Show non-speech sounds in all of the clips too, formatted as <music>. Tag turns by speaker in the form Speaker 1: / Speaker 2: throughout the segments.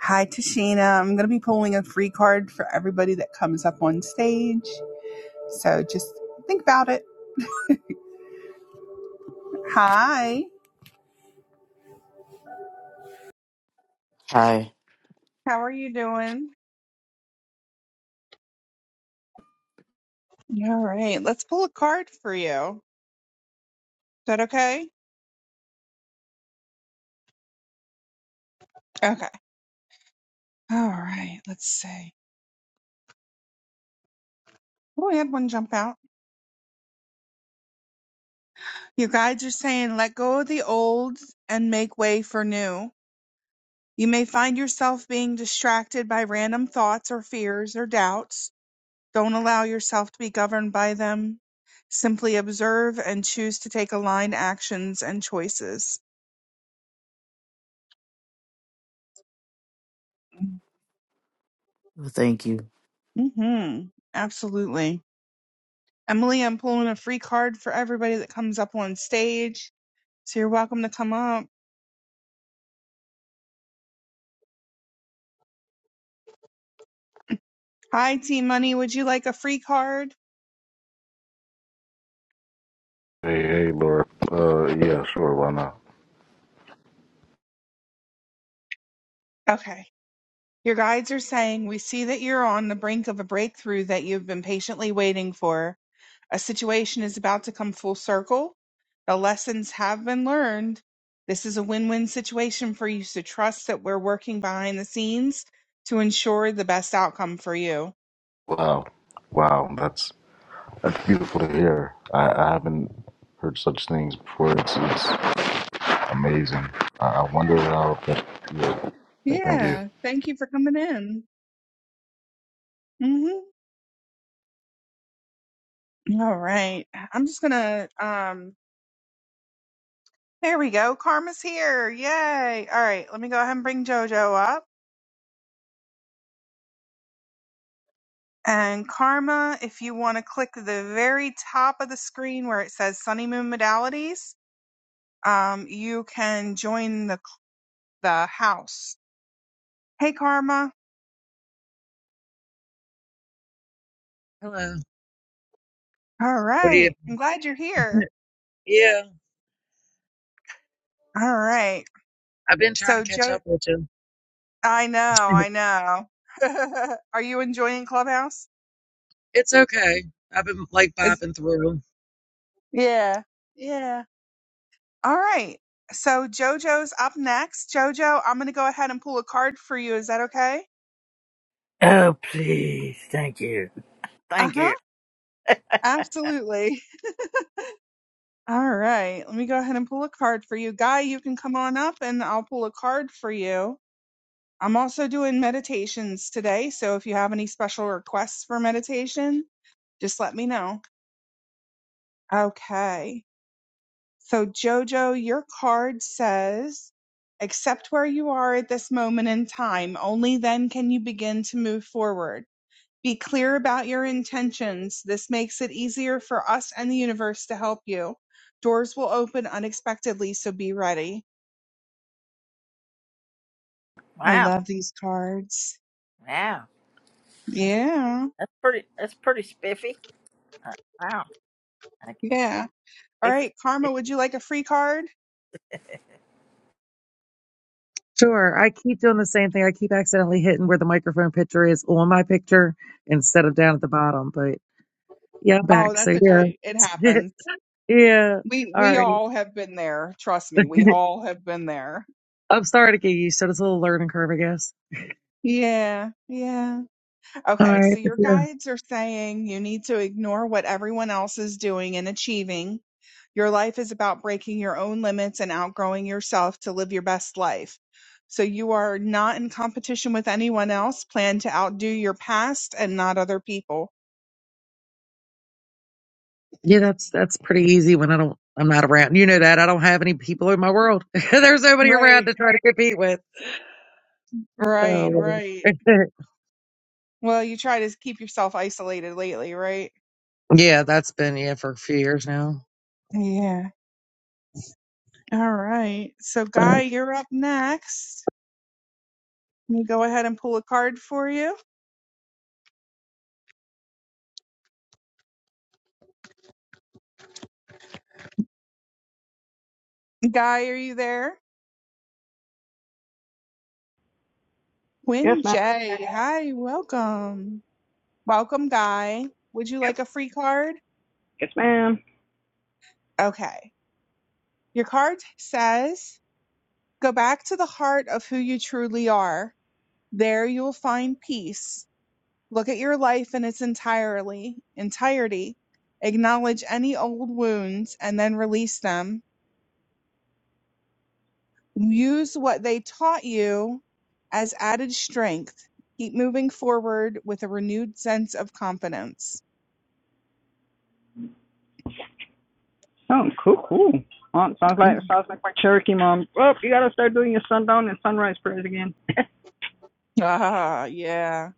Speaker 1: Hi, Tashina. I'm going to be pulling a free card for everybody that comes up on stage. So just think about it. Hi.
Speaker 2: Hi.
Speaker 1: How are you doing? All right. Let's pull a card for you. Is that okay? Okay. All right. Let's see. Oh, I had one jump out. Your guides are saying let go of the old and make way for new. You may find yourself being distracted by random thoughts or fears or doubts Don't allow yourself to be governed by them. Simply observe and choose to take aligned actions and choices.
Speaker 2: Thank you.
Speaker 1: hmm Absolutely. Emily, I'm pulling a free card for everybody that comes up on stage. So you're welcome to come up. Hi, Team Money. Would you like a free card?
Speaker 3: Hey, hey, Laura. Uh, yeah, sure. Why not?
Speaker 1: Okay. Your guides are saying, We see that you're on the brink of a breakthrough that you've been patiently waiting for. A situation is about to come full circle. The lessons have been learned. This is a win win situation for you, so trust that we're working behind the scenes to ensure the best outcome for you.
Speaker 3: Wow, wow. That's that's beautiful to hear. I, I haven't heard such things before. It's it's amazing. I, I wonder how. That, yeah. Th- Thank you.
Speaker 1: Yeah, thank you for coming in. Mm-hmm. All right. I'm just going to, um, there we go. Karma's here. Yay. All right. Let me go ahead and bring JoJo up. And Karma, if you want to click the very top of the screen where it says Sunny Moon Modalities, um, you can join the the house. Hey, Karma.
Speaker 4: Hello.
Speaker 1: All
Speaker 4: What do you?
Speaker 1: right.
Speaker 4: <laughs>
Speaker 1: I'm glad you're here.
Speaker 4: Yeah,
Speaker 1: All right.
Speaker 4: I've been trying to
Speaker 1: So,
Speaker 4: catch
Speaker 1: Joe,
Speaker 4: up with you.
Speaker 1: I know,
Speaker 4: <laughs>
Speaker 1: I know. <laughs> Are you enjoying Clubhouse?
Speaker 4: It's okay. I've been like
Speaker 1: Is
Speaker 4: bopping through.
Speaker 1: yeah, yeah. All right. So JoJo's up next. JoJo, I'm gonna go ahead and pull a card for you. Is that okay?
Speaker 5: Oh, please. Thank you.
Speaker 1: Uh
Speaker 5: Thank
Speaker 1: huh.
Speaker 5: you.
Speaker 1: Absolutely. <laughs> All right. Let me go ahead and pull a card for you, Guy. You can come on up, and I'll pull a card for you. I'm also doing meditations today. So if you have any special requests for meditation, just let me know. Okay. So, Jojo, your card says, accept where you are at this moment in time. Only then can you begin to move forward. Be clear about your intentions. This makes it easier for us and the universe to help you. Doors will open unexpectedly, so be ready. I
Speaker 5: Wow.
Speaker 1: love these cards.
Speaker 5: Wow.
Speaker 1: Yeah.
Speaker 5: That's pretty, that's pretty spiffy. Uh, wow. Thank you.
Speaker 1: Yeah. All
Speaker 5: Spiffy.
Speaker 1: right, Karma, would you like a free card?
Speaker 4: Sure. I keep doing the same thing. I keep accidentally hitting where the microphone picture is on my picture instead of down at the bottom. But yeah, I'm
Speaker 1: Oh,
Speaker 4: back.
Speaker 1: that's
Speaker 4: So
Speaker 1: okay. It
Speaker 4: yeah.
Speaker 1: happens.
Speaker 4: <laughs> yeah.
Speaker 1: We
Speaker 4: All
Speaker 1: we
Speaker 4: right.
Speaker 1: all have been there. Trust
Speaker 4: <laughs>
Speaker 1: me, we all have been there.
Speaker 4: I'm starting to get used to it. It's a little learning curve, I guess.
Speaker 1: Yeah, yeah.
Speaker 4: All
Speaker 1: Okay, so
Speaker 4: right. But
Speaker 1: your
Speaker 4: yeah.
Speaker 1: guides are saying you need to ignore what everyone else is doing and achieving. Your life is about breaking your own limits and outgrowing yourself to live your best life. So you are not in competition with anyone else. Plan to outdo your past and not other people.
Speaker 4: Yeah, that's that's pretty easy when I don't I'm not around. You know that. I don't have any people in my world. <laughs> There's nobody around
Speaker 1: Right,
Speaker 4: to try to compete with.
Speaker 1: right,
Speaker 4: Oh
Speaker 1: right.
Speaker 4: Lord. <laughs>
Speaker 1: Well, you try to keep yourself isolated lately, right?
Speaker 4: Yeah, that's been yeah for a few years now.
Speaker 1: Yeah. All right. So,
Speaker 4: But
Speaker 1: Guy, you're up next. Let me go ahead and pull a card for you. Guy, are you there?
Speaker 6: Yes,
Speaker 1: Win
Speaker 6: ma'am.
Speaker 1: J. Hi, welcome. Welcome, Guy. Would you
Speaker 6: Yep.
Speaker 1: like a free card?
Speaker 6: Yes, ma'am.
Speaker 1: Okay. Your card says go back to the heart of who you truly are. There you'll find peace. Look at your life in its entirely entirety. Acknowledge any old wounds and then release them Use what they taught you as added strength. Keep moving forward with a renewed sense of confidence.
Speaker 6: Oh, cool, cool. Oh, sounds like
Speaker 1: Mhm.
Speaker 6: sounds like my Cherokee mom. Oh, you gotta start doing your sundown and sunrise prayers again. <laughs>
Speaker 1: Ah, yeah.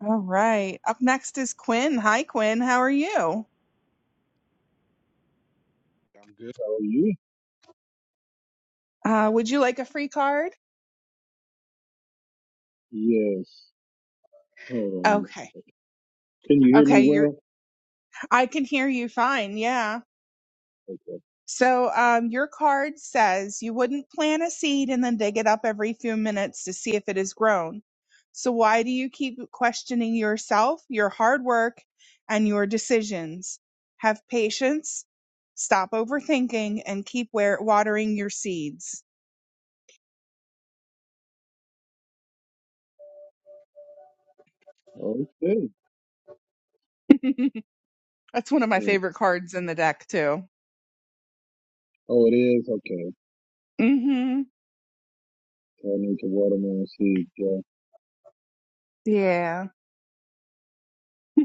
Speaker 1: All right. Up next is Quinn. Hi, Quinn. How are you?
Speaker 7: I'm good. How are you?
Speaker 1: Uh, would you like a free card?
Speaker 7: Yes. Hold on.
Speaker 1: Okay.
Speaker 7: Can you hear me
Speaker 1: Okay. You're,
Speaker 7: well?
Speaker 1: I can hear you fine. Yeah.
Speaker 7: Okay.
Speaker 1: So um, your card says you wouldn't plant a seed and then dig it up every few minutes to see if it is grown. So why do you keep questioning yourself, your hard work, and your decisions? Have patience, stop overthinking, and keep wa- watering your seeds.
Speaker 7: Okay.
Speaker 1: <laughs> That's one of my
Speaker 7: Hmm.
Speaker 1: favorite cards in the deck too.
Speaker 7: Oh, it is? Okay.
Speaker 1: hmm
Speaker 7: I need to watermelon seed. Yeah.
Speaker 1: Yeah. <laughs>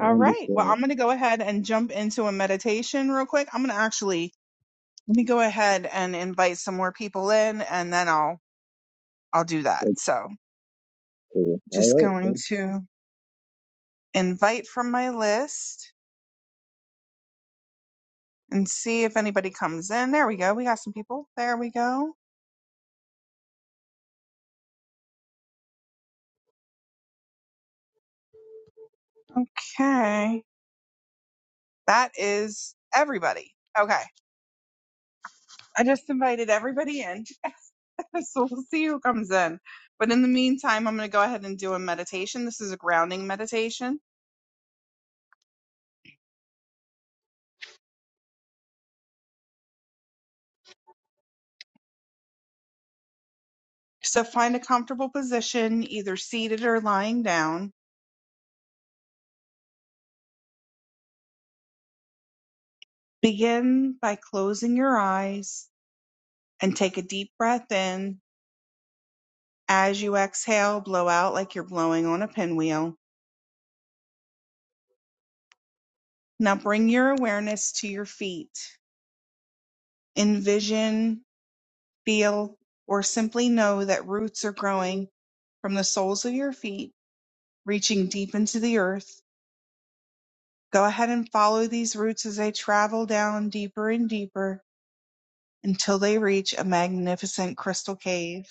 Speaker 1: All right. Well,
Speaker 7: understand.
Speaker 1: I'm going to go ahead and jump into a meditation real quick. I'm going to actually Let me go ahead and invite some more people in and then I'll I'll do that.
Speaker 7: That's
Speaker 1: So
Speaker 7: cool.
Speaker 1: just
Speaker 7: All right. Well,
Speaker 1: going to invite from my list and see if anybody comes in. There we go. We got some people. There we go. Okay. That is everybody. Okay. I just invited everybody in. <laughs> so we'll see who comes in. But in the meantime, I'm going to go ahead and do a meditation. This is a grounding meditation. So find a comfortable position, either seated or lying down Begin by closing your eyes and take a deep breath in. As you exhale, blow out like you're blowing on a pinwheel. Now bring your awareness to your feet. Envision, feel, or simply know that roots are growing from the soles of your feet, reaching deep into the earth. Go ahead and follow these roots as they travel down deeper and deeper until they reach a magnificent crystal cave.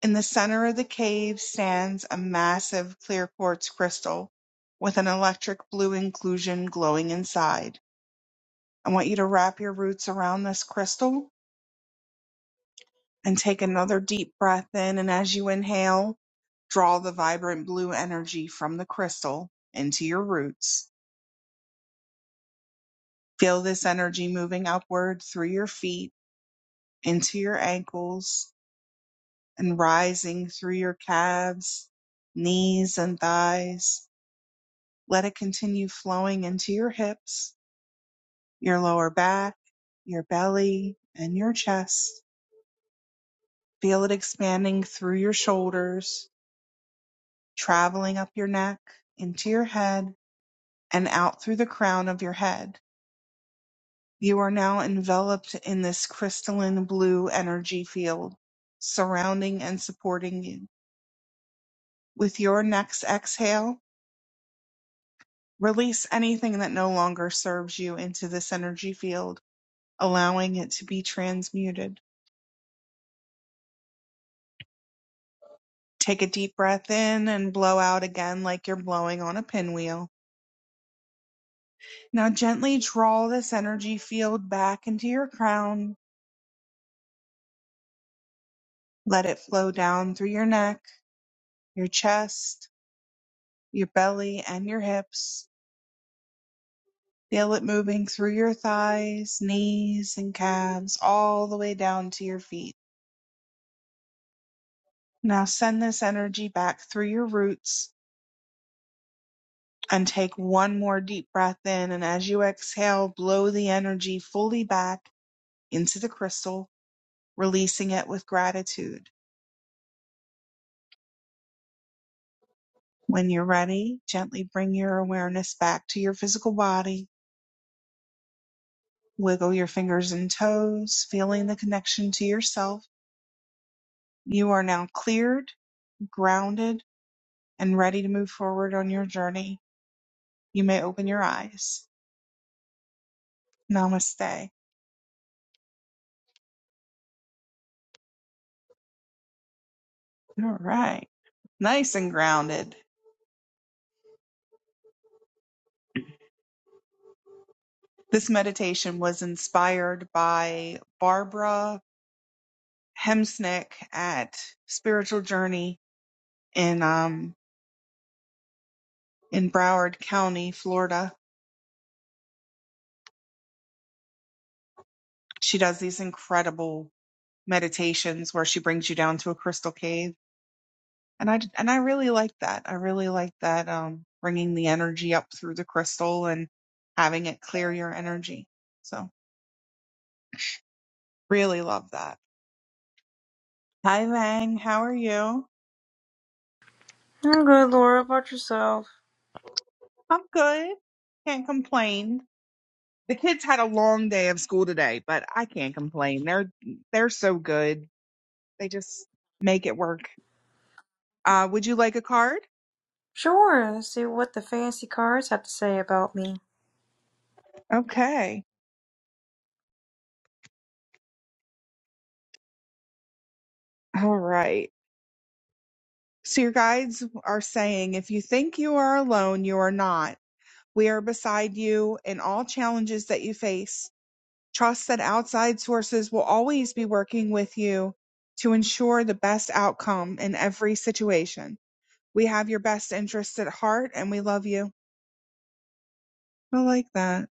Speaker 1: In the center of the cave stands a massive clear quartz crystal with an electric blue inclusion glowing inside. I want you to wrap your roots around this crystal and take another deep breath in. And as you inhale, draw the vibrant blue energy from the crystal into your roots. Feel this energy moving upward through your feet, into your ankles, and rising through your calves, knees, and thighs Let it continue flowing into your hips, your lower back, your belly, and your chest. Feel it expanding through your shoulders, traveling up your neck, into your head, and out through the crown of your head. You are now enveloped in this crystalline blue energy field, surrounding and supporting you. With your next exhale, release anything that no longer serves you into this energy field, allowing it to be transmuted. Take a deep breath in and blow out again like you're blowing on a pinwheel. Now gently draw this energy field back into your crown. Let it flow down through your neck, your chest, your belly, and your hips. Feel it moving through your thighs, knees, and calves, all the way down to your feet. Now send this energy back through your roots and take one more deep breath in. And as you exhale, blow the energy fully back into the crystal releasing it with gratitude. When you're ready, gently bring your awareness back to your physical body. Wiggle your fingers and toes, feeling the connection to yourself. You are now cleared, grounded, and ready to move forward on your journey. You may open your eyes. Namaste. All right. Nice and grounded. This meditation was inspired by Barbara Hemsnick at Spiritual Journey in um, in Broward County, Florida. She does these incredible meditations where she brings you down to a crystal cave. And I and I really like that. I really like that um bringing the energy up through the crystal and having it clear your energy. So, really love that. Hi Lang, how are you?
Speaker 8: I'm good, Laura. About yourself?
Speaker 1: I'm good. Can't complain. The kids had a long day of school today, but I can't complain. They're they're so good. They just make it work. Uh, would you like a card?
Speaker 8: Sure. Let's see what the fancy cards have to say about me.
Speaker 1: Okay. All right. So your guides are saying, if you think you are alone, you are not. We are beside you in all challenges that you face. Trust that outside sources will always be working with you to ensure the best outcome in every situation. We have your best interests at heart and we love you. I like that.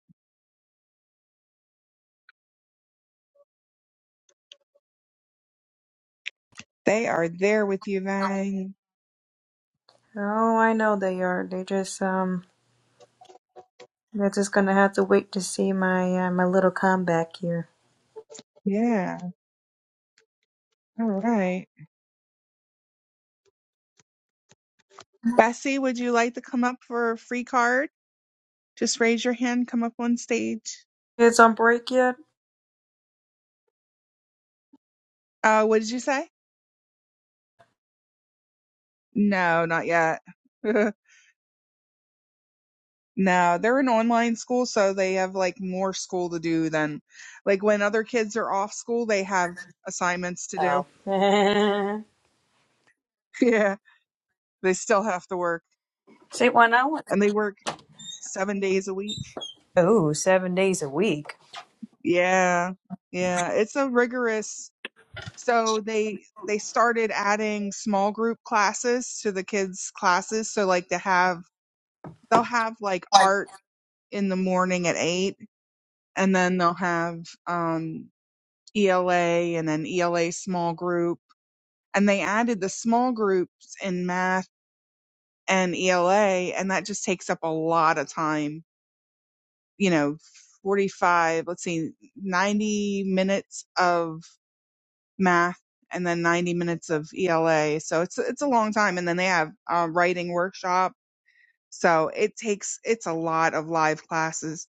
Speaker 1: They are there with you, Vang.
Speaker 8: Oh, I know they are. They just um, they're just gonna have to wait to see my uh, my little comeback here.
Speaker 1: Yeah. All right. Bessie, would you like to come up for a free card? Just raise your hand, come up on stage.
Speaker 8: Kids on break yet?
Speaker 1: Uh, what did you say? No, not yet. <laughs> No, they're an online school, so they have like more school to do than like when other kids are off school, they have assignments to do.
Speaker 8: Oh. <laughs>
Speaker 1: <laughs> Yeah, they still have to work
Speaker 8: see, when I went.
Speaker 1: and they work seven days a week.
Speaker 8: Oh, seven days a week.
Speaker 1: Yeah, yeah, it's a rigorous. So they they started adding small group classes to the kids' classes. So like to have they'll have like art in the morning at eight, and then they'll have um ELA and an ELA small group. And they added the small groups in math and ELA, and that just takes up a lot of time. You know, 45, let's see, 90 minutes of math and then 90 minutes of ELA. So it's, it's a long time. And then they have a writing workshop So it takes, it's a lot of live classes.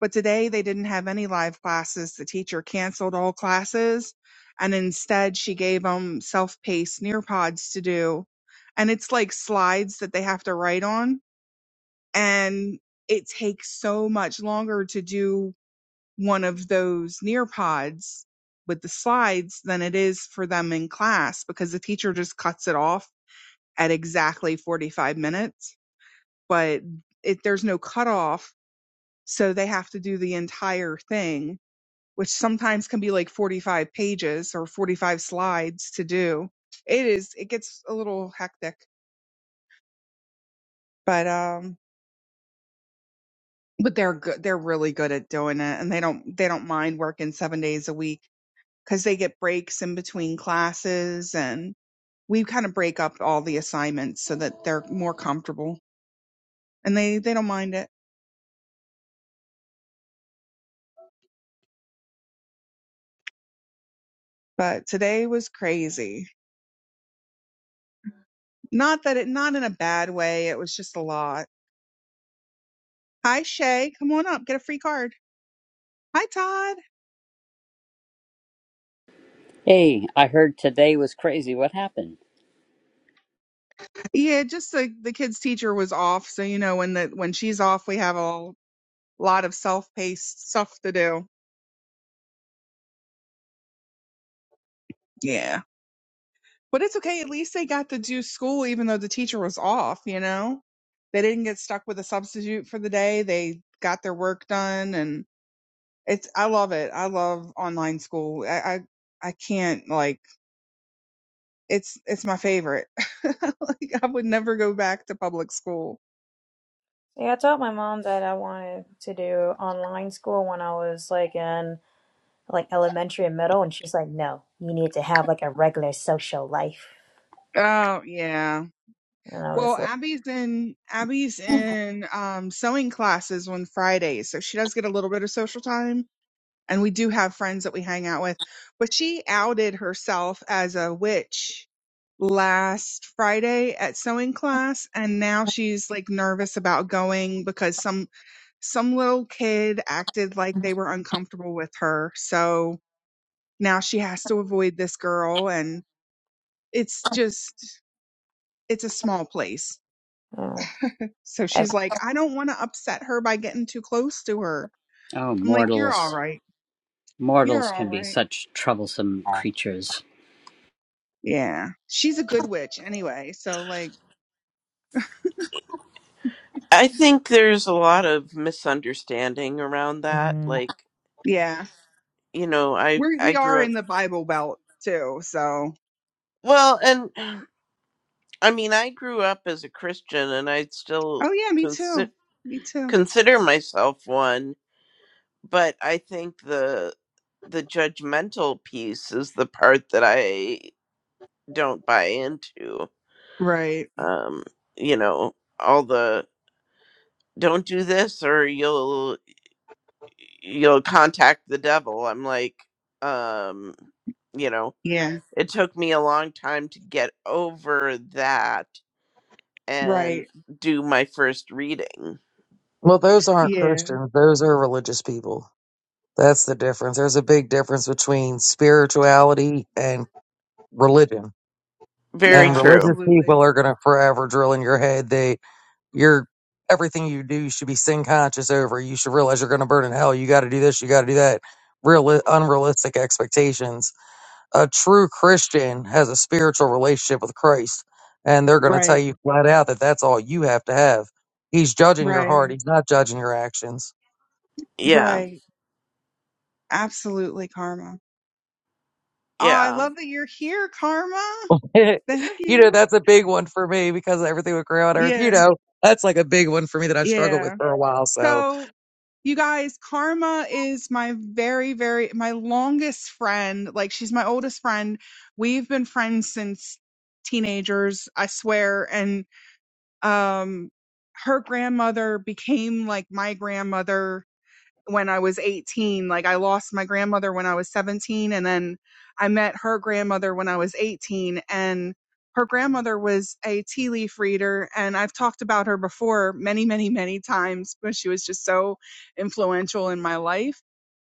Speaker 1: But today they didn't have any live classes. The teacher canceled all classes and instead she gave them self-paced Nearpods to do. And it's like slides that they have to write on. And it takes so much longer to do one of those Nearpods with the slides than it is for them in class because the teacher just cuts it off at exactly 45 minutes but it, there's no cutoff. So they have to do the entire thing, which sometimes can be like 45 pages or 45 slides to do. It is, it gets a little hectic, but, um, but they're good. They're really good at doing it and they don't, they don't mind working seven days a week because they get breaks in between classes and we kind of break up all the assignments so that they're more comfortable and they, they don't mind it. But today was crazy Not that it, not in a bad way. It was just a lot. Hi, Shay. Come on up. Get a free card. Hi, Todd.
Speaker 9: Hey, I heard today was crazy. What happened?
Speaker 1: Yeah, just the, the kid's teacher was off. So, you know, when the, when she's off, we have a lot of self-paced stuff to do. Yeah. But it's okay. At least they got to do school, even though the teacher was off, you know, they didn't get stuck with a substitute for the day. They got their work done and it's, I love it. I love online school. I, I, I can't like, it's it's my favorite. <laughs> like I would never go back to public school.
Speaker 8: Yeah, I told my mom that I wanted to do online school when I was like in like elementary and middle, and she's like, "No, you need to have like a regular social life."
Speaker 1: Oh yeah.
Speaker 8: And I was
Speaker 1: Well, Abby's in Abby's
Speaker 8: like.
Speaker 1: in um sewing classes on Fridays, so she does get a little bit of social time and we do have friends that we hang out with. But she outed herself as a witch last Friday at sewing class and now she's like nervous about going because some some little kid acted like they
Speaker 8: <laughs>
Speaker 1: were uncomfortable with her. So now she has to avoid this girl and it's just it's a small place
Speaker 8: "Oh."
Speaker 1: so
Speaker 8: I've
Speaker 1: she's like i don't want to upset her by getting too close to her
Speaker 9: Oh,
Speaker 1: i'm like you're all
Speaker 9: mortals.
Speaker 1: right
Speaker 9: Mortals
Speaker 1: you're all
Speaker 9: can be
Speaker 1: right
Speaker 9: such troublesome
Speaker 8: had.
Speaker 9: creatures.
Speaker 1: yeah she's a good witch anyway so like
Speaker 10: I think there's a lot of misunderstanding around that.
Speaker 8: Mhm.
Speaker 10: Like,
Speaker 1: yeah
Speaker 10: you know, I
Speaker 1: we're
Speaker 10: I
Speaker 1: we are
Speaker 10: grew up
Speaker 1: in the bible belt too so
Speaker 10: well, and <clears throat> I mean, I grew up as a Christian, and I still
Speaker 1: oh yeah me too
Speaker 10: consider
Speaker 1: me too
Speaker 10: consider myself one. But I think the the judgmental piece is the part that I don't buy into.
Speaker 1: right
Speaker 10: Um, you know, all the don't do this or you'll you'll contact the devil. I'm like, um, you know
Speaker 1: yeah
Speaker 10: it took me a long time to get over that and
Speaker 1: right
Speaker 10: do my first reading.
Speaker 4: well, those aren't
Speaker 1: yeah
Speaker 4: Christians; those are religious people. That's the difference. There's a big difference between spirituality and religion.
Speaker 10: Very
Speaker 4: And
Speaker 1: yeah
Speaker 10: true.
Speaker 4: religious
Speaker 1: absolutely
Speaker 4: people are going to forever drill in your head that you're everything you do you should be sin conscious over. You should realize you're going to burn in hell. You got to do this. You got to do that. Real unrealistic expectations a true Christian has a spiritual relationship with Christ, and they're going to tell
Speaker 1: right
Speaker 4: you flat out that that's all you have to have. He's judging your heart.
Speaker 1: right
Speaker 4: He's not judging your actions.
Speaker 10: Yeah.
Speaker 1: right absolutely karma Oh, I
Speaker 10: Yeah.
Speaker 1: love that you're here, Karma.
Speaker 4: <laughs> you
Speaker 1: Thank
Speaker 4: know,
Speaker 1: you.
Speaker 4: that's a big one for me because of everything with grandma and everything. You
Speaker 1: Yeah.
Speaker 4: know, that's like a big one for me that I struggled with
Speaker 1: Yeah.
Speaker 4: for a while. So,
Speaker 1: So you guys, Karma is my very, very, my longest friend. Like she's my oldest friend. We've been friends since teenagers, I swear. And, um, her grandmother became like my grandmother when I was 18. Like I lost my grandmother when I was 17 and then I met her grandmother when I was 18 and her grandmother was a tea leaf reader and I've talked about her before many, many, many times but she was just so influential in my life.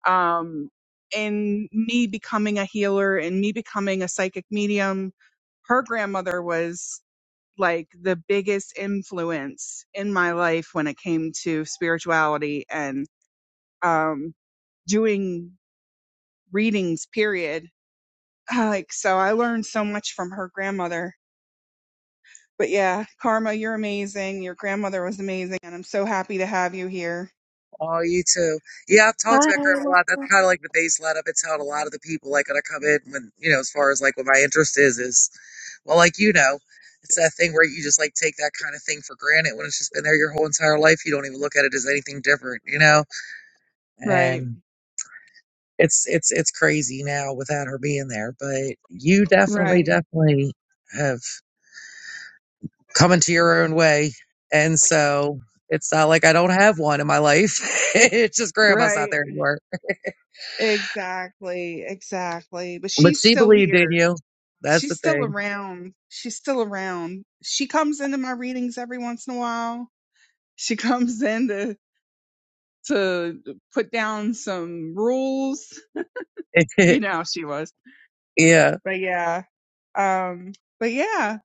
Speaker 1: Um, in me becoming a healer and me becoming a psychic medium, her grandmother was like the biggest influence in my life when it came to spirituality and um doing readings, period. Like, so I learned so much from her grandmother. But yeah, Karma, you're amazing. Your grandmother was amazing. And I'm so happy to have you here.
Speaker 4: Oh, you too. Yeah, I've talked
Speaker 11: Bye.
Speaker 4: about Graham a
Speaker 11: Well,
Speaker 4: lot. That's kind of like the base let up. It's how a lot of the people like when I come in when you know, as far as like what my interest is is well, like you know, it's that thing where you just like take that kind of thing for granted when it's just been there your whole entire life. You don't even look at it as anything different, you know?
Speaker 1: Right,
Speaker 4: And it's it's it's crazy now without her being there. But you definitely,
Speaker 1: right,
Speaker 4: definitely have come into your own way. And so it's not like I don't have one in my life. <laughs> it's just grandma's not
Speaker 1: right.
Speaker 4: there anymore.
Speaker 1: Exactly, exactly. But
Speaker 4: But
Speaker 1: she's
Speaker 4: she
Speaker 1: still
Speaker 4: believed in
Speaker 1: here.
Speaker 4: you. That's
Speaker 1: She's
Speaker 4: the
Speaker 1: still
Speaker 4: thing.
Speaker 1: around. She's still around. She comes into my readings every once in a while. She <laughs> comes in to, to put down some rules.
Speaker 4: <laughs>
Speaker 1: You know how she was.
Speaker 4: yeah.
Speaker 1: But yeah. Um, but yeah,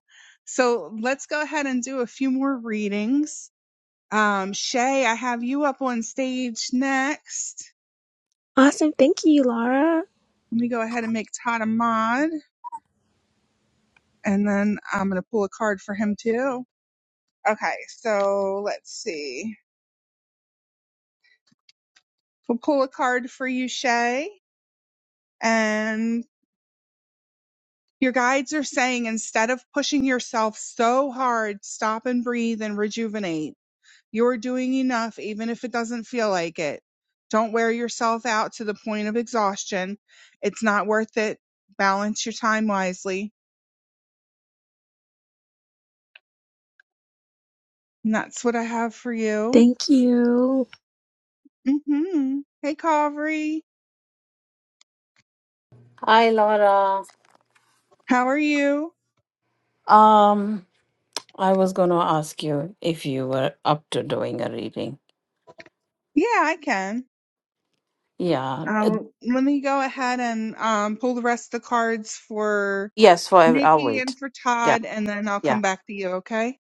Speaker 1: so let's go ahead and do a few more readings. Um, Shay, I have you up on stage next.
Speaker 11: Awesome. Thank you, Laura.
Speaker 1: Let me go ahead and make Todd a mod, and then I'm going to pull a card for him too. Okay, so let's see. We'll pull a card for you, Shay, and your guides are saying instead of pushing yourself so hard, stop and breathe and rejuvenate You're doing enough, even if it doesn't feel like it. Don't wear yourself out to the point of exhaustion. It's not worth it. Balance your time wisely. And that's what I have for you.
Speaker 11: Thank you.
Speaker 1: hmm Hey, Calvary.
Speaker 12: Hi, Laura.
Speaker 1: How are you?
Speaker 12: Um, I was going to ask you if you were up to doing a reading.
Speaker 1: Yeah, I can.
Speaker 12: Yeah. uh,
Speaker 1: Um, let me go ahead and um, pull the rest of the cards for
Speaker 12: Yes, for every, I'll
Speaker 1: Nikki
Speaker 12: wait.
Speaker 1: and for
Speaker 12: Yeah.
Speaker 1: Todd, and then I'll
Speaker 12: Yeah.
Speaker 1: come back to you, okay?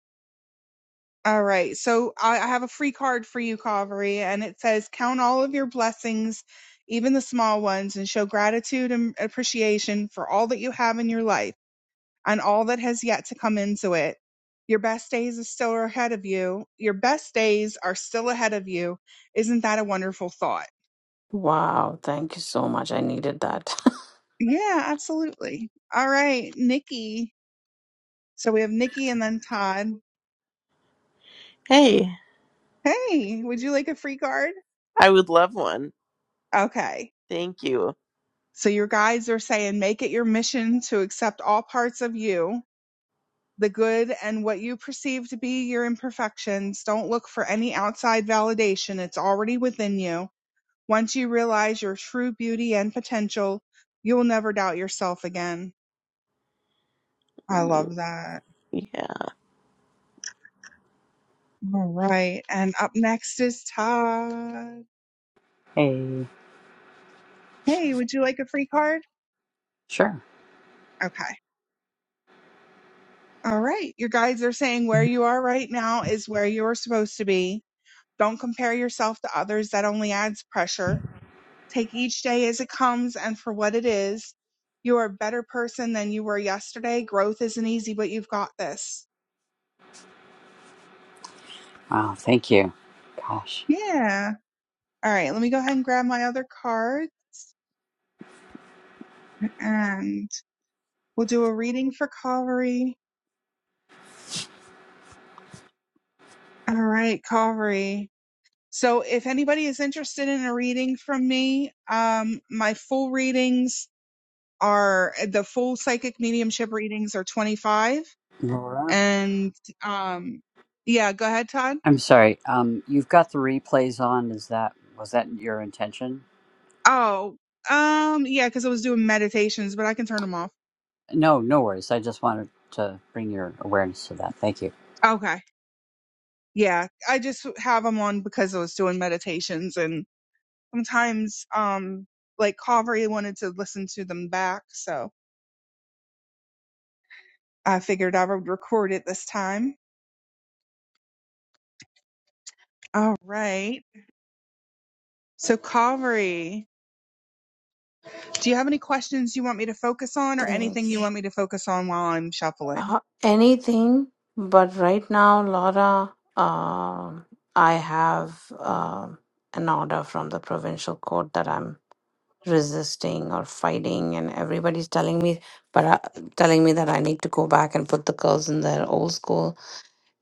Speaker 1: All right. So I, I have a free card for you, Calvary, and it says, Count all of your blessings, even the small ones, and show gratitude and appreciation for all that you have in your life and all that has yet to come into it. Your best days are still ahead of you. Your best days are still ahead of you. Isn't that a wonderful thought?
Speaker 12: Wow. Thank you so much. I needed that. <laughs>
Speaker 1: Yeah, absolutely. All right, Nikki. So we have Nikki and then Todd.
Speaker 10: Hey,
Speaker 1: Hey, would you like a free card?
Speaker 10: I would love one.
Speaker 1: Okay.
Speaker 10: Thank you.
Speaker 1: So your guides are saying, make it your mission to accept all parts of you, the good and what you perceive to be your imperfections. Don't look for any outside validation. It's already within you. Once you realize your true beauty and potential, you will never doubt yourself again. I
Speaker 10: Mm,
Speaker 1: love that.
Speaker 10: Yeah.
Speaker 1: All right. And up next is Todd.
Speaker 9: Hey,
Speaker 1: Hey, would you like a free card?
Speaker 9: sure.
Speaker 1: Okay. All right. Your guides are saying where you are right now is where you are supposed to be Don't compare yourself to others. That only adds pressure. Take each day as it comes and for what it is. You are a better person than you were yesterday. Growth isn't easy, but you've got this.
Speaker 9: Oh, thank you. Gosh.
Speaker 1: Yeah. All right. Let me go ahead and grab my other card and we'll do a reading for Calvary. All right, Calvary. So if anybody is interested in a reading from me, um, my full readings are the full psychic mediumship readings are 25
Speaker 9: Laura?
Speaker 1: and um yeah go ahead todd
Speaker 9: I'm sorry. Um, you've got the replays on. Is that, was that your intention?
Speaker 1: oh um yeah because i was doing meditations but i can turn them off
Speaker 9: No, no worries. I just wanted to bring your awareness to that. Thank you.
Speaker 1: okay yeah i just have them on because i was doing meditations and sometimes um like Kaveri wanted to listen to them back so i figured i would record it this time all right so Kaveri, do you have any questions you want me to focus on or anything
Speaker 12: Thanks.
Speaker 1: you want me to focus on while i'm shuffling
Speaker 12: Uh, anything, but right now, Laura, um, I have um an order from the provincial court that I'm resisting or fighting and everybody's telling me but uh, telling me that I need to go back and put the girls in their old school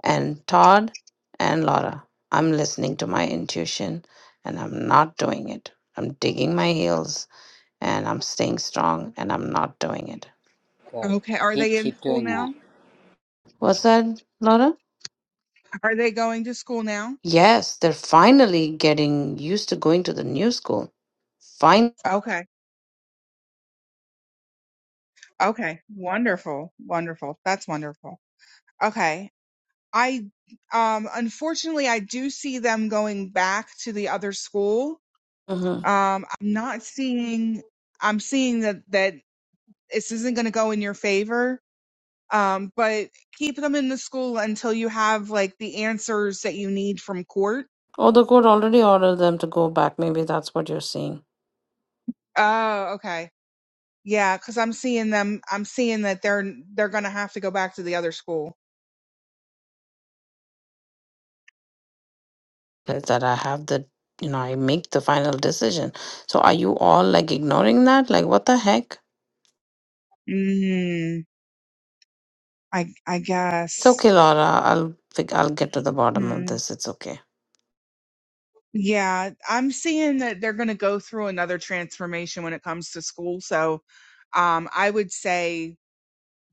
Speaker 12: and Todd and Laura I'm listening to my intuition and I'm not doing it I'm digging my heels and I'm staying strong and I'm not doing it
Speaker 9: Good.
Speaker 1: Okay. Are
Speaker 9: Keep,
Speaker 1: they in
Speaker 9: keep
Speaker 1: school
Speaker 9: doing that.
Speaker 1: now?
Speaker 12: was that Laura
Speaker 1: Are they going to school now?
Speaker 12: yes they're finally getting used to going to the new school
Speaker 1: Okay. Okay. Wonderful. Wonderful. That's wonderful. Okay. I um unfortunately I do see them going back to the other school.
Speaker 12: Mm-hmm.
Speaker 1: Um I'm not seeing I'm seeing that that this isn't going to go in your favor. Um but keep them in the school until you have like the answers that you need from court.
Speaker 12: Or the court already ordered them to go back. Maybe that's what you're saying.
Speaker 1: Oh, okay. Yeah, because I'm seeing them. I'm seeing that they're they're gonna have to go back to the other school.
Speaker 12: That that I have the, you know, I make the final decision. So are you all like ignoring that? Like what the heck?
Speaker 1: Hmm. I I
Speaker 12: It's
Speaker 1: guess.
Speaker 12: okay, Laura. I'll fig- I'll get to the bottom of
Speaker 1: Hmm.
Speaker 12: this. It's okay.
Speaker 1: Yeah, I'm seeing that they're gonna go through another transformation when it comes to school. So, um, I would say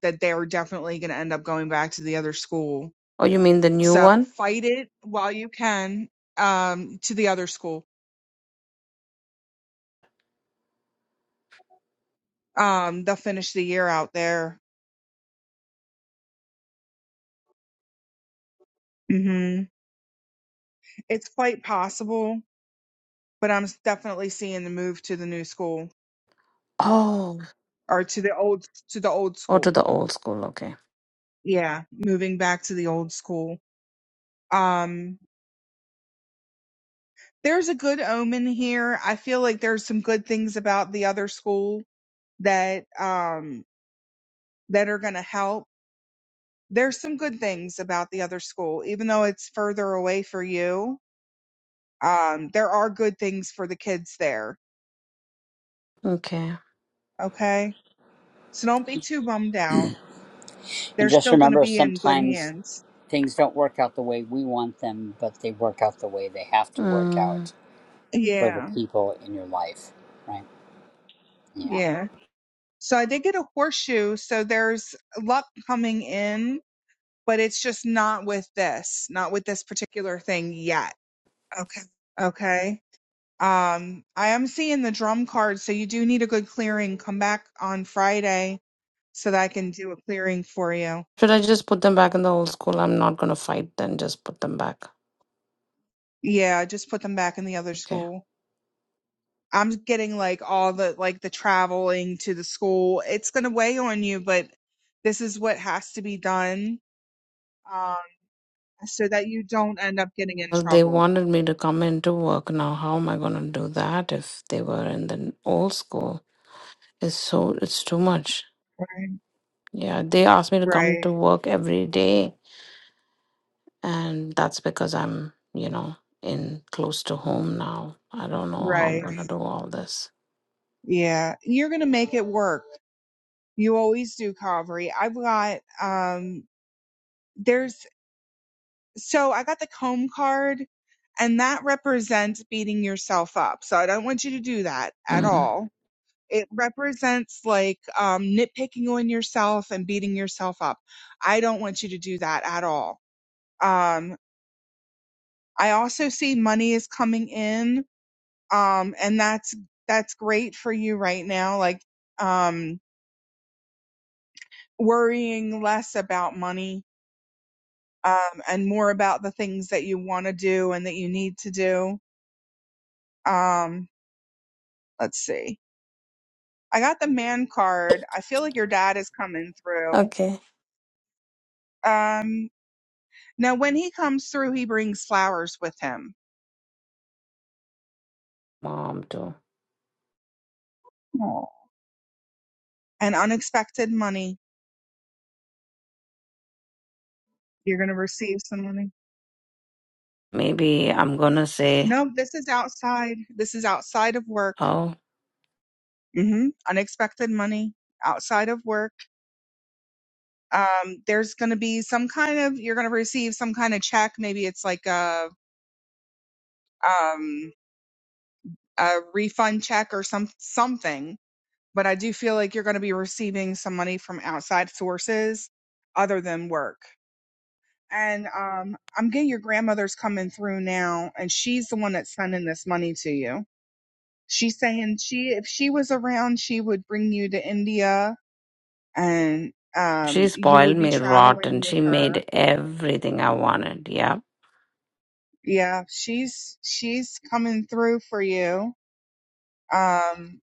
Speaker 1: that they're definitely gonna end up going back to the other school.
Speaker 12: Oh, you mean the new
Speaker 1: So
Speaker 12: one?
Speaker 1: fight it while you can. Um, to the other school. Um, they'll finish the year out there. Hmm. It's quite possible but I'm s- definitely seeing the move to the new school
Speaker 12: Oh,
Speaker 1: or to the old to the old
Speaker 12: or to
Speaker 1: school.
Speaker 12: the old school. Okay.
Speaker 1: Yeah, moving back to the old school. Um there's a good omen here. I feel like there's some good things about the other school that um that are going to help. There's some good things about the other school even though it's further away for you. Um there are good things for the kids there,
Speaker 12: Okay.
Speaker 1: okay? So don't be too bummed out.
Speaker 9: And
Speaker 1: They're
Speaker 9: just
Speaker 1: still going to
Speaker 9: remember
Speaker 1: be in good
Speaker 9: sometimes
Speaker 1: hands.
Speaker 9: things don't work out the way we want them, but they work out the way they have to work
Speaker 12: Mm.
Speaker 9: out for the
Speaker 1: Yeah.
Speaker 9: people in your life, right? Yeah.
Speaker 1: Yeah. So I did get a horseshoe. So there's luck coming in, but it's just not with this, not with this particular thing yet. Okay. Um, I am seeing the drum card. So you do need a good clearing. Come back on Friday so that I can do a clearing for you.
Speaker 12: Should I just put them back in the old school? I'm not gonna fight then, just put them back.
Speaker 1: Yeah. Just put them back in the other
Speaker 12: Okay.
Speaker 1: school. I'm getting like all the, like the traveling to the school. It's going to weigh on you, but this is what has to be done. Um, so that you don't end up getting in
Speaker 12: Well, they
Speaker 1: trouble.
Speaker 12: wanted me to come into work now. How am I gonna do that if they were in the old school? It's so it's too much.
Speaker 1: Right.
Speaker 12: Yeah, they asked me to come
Speaker 1: Right,
Speaker 12: to work every day and that's because I'm, you know, in close to home now. I don't know how I'm
Speaker 1: right.
Speaker 12: gonna do all this.
Speaker 1: Yeah. You're going to make it work. You always do, Calvary. I've got, um, there's, so I got the comb card and that represents beating yourself up. So I don't want you to do that at
Speaker 12: Mm.
Speaker 1: all. It represents like, um, nitpicking on yourself and beating yourself up. I don't want you to do that at all. Um, I also see money is coming in. Um, and that's, that's great for you right now. Like, um, worrying less about money um, and more about the things that you want to do and that you need to do. Um, let's see. I got the man card. I feel like your dad is coming through.
Speaker 12: Okay.
Speaker 1: Um, now, when he comes through, he brings flowers with him
Speaker 12: Mom too.
Speaker 1: Aw. and unexpected money. You're going to receive some money.
Speaker 12: Maybe I'm gonna say,
Speaker 1: No, this is outside. This is outside of work.
Speaker 12: oh,
Speaker 1: hmm Unexpected money outside of work um, there's going to be some kind of you're going to receive some kind of check maybe it's like a um, a refund check or some something but i do feel like you're going to be receiving some money from outside sources other than work and um, i'm getting your grandmother's coming through now and she's the one that's sending this money to you she's saying she if she was around she would bring you to india and um,
Speaker 12: She
Speaker 1: you
Speaker 12: spoiled
Speaker 1: would be
Speaker 12: me rotten.
Speaker 1: traveling with
Speaker 12: She
Speaker 1: her
Speaker 12: made everything I wanted. Yeah.
Speaker 1: Yeah, she's she's coming through for you. Um,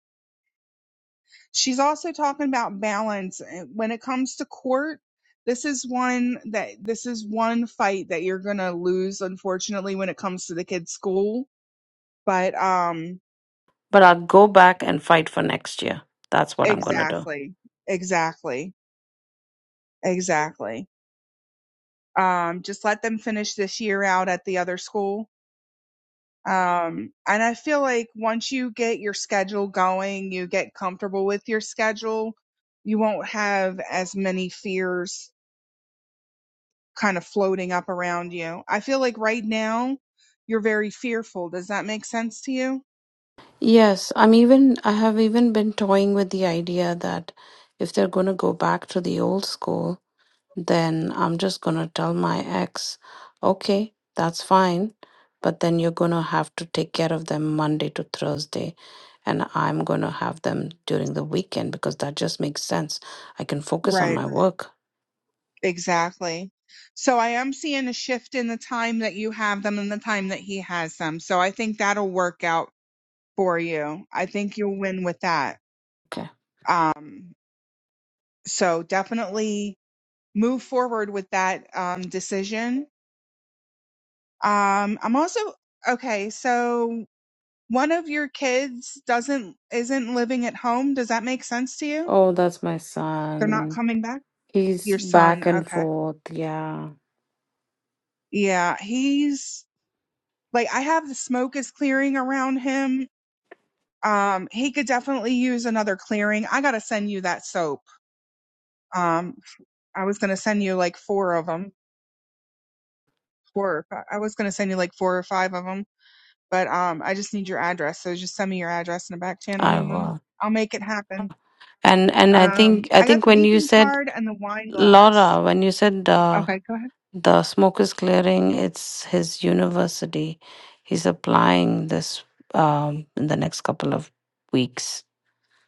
Speaker 1: she's also talking about balance Uh, when it comes to court. This is one that this is one fight that you're gonna lose, unfortunately, when it comes to the kids' school. But um,
Speaker 12: But I'll go back and fight for next year. That's what I'm going to do.
Speaker 1: exactly, exactly, exactly. Um, just let them finish this year out at the other school Um, and I feel like once you get your schedule going, you get comfortable with your schedule, you won't have as many fears kind of floating up around you. I feel like right now you're very fearful. Does that make sense to you?
Speaker 12: Yes, I'm even, I have even been toying with the idea that if they're going to go back to the old school, then I'm just going to tell my ex, okay, that's fine, but then you're going to have to take care of them Monday to Thursday, and I'm going to have them during the weekend because that just makes sense. I can focus
Speaker 1: Right.
Speaker 12: on my work.
Speaker 1: Exactly. So I am seeing a shift in the time that you have them and the time that he has them. So I think that'll work out for you. I think you'll win with that.
Speaker 12: Okay.
Speaker 1: Um, so definitely move forward with that um, decision. Um, I'm also okay. So one of your kids doesn't isn't living at home. Does that make sense to you?
Speaker 12: Oh, that's my
Speaker 1: They're not
Speaker 12: son.
Speaker 1: coming back.
Speaker 12: He's
Speaker 1: Your son.
Speaker 12: back and
Speaker 1: Okay.
Speaker 12: forth. Yeah,
Speaker 1: Yeah, he's like I have the smoke is clearing around him Um, he could definitely use another clearing. I gotta send you that soap. Um, I was gonna send you like four of them. Four. or I was gonna send you like four or five of them, but um, I just need your address. So just send me your address in the back channel,
Speaker 12: I
Speaker 1: and then
Speaker 12: will.
Speaker 1: I'll make it happen.
Speaker 12: And and I think
Speaker 1: Um,
Speaker 12: I
Speaker 1: I got
Speaker 12: think
Speaker 1: the
Speaker 12: when you
Speaker 1: beacon
Speaker 12: said
Speaker 1: card and the wine glass.
Speaker 12: Laura, when you said uh,
Speaker 1: Okay, go ahead.
Speaker 12: the smoke is clearing, it's his university. He's applying this um, in the next couple of weeks.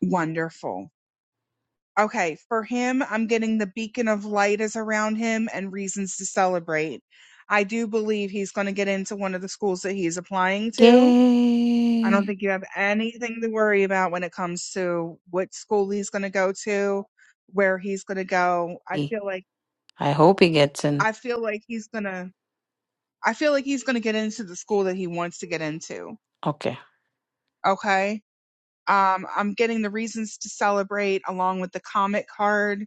Speaker 1: Wonderful. Okay, for him, I'm getting the beacon of light is around him and reasons to celebrate. I do believe he's going to get into one of the schools that he's applying to I don't
Speaker 12: Yay!
Speaker 1: think you have anything to worry about when it comes to what school he's going to go to, where he's going to go. I feel like
Speaker 12: I hope he gets in.
Speaker 1: I feel like he's going to I feel like he's going to get into the school that he wants to get into.
Speaker 12: Okay.
Speaker 1: Okay? Um I'm getting the reasons to celebrate along with the comic card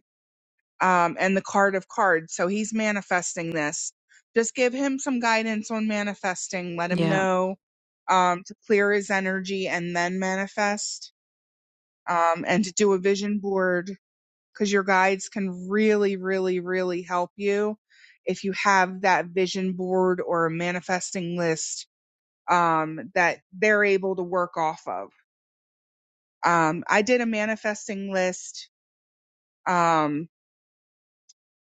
Speaker 1: um and the card of cards. So he's manifesting this. Just give him some guidance on manifesting. Let him
Speaker 12: Yeah.
Speaker 1: know um to clear his energy and then manifest um, and to do a vision board because your guides can really, really, really help you if you have that vision board or a manifesting list um, that they're able to work off of. Um, I did a manifesting list. Um,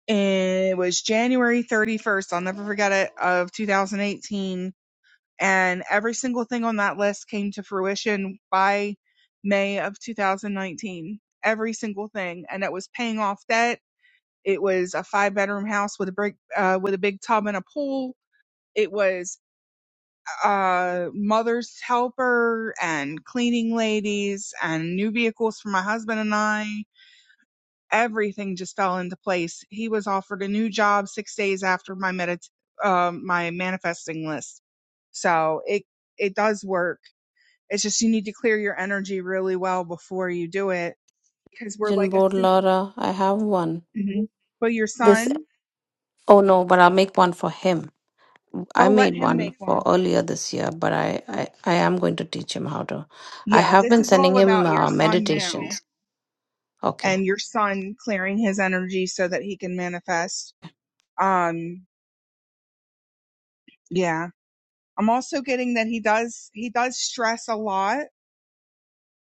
Speaker 1: and it was January 31st. I'll never forget it of 2018. And every single thing on that list came to fruition by May of 2019. Every single thing. And it was paying off debt It was a five bedroom house with a big uh, with a big tub and a pool. It was uh, mother's helper and cleaning ladies and new vehicles for my husband and I. Everything just fell into place. He was offered a new job six days after my medit- um, my manifesting list. So it it does work. It's just you need to clear your energy really well before you do it because we're
Speaker 12: Vision
Speaker 1: like a
Speaker 12: board,
Speaker 1: soup.
Speaker 12: Laura. I have one.
Speaker 1: Mhm. But your
Speaker 12: This.
Speaker 1: son,
Speaker 12: Oh no, but I'll make one for him I
Speaker 1: oh, let
Speaker 12: made
Speaker 1: him
Speaker 12: one
Speaker 1: make one
Speaker 12: for earlier this year, but I, I, I am going to teach him how to. I
Speaker 1: Yeah,
Speaker 12: have
Speaker 1: this
Speaker 12: been
Speaker 1: is
Speaker 12: sending
Speaker 1: all
Speaker 12: him
Speaker 1: about your
Speaker 12: uh,
Speaker 1: son now
Speaker 12: meditations. Okay.
Speaker 1: and your son clearing his energy so that he can manifest. Um, yeah. I'm also getting that he does he does stress a lot.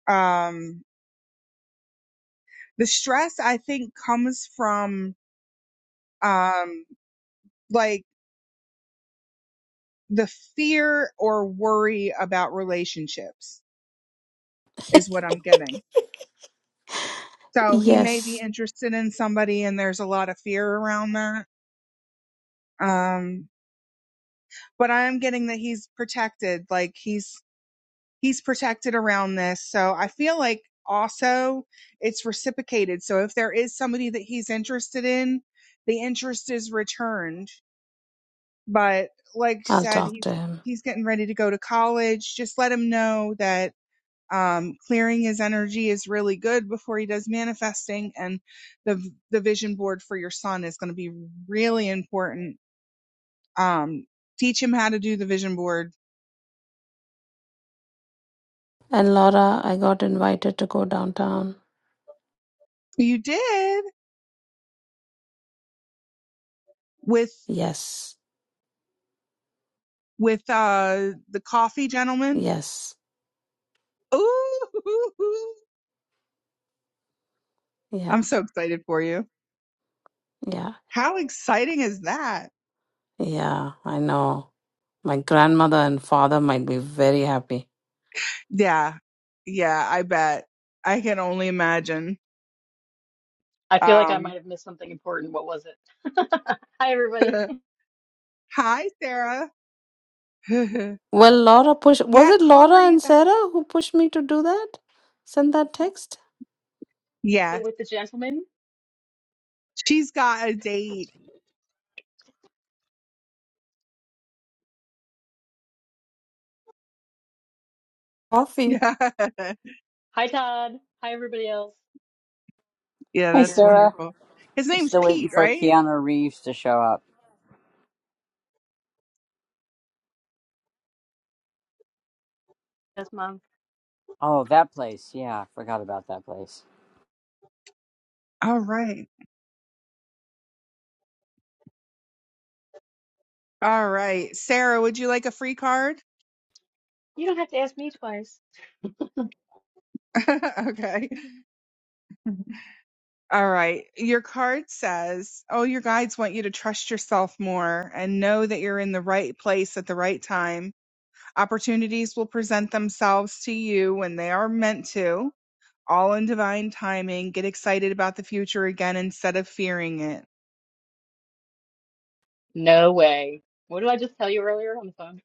Speaker 1: Um the stress I think comes from um like the fear or worry about relationships is what I'm getting. So he may be
Speaker 12: Yes,
Speaker 1: interested in somebody and there's a lot of fear around that. Um but I am getting that he's protected. Like he's he's protected around this. So I feel like also it's reciprocated. So if there is somebody that he's interested in, the interest is returned. But like she
Speaker 12: I'll
Speaker 1: said,
Speaker 12: talk
Speaker 1: he's
Speaker 12: to him.
Speaker 1: he's getting ready to go to college. Just let him know that um, clearing his energy is really good before he does manifesting, and the the vision board for your son is going to be really important. Um, teach him how to do the vision board.
Speaker 12: And Laura, I got invited to go downtown.
Speaker 1: You did with
Speaker 12: Yes,
Speaker 1: with uh the coffee gentleman.
Speaker 12: yes,
Speaker 1: Ooh, <laughs> I'm
Speaker 12: yeah,
Speaker 1: so excited for you.
Speaker 12: yeah,
Speaker 1: How exciting is that?
Speaker 12: yeah, I know. My grandmother and father might be very happy.
Speaker 1: Yeah. Yeah, I bet. I can only imagine.
Speaker 13: I feel like I
Speaker 1: Um
Speaker 13: might have missed something important. What was it? Hi, everybody.
Speaker 1: <laughs> hi Sarah. <laughs> yeah,
Speaker 12: Well, Laura push. was it Laura
Speaker 1: Corey,
Speaker 12: and
Speaker 1: that
Speaker 12: Sarah who pushed me to do that? Send that text?
Speaker 1: yeah,
Speaker 13: So With the gentleman.
Speaker 1: she's got a date. <laughs>
Speaker 12: Coffee.
Speaker 1: Yeah.
Speaker 13: Hi, Todd. Hi, everybody else.
Speaker 1: yeah,
Speaker 9: Hey,
Speaker 1: that's
Speaker 9: Sarah.
Speaker 1: wonderful. His name's
Speaker 9: Still
Speaker 13: Excited.
Speaker 9: waiting
Speaker 1: Pete,
Speaker 9: for
Speaker 1: right?
Speaker 9: Keanu Reeves to show up.
Speaker 13: Yes, Mom.
Speaker 9: Oh, that place. Yeah, forgot about that place.
Speaker 1: All right. All right. Sarah, would you like a free card?
Speaker 13: You don't have to ask me twice.
Speaker 1: <laughs> okay. All right. Your card says, Oh, your guides want you to trust yourself more and know that you're in the right place at the right time. Opportunities will present themselves to you when they are meant to, all in divine timing. Get excited about the future again instead of fearing it.
Speaker 13: No way. What did I just tell you earlier on the phone?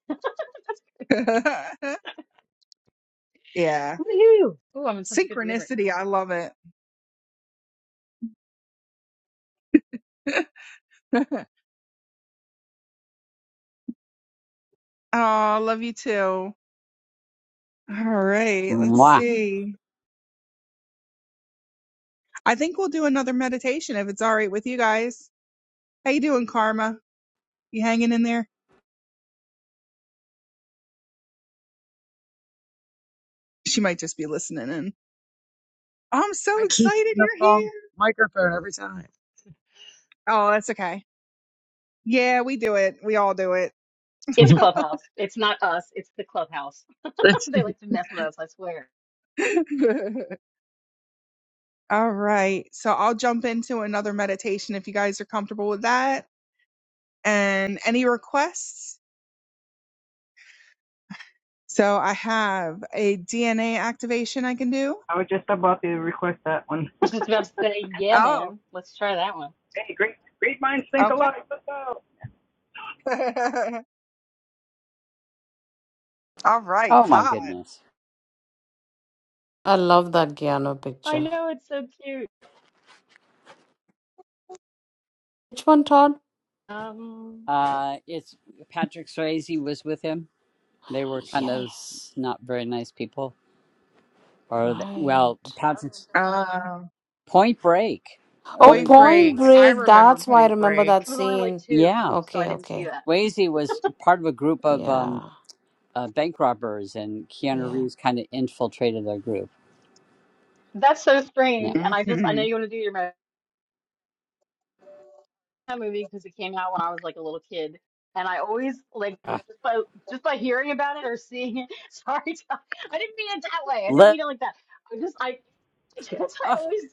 Speaker 13: <laughs> That's crazy.
Speaker 1: <laughs> yeah.
Speaker 13: Woohoo! Ooh, I'm in such a good mood right now.
Speaker 1: Synchronicity. I love it. <laughs> oh, love you too. All right. Let's
Speaker 9: Mwah.
Speaker 1: see. I think we'll do another meditation if it's all right with you guys. How you doing, Karma? You hanging in there? She might just be listening in. I'm so
Speaker 4: I keep
Speaker 1: excited
Speaker 4: the
Speaker 1: you're here.
Speaker 4: wrong microphone every time.
Speaker 1: Oh, that's okay. Yeah, we do it. We all do it.
Speaker 4: <laughs>
Speaker 13: It's
Speaker 4: no,
Speaker 13: Clubhouse. It's not us. It's the Clubhouse. <laughs> they like to mess with us, I swear.
Speaker 1: <laughs> all right. So I'll jump into another meditation if you guys are comfortable with that. And any requests? So I have a DNA activation I can do.
Speaker 6: I was just about to request that one. <laughs>
Speaker 13: I was just about to say, yeah,
Speaker 1: Oh,
Speaker 13: man. Let's try that one.
Speaker 6: hey, great great minds think
Speaker 1: okay.
Speaker 6: alike. Let's go.
Speaker 1: <laughs> all right,
Speaker 9: Oh my
Speaker 1: Todd.
Speaker 9: goodness.
Speaker 12: I love that Giano
Speaker 13: I
Speaker 12: picture.
Speaker 13: know, it's so cute.
Speaker 12: Which one, Todd?
Speaker 13: Um,
Speaker 9: Uh, it's Patrick Swayze was with him. They were kind of
Speaker 12: Yes.
Speaker 9: not very nice people. Or th-
Speaker 12: Right.
Speaker 9: well, Patrick's
Speaker 1: Um,
Speaker 9: Point Break,
Speaker 12: Oh,
Speaker 9: early
Speaker 1: Point
Speaker 12: Point
Speaker 1: Break.
Speaker 9: nineties.
Speaker 1: I
Speaker 12: Break.
Speaker 1: remember
Speaker 12: That's why I
Speaker 1: Point
Speaker 12: remember
Speaker 1: Break.
Speaker 12: that
Speaker 13: it was only like
Speaker 12: scene.
Speaker 13: two,
Speaker 9: Yeah,
Speaker 13: so I
Speaker 12: Okay,
Speaker 13: didn't see
Speaker 12: okay.
Speaker 13: that.
Speaker 9: Swayze was part of a group of um,
Speaker 12: Yeah,
Speaker 9: uh, bank robbers, and Keanu
Speaker 12: yeah.
Speaker 9: Reeves kind of infiltrated their group.
Speaker 13: That's so
Speaker 9: Yeah.
Speaker 13: strange. And I just, I
Speaker 1: hmm
Speaker 13: know you want to do your American Pie movie because it came out when I was like a little kid. And I always like
Speaker 9: Ah.
Speaker 13: just by just by hearing about it or seeing it. <laughs> Sorry, Ty, I didn't mean it that way. I didn't
Speaker 9: Let
Speaker 13: mean it like that. I just, I, <laughs> because
Speaker 9: Uh,
Speaker 13: I always,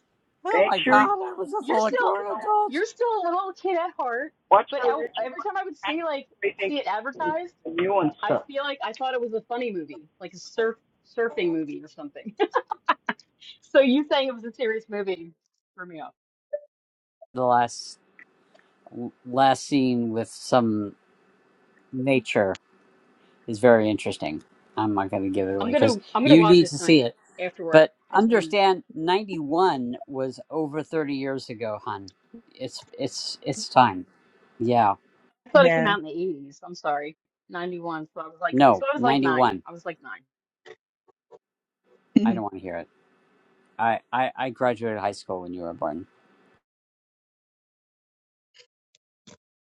Speaker 9: oh
Speaker 6: Make
Speaker 9: my
Speaker 6: sure
Speaker 9: god,
Speaker 6: you
Speaker 9: I was just
Speaker 13: you're
Speaker 9: all a
Speaker 13: still,
Speaker 9: grown adult.
Speaker 13: you're still a little kid at heart.
Speaker 6: watch
Speaker 13: But
Speaker 6: the
Speaker 13: el-
Speaker 6: original.
Speaker 13: every time I would see like
Speaker 6: They think
Speaker 13: see it advertised,
Speaker 6: the new and
Speaker 13: I
Speaker 6: stuff.
Speaker 13: feel like I thought it was a funny movie, like a surf surfing movie or something. <laughs> So you saying it was a serious movie threw me off.
Speaker 9: The last last scene with some nature is very interesting. I'm not going to give it
Speaker 13: I'm
Speaker 9: away
Speaker 13: gonna
Speaker 9: because
Speaker 13: I'm gonna
Speaker 9: you
Speaker 13: watch
Speaker 9: need
Speaker 13: it
Speaker 9: to see
Speaker 13: tonight
Speaker 9: it.
Speaker 13: after work.
Speaker 9: But
Speaker 13: That's when we,
Speaker 9: understand, ninety one was over thirty years ago, hun. It's it's it's time. Yeah,
Speaker 13: I thought it came
Speaker 1: Yeah.
Speaker 13: out in the 80s. I'm sorry, 91. So I was like,
Speaker 9: no,
Speaker 13: so I was like
Speaker 9: ninety
Speaker 13: nine.
Speaker 9: one.
Speaker 13: I was like nine.
Speaker 9: I don't
Speaker 1: <laughs>
Speaker 9: want to hear it. I, I I graduated high school when you were born.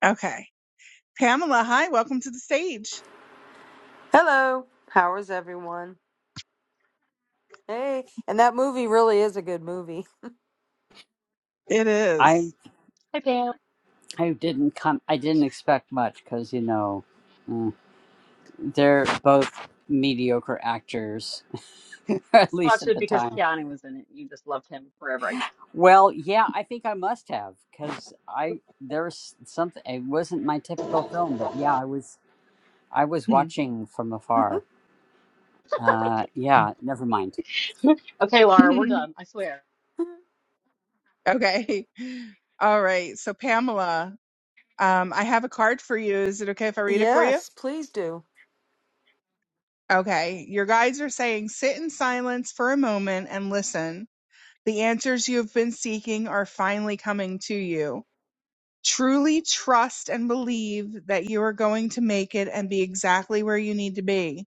Speaker 1: okay. Pamela, hi, welcome to the stage.
Speaker 14: Hello, how is everyone? Hey, and that movie really is a good movie.
Speaker 1: It
Speaker 9: I
Speaker 1: is.
Speaker 13: Hi Pam.
Speaker 9: I didn't come. I didn't expect much because you know. mm. They're both mediocre actors, <laughs> at least
Speaker 13: Watched
Speaker 9: at
Speaker 13: it
Speaker 9: the
Speaker 13: because
Speaker 9: time.
Speaker 13: Keanu was in it. You just loved him forever, I guess.
Speaker 9: Well, yeah, I think I must have because I there's something. It wasn't my typical film, but yeah, I was I was watching from afar. Uh, yeah, never mind.
Speaker 13: <laughs> Okay, Laura, we're done. I swear.
Speaker 14: <laughs>
Speaker 1: <laughs> okay. All right. So, Pamela, um, I have a card for you. Is it okay if I read it for you?
Speaker 14: yes, please do.
Speaker 1: Okay. Your guides are saying sit in silence for a moment and listen. The answers you have been seeking are finally coming to you. Truly trust and believe that you are going to make it and be exactly where you need to be.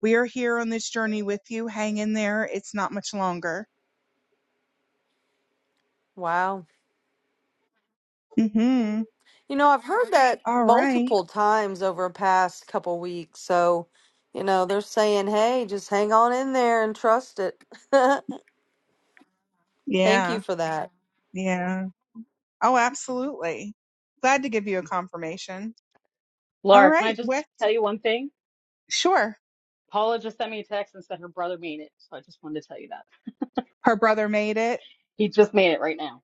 Speaker 1: We are here on this journey with you. Hang in there. It's not much longer.
Speaker 14: Wow.
Speaker 1: hmm
Speaker 14: You know, I've heard that
Speaker 1: All right.
Speaker 14: multiple times over the past couple weeks. So, you know, they're saying, hey, just hang on in there and trust it. <laughs> Thank you
Speaker 1: Yeah.
Speaker 14: for that.
Speaker 1: Yeah. Oh, absolutely. Glad to give you a confirmation. All
Speaker 13: Laura, can I
Speaker 1: right.
Speaker 13: just
Speaker 1: With
Speaker 13: tell you one thing?
Speaker 1: sure.
Speaker 13: Paula just sent me a text and said her brother made it. So I just wanted to tell you that.
Speaker 1: Her brother made it.
Speaker 13: He just made it right now.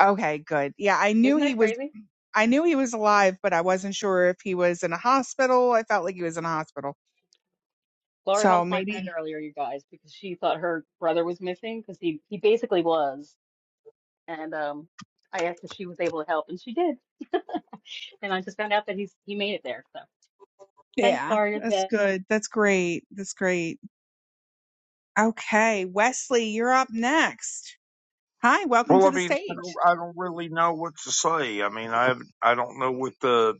Speaker 1: Okay, good. Yeah, I knew
Speaker 13: Isn't
Speaker 1: he
Speaker 13: that
Speaker 1: was
Speaker 13: crazy?
Speaker 1: I knew he was alive, but I wasn't sure if he was in a hospital. I felt like he was in a hospital.
Speaker 13: Laura
Speaker 1: So
Speaker 13: helped my friend
Speaker 1: maybe
Speaker 13: earlier, you guys, because she thought her brother was missing because he, he basically was. and um, I asked if she was able to help, and she did. And I just found out that he's he made it there. So thanks,
Speaker 1: yeah,
Speaker 13: Laura. You're the
Speaker 1: that's
Speaker 13: best.
Speaker 1: good. That's great. That's great. Okay, Wesley, you're up next. Hi, welcome
Speaker 15: Well,
Speaker 1: to
Speaker 15: I
Speaker 1: the
Speaker 15: mean, I don't,
Speaker 1: stage.
Speaker 15: I don't really know what to say. I mean, I haven't- I don't know what the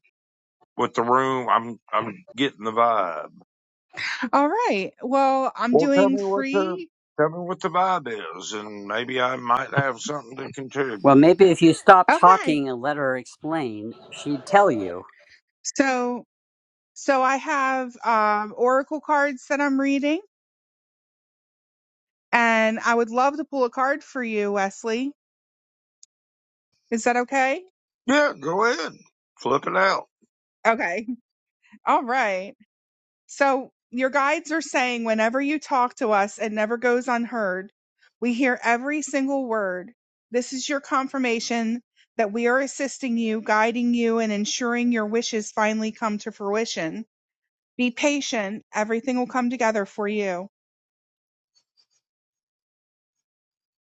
Speaker 15: what the room. I'm I'm getting the vibe.
Speaker 1: All right. Well, I'm
Speaker 15: Well, tell
Speaker 1: doing
Speaker 15: me what the
Speaker 1: free.
Speaker 15: tell me what the vibe is, and maybe I might have something to
Speaker 9: Well,
Speaker 15: contribute.
Speaker 9: maybe if you stop
Speaker 1: Okay.
Speaker 9: talking and let her explain, she'd tell you.
Speaker 1: So So I have um, oracle cards that I'm reading, and I would love to pull a card for you, Wesley. Is that okay?
Speaker 15: Yeah, go ahead, flip it out.
Speaker 1: Okay. <laughs> All right. So your guides are saying whenever you talk to us, it never goes unheard. We hear every single word. This is your confirmation that we are assisting you, guiding you, and ensuring your wishes finally come to fruition. Be patient. Everything will come together for you.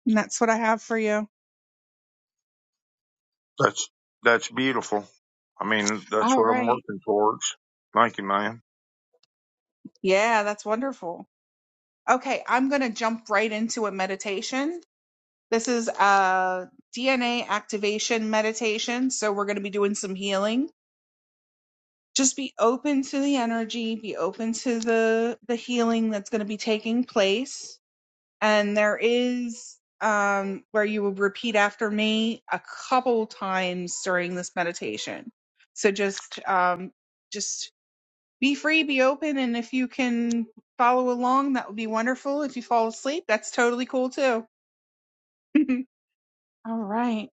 Speaker 1: And that's what I have for you.
Speaker 15: That's that's beautiful. I mean, that's
Speaker 1: All
Speaker 15: what I'm
Speaker 1: right.
Speaker 15: working towards. Thank you, man.
Speaker 1: Yeah, that's wonderful. Okay, I'm going to jump right into a meditation. This is a DNA activation meditation. So we're going to be doing some healing. Just be open to the energy, be open to the the healing that's going to be taking place. And there is um where you will repeat after me a couple times during this meditation. So just um just be free, be open, and if you can follow along, that would be wonderful. If you fall asleep, that's totally cool too. <laughs> All right,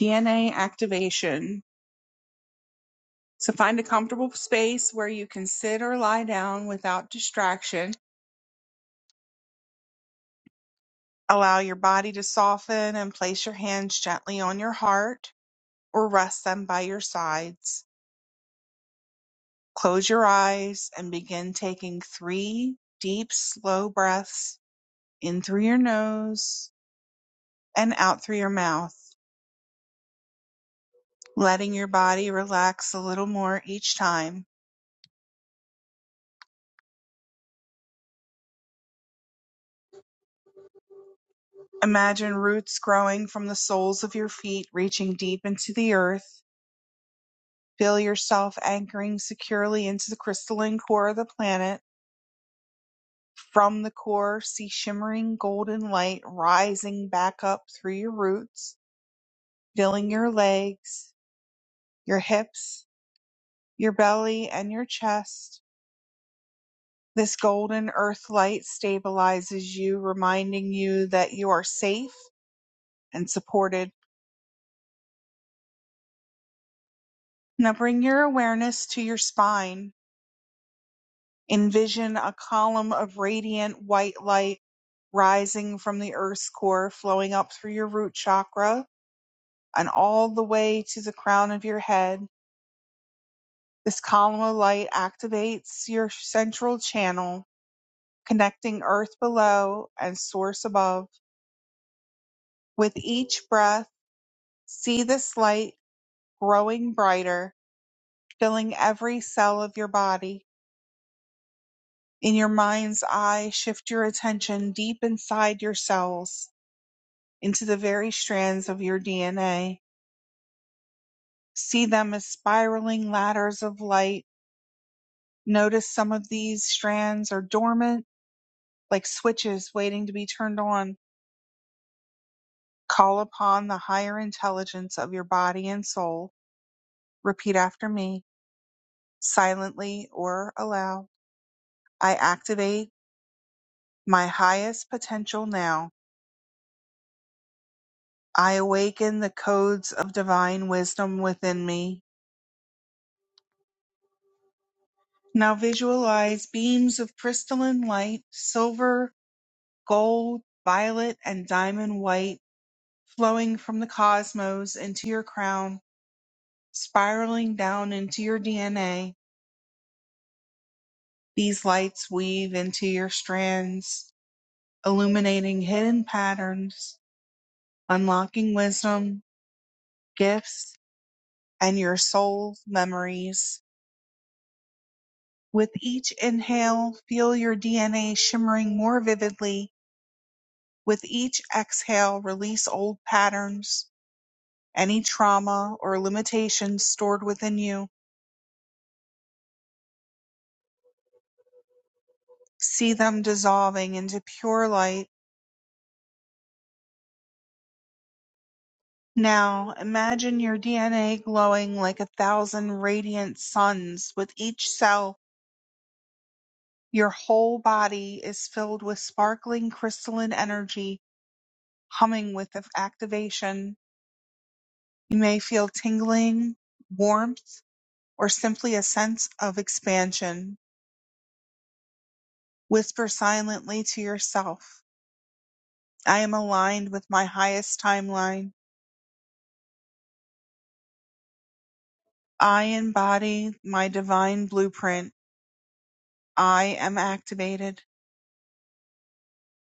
Speaker 1: DNA activation. So find a comfortable space where you can sit or lie down without distraction. Allow your body to soften and place your hands gently on your heart or rest them by your sides. Close your eyes and begin taking three deep, slow breaths in through your nose and out through your mouth. letting your body relax a little more each time. Imagine roots growing from the soles of your feet, reaching deep into the earth. Feel yourself anchoring securely into the crystalline core of the planet. From the core, see shimmering golden light rising back up through your roots, filling your legs, your hips, your belly, and your chest. This golden earth light stabilizes you, reminding you that you are safe and supported Now bring your awareness to your spine. Envision a column of radiant white light rising from the earth's core, flowing up through your root chakra and all the way to the crown of your head. This column of light activates your central channel, connecting earth below and source above. With each breath, see this light growing brighter, filling every cell of your body. In your mind's eye, shift your attention deep inside your cells into the very strands of your DNA. See them as spiraling ladders of light. Notice some of these strands are dormant, like switches waiting to be turned on. Call upon the higher intelligence of your body and soul. Repeat after me, silently or aloud. I activate my highest potential now. I awaken the codes of divine wisdom within me. Now visualize beams of crystalline light, silver, gold, violet, and diamond white, flowing from the cosmos into your crown, spiraling down into your DNA. These lights weave into your strands, illuminating hidden patterns, unlocking wisdom, gifts, and your soul's memories. With each inhale, feel your DNA shimmering more vividly With each exhale, release old patterns, any trauma or limitations stored within you. See them dissolving into pure light. Now, imagine your DNA glowing like a thousand radiant suns with each cell. Your whole body is filled with sparkling crystalline energy, humming with activation. You may feel tingling, warmth, or simply a sense of expansion. Whisper silently to yourself, I am aligned with my highest timeline. I embody my divine blueprint. I am activated.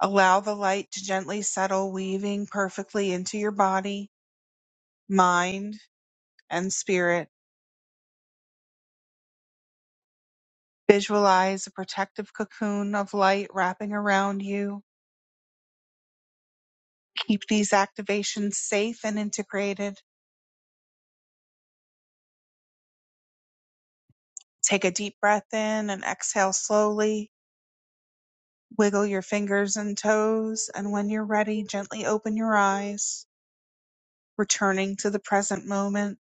Speaker 1: Allow the light to gently settle, weaving perfectly into your body, mind, and spirit. Visualize a protective cocoon of light wrapping around you. Keep these activations safe and integrated. Take a deep breath in and exhale slowly Wiggle your fingers and toes, and when you're ready, gently open your eyes, returning to the present moment,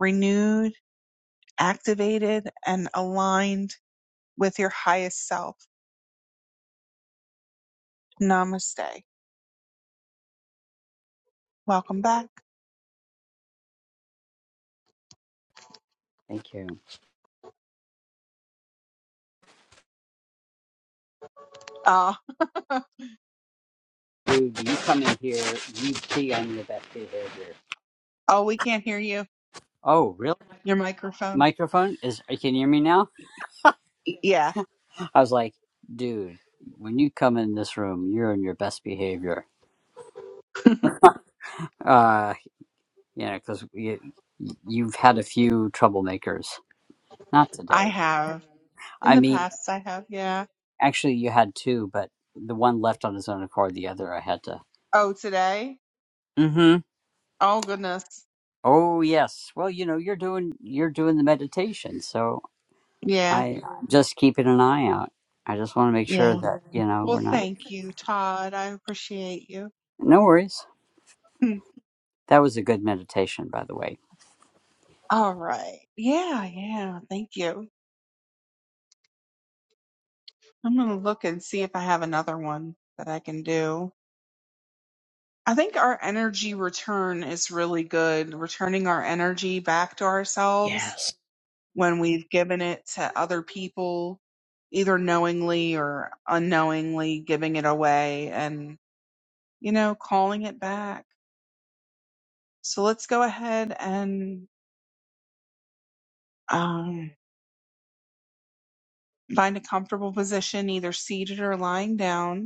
Speaker 1: renewed, activated, and aligned with your highest self. Namaste. Welcome back.
Speaker 9: Thank you.
Speaker 1: Ah, <laughs>
Speaker 9: Dude, you come in here, you see I'm the best behavior.
Speaker 1: oh, we can't hear you.
Speaker 9: Oh, really?
Speaker 1: Your microphone.
Speaker 9: Microphone is. Can you hear me now?
Speaker 1: Yeah,
Speaker 9: I was like, dude, when you come in this room, you're in your best behavior. Uh, you know, because you, you've had a few troublemakers. Not
Speaker 1: I
Speaker 9: today.
Speaker 1: have. In
Speaker 9: I
Speaker 1: the
Speaker 9: mean,
Speaker 1: past, I have. Yeah.
Speaker 9: actually, you had two, but the one left on his own accord. The other, I had to.
Speaker 1: Oh, today?
Speaker 9: Mm-hmm.
Speaker 1: Oh, goodness.
Speaker 9: Oh yes. Well, you know, you're doing you're doing the meditation, so
Speaker 1: Yeah.
Speaker 9: I I'm just keeping an eye out. I just want to make sure
Speaker 1: Yeah.
Speaker 9: that you know
Speaker 1: Well,
Speaker 9: we're not.
Speaker 1: thank you, Todd. I appreciate you.
Speaker 9: No worries.
Speaker 1: <laughs>
Speaker 9: That was a good meditation, by the way.
Speaker 1: All right. Yeah, yeah. Thank you. I'm going to look and see if I have another one that I can do. I think our energy return is really good, returning our energy back to ourselves when we've given it to other people, either knowingly or unknowingly giving it away and, you know, calling it back. So let's go ahead and um, find a comfortable position, either seated or lying down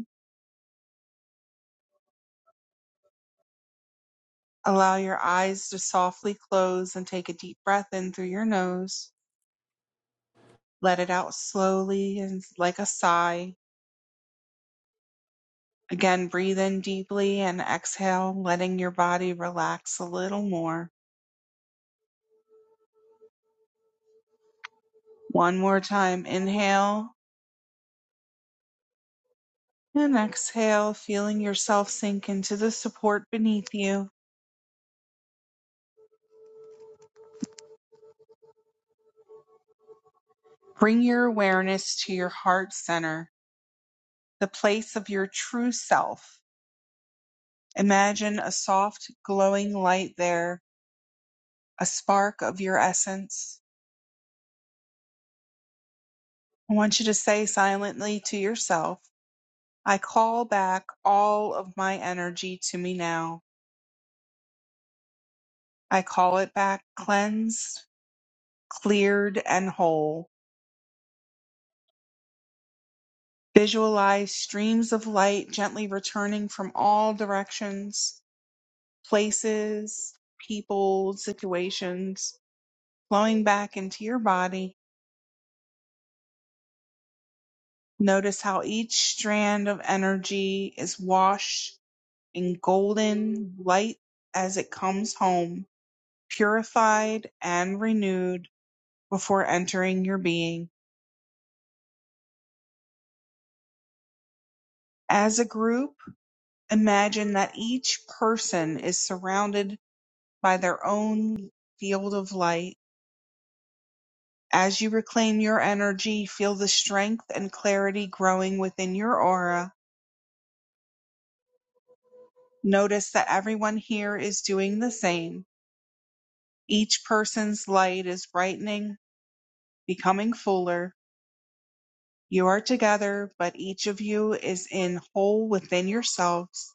Speaker 1: Allow your eyes to softly close and take a deep breath in through your nose. Let it out slowly and like a sigh. Again, breathe in deeply and exhale, letting your body relax a little more. One more time, inhale and exhale, feeling yourself sink into the support beneath you. Bring your awareness to your heart center, the place of your true self. Imagine a soft, glowing light there, a spark of your essence. I want you to say silently to yourself, I call back all of my energy to me now. I call it back cleansed, cleared, and whole. Visualize streams of light gently returning from all directions, places, people, situations, flowing back into your body. Notice how each strand of energy is washed in golden light as it comes home purified and renewed before entering your being. As a group, imagine that each person is surrounded by their own field of light. As you reclaim your energy, feel the strength and clarity growing within your aura. Notice that everyone here is doing the same. Each person's light is brightening, becoming fuller. You are together, but each of you is in whole within yourselves.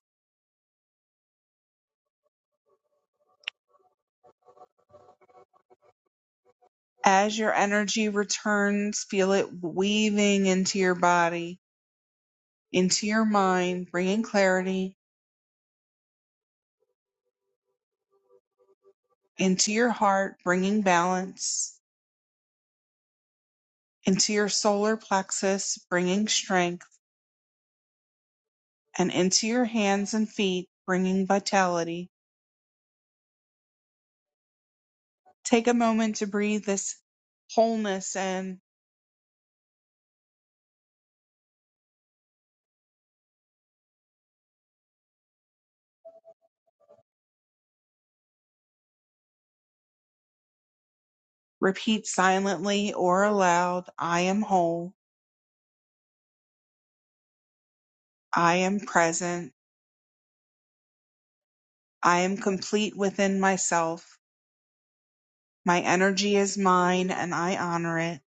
Speaker 1: As your energy returns, feel it weaving into your body, into your mind, bringing clarity, into your heart, bringing balance, into your solar plexus, bringing strength, and into your hands and feet, bringing vitality. Take a moment to breathe this wholeness and repeat silently or aloud I am whole. I am present. I am complete within myself. My energy is mine and I honor it.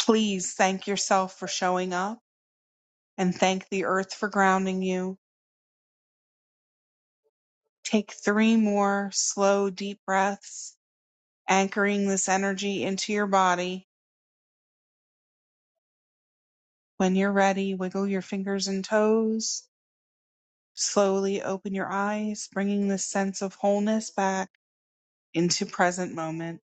Speaker 1: Please thank yourself for showing up and thank the earth for grounding you. Take three more slow, deep breaths, anchoring this energy into your body. When you're ready, wiggle your fingers and toes. Slowly open your eyes, bringing this sense of wholeness back into present moment.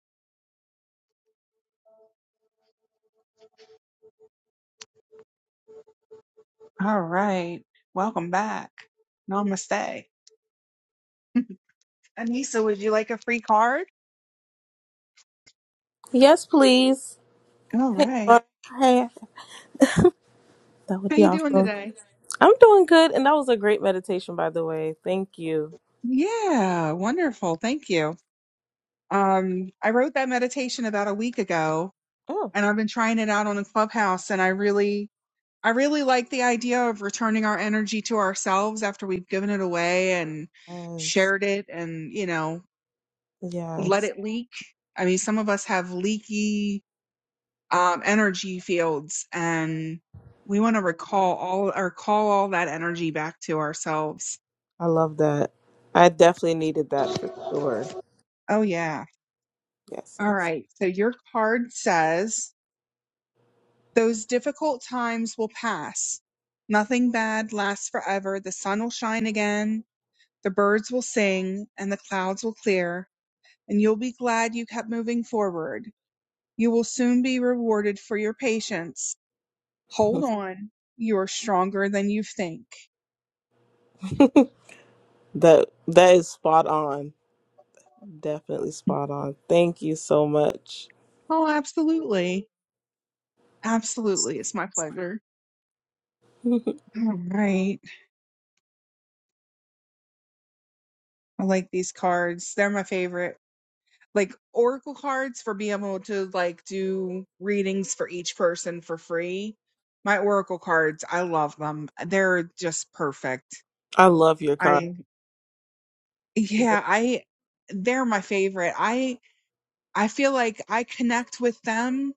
Speaker 1: All right. Welcome back. Namaste. Anissa, would you like a free card?
Speaker 16: Yes, please.
Speaker 1: All
Speaker 16: Hey,
Speaker 1: right.
Speaker 16: Laura. Hey, that would
Speaker 1: How
Speaker 16: be
Speaker 1: you doing
Speaker 16: awesome.
Speaker 1: today?
Speaker 16: I'm doing good, and that was a great meditation, by the way. Thank you.
Speaker 1: Yeah, wonderful. Thank you. Um, I wrote that meditation about a week ago
Speaker 16: Oh,
Speaker 1: and I've been trying it out on a clubhouse and I really I really like the idea of returning our energy to ourselves after we've given it away and
Speaker 16: yes,
Speaker 1: shared it and, you know, let
Speaker 16: yes.
Speaker 1: it leak. I mean, some of us have leaky um, energy fields and we want to recall all or call all that energy back to ourselves.
Speaker 16: I love that. I definitely needed that for sure.
Speaker 1: Oh yeah.
Speaker 16: Yes,
Speaker 1: All right. So your card says Those difficult times will pass. Nothing bad lasts forever. The sun will shine again, the birds will sing, and the clouds will clear, and you'll be glad you kept moving forward. You will soon be rewarded for your patience. Hold
Speaker 16: yes.
Speaker 1: on. You're stronger than you think.
Speaker 16: <laughs> that that is spot on. Definitely spot on. Thank you so much.
Speaker 1: Oh, absolutely. Absolutely. It's my pleasure.
Speaker 16: <laughs>
Speaker 1: <laughs> All right. I like these cards. They're my favorite. like oracle cards for being able to like do readings for each person for free. My oracle cards, I love them. They're just perfect.
Speaker 16: I love your card.
Speaker 1: I yeah, I they're my favorite. I I feel like I connect with them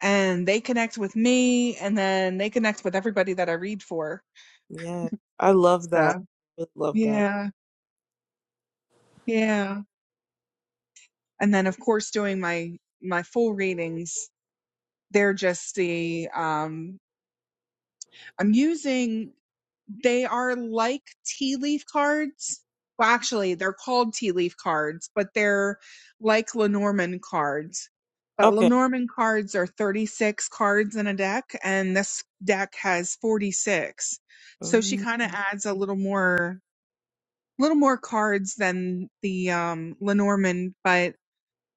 Speaker 1: and they connect with me and then they connect with everybody that I read for.
Speaker 16: Yes, I love that.
Speaker 1: So,
Speaker 16: I really love that.
Speaker 1: yeah. Yeah. And then of course doing my my full readings, they're just the um I'm using They are like tea leaf cards. Well, actually, they're called tea leaf cards, but they're like Lenormand cards. But
Speaker 16: Okay.
Speaker 1: Lenormand cards are 36 cards in a deck, and this deck has 46. So she
Speaker 16: Mhm.
Speaker 1: kind of adds a little more, little more cards than the um, Lenormand. But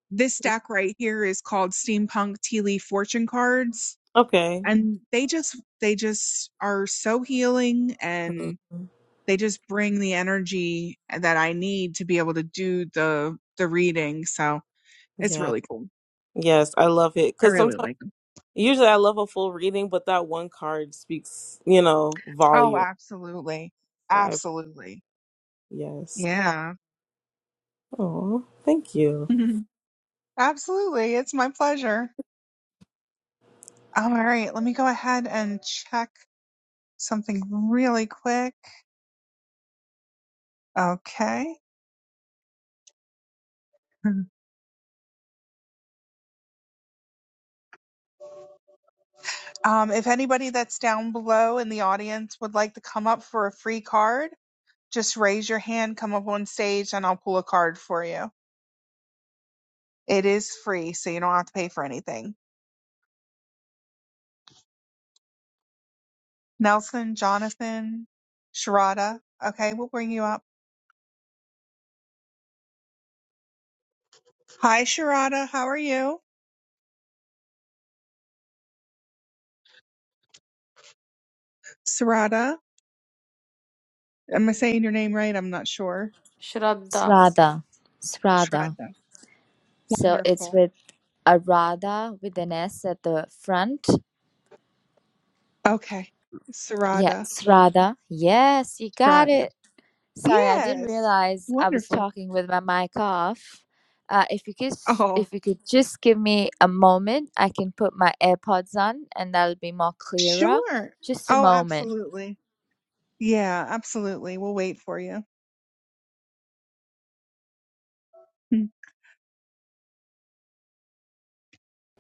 Speaker 1: this deck right here is called Steampunk Tea Leaf Fortune Cards,
Speaker 16: Okay.
Speaker 1: and they just, they just are so healing and
Speaker 16: Mhm.
Speaker 1: they just bring the energy that I need to be able to do the the reading. So it's
Speaker 16: Yeah.
Speaker 1: really cool.
Speaker 16: Yes, I love it
Speaker 1: I
Speaker 16: because
Speaker 1: really
Speaker 16: sometimes,
Speaker 1: like them.
Speaker 16: usually, I love a full reading, but that one card speaks, you know,
Speaker 1: Oh,
Speaker 16: volume.
Speaker 1: absolutely.
Speaker 16: So I,
Speaker 1: Absolutely.
Speaker 16: yes.
Speaker 1: Yeah.
Speaker 16: Oh, thank you.
Speaker 1: <laughs> absolutely. It's my pleasure. All right, let me go ahead and check something really quick. Okay. <laughs> Um, if anybody that's down below in the audience would like to come up for a free card, just raise your hand, come up on stage, and I'll pull a card for you. It is free, so you don't have to pay for anything. Nelson, Jonathan, Sharada. Okay, we'll bring you up. Hi, Sharada. How are you? Sharada. Am I saying your name right? I'm not sure.
Speaker 12: Shraddha.
Speaker 17: Sradha, Sradha.
Speaker 1: Sharada.
Speaker 17: So it's
Speaker 1: Wonderful.
Speaker 17: with a Radha with an S at the front.
Speaker 1: Okay.
Speaker 17: Yeah,
Speaker 1: Sharada.
Speaker 17: Sradha. Yes, you got
Speaker 1: Sharada.
Speaker 17: it. Sorry, I didn't
Speaker 1: Yes.
Speaker 17: realize I was
Speaker 1: Wonderful.
Speaker 17: talking with my mic off. Uh, if you could,
Speaker 1: Oh,
Speaker 17: if you could just give me a moment, I can put my AirPods on, and that'll be more clearer.
Speaker 1: sure.
Speaker 17: Just a
Speaker 1: Oh,
Speaker 17: moment.
Speaker 1: absolutely. Yeah, absolutely. We'll wait for you.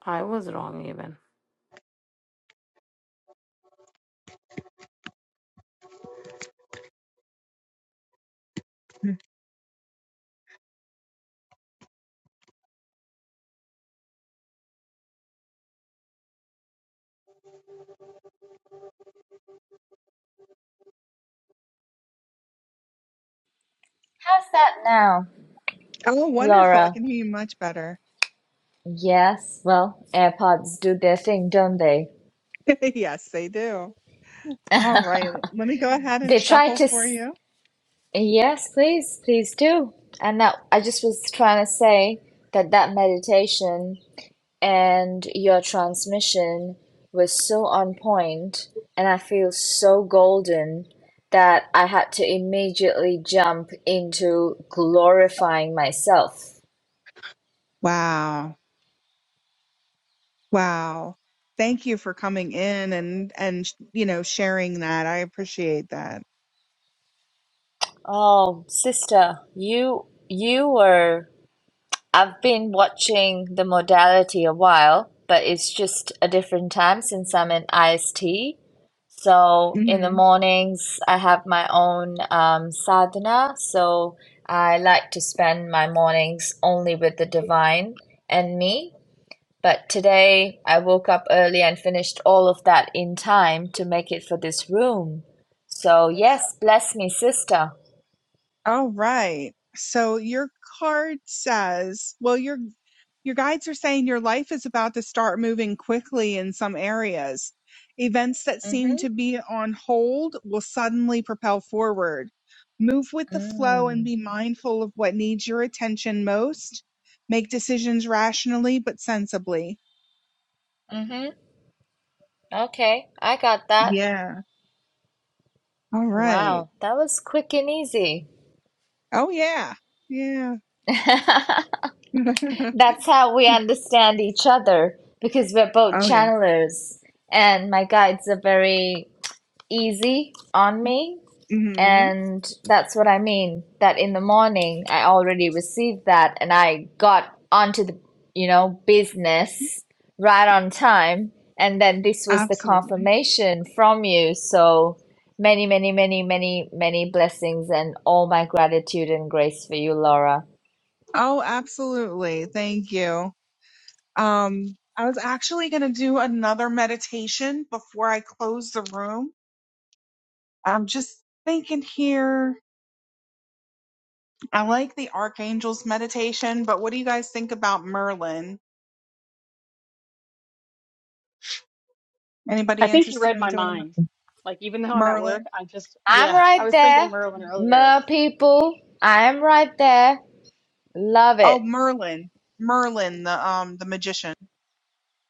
Speaker 12: I was wrong even.
Speaker 1: <laughs>
Speaker 17: How's that now,
Speaker 1: Oh, wonderful. I
Speaker 17: Laura?
Speaker 1: can hear you much better.
Speaker 17: Yes. Well, AirPods do their thing, don't they?
Speaker 1: <laughs> yes, they do. All right. Let me go ahead and
Speaker 17: They try
Speaker 1: shuffle
Speaker 17: to
Speaker 1: for
Speaker 17: s-
Speaker 1: you.
Speaker 17: Yes, please, please do. And now I just was trying to say that that meditation and your transmission was so on point, and I feel so golden that I had to immediately jump into glorifying myself.
Speaker 1: Wow. Wow. Thank you for coming in and and you know sharing that. I appreciate that.
Speaker 17: Oh, sister, you you were. I've been watching the modality a while, but it's just a different time since I'm in IST. So in the
Speaker 1: Mhm.
Speaker 17: mornings, I have my own um, sadhana. So I like to spend my mornings only with the divine and me. But today I woke up early and finished all of that in time to make it for this room. So yes, bless me, sister.
Speaker 1: All right. So your card says, well, your Your guides are saying your life is about to start moving quickly in some areas. Events that seem to
Speaker 17: Mm-hmm.
Speaker 1: be on hold will suddenly propel forward. Move with the flow and
Speaker 17: Mm.
Speaker 1: be mindful of what needs your attention most. Make decisions rationally but sensibly.
Speaker 17: Mm-hmm. Okay, I got that.
Speaker 1: Yeah. All right.
Speaker 17: Wow, that was quick and easy.
Speaker 1: Oh, yeah. Yeah.
Speaker 17: <laughs>
Speaker 1: <laughs>
Speaker 17: That's how we understand each other because we're both
Speaker 1: oh, yeah.
Speaker 17: channelers, and my guides are very easy on me
Speaker 1: hmm
Speaker 17: And that's what I mean, that in the morning I already received that and I got onto the, you know, business right on time. And then this was the
Speaker 1: Absolutely.
Speaker 17: confirmation from you. So many, many, many, many, many blessings and all my gratitude and grace for you, Laura.
Speaker 1: Oh, absolutely. Thank you. Um, I was actually going to do another meditation before I close the room. I'm just thinking here. I like the archangels meditation, but what do you guys think about Merlin?
Speaker 13: I
Speaker 1: Anybody
Speaker 13: think you
Speaker 1: interested
Speaker 13: read
Speaker 1: in
Speaker 13: my
Speaker 1: doing a Mer-
Speaker 13: mind. Like even though I'm at work,
Speaker 1: Merlin?
Speaker 13: I just
Speaker 17: I'm
Speaker 13: yeah. I
Speaker 17: right
Speaker 13: was thinking
Speaker 17: there.
Speaker 13: of Merlin earlier.
Speaker 17: Mer people, I'm right there. Love
Speaker 1: Oh,
Speaker 17: it.
Speaker 1: Merlin. Merlin, the um the magician,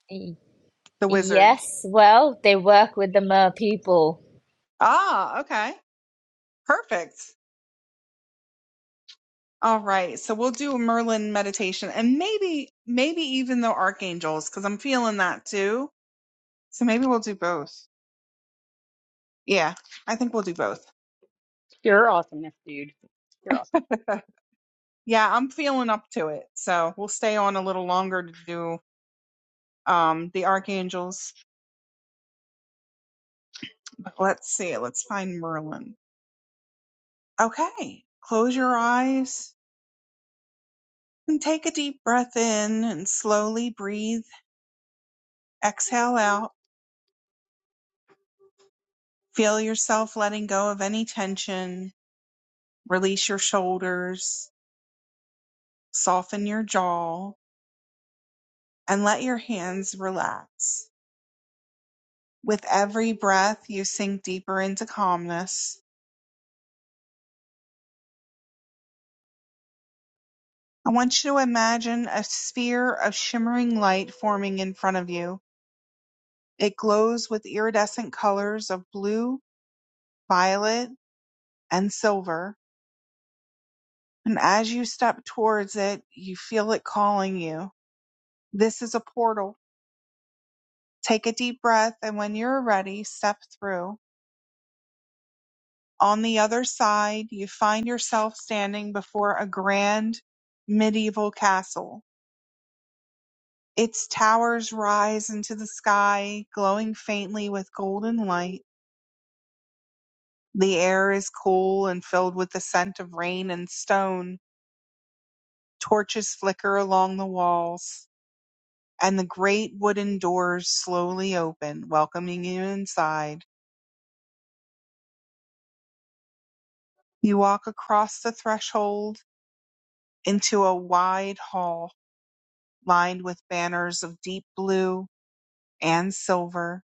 Speaker 17: Y-
Speaker 1: the wizard.
Speaker 17: Yes, well, they work with the Mer people.
Speaker 1: Ah, okay. Perfect. All right. So we'll do a Merlin meditation and maybe maybe even the archangels cuz I'm feeling that too. So maybe we'll do both. Yeah, I think we'll do both.
Speaker 13: You're awesomeness, dude. You're awesome.
Speaker 1: <laughs> Yeah, I'm feeling up to it. So we'll stay on a little longer to do um the archangels. Let's see. Let's find Merlin. Okay. Close your eyes and take a deep breath in and slowly breathe. Exhale out. Feel yourself letting go of any tension. Release your shoulders. Soften your jaw and let your hands relax. With every breath, you sink deeper into calmness I want you to imagine a sphere of shimmering light forming in front of you. It glows with iridescent colors of blue, violet, and silver. And as you step towards it, you feel it calling you. This is a portal. Take a deep breath, and when you're ready, step through. On the other side, you find yourself standing before a grand medieval castle. Its towers rise into the sky, glowing faintly with golden light. The air is cool and filled with the scent of rain and stone. Torches flicker along the walls, and the great wooden doors slowly open, welcoming you inside. You walk across the threshold into a wide hall lined with banners of deep blue and silver.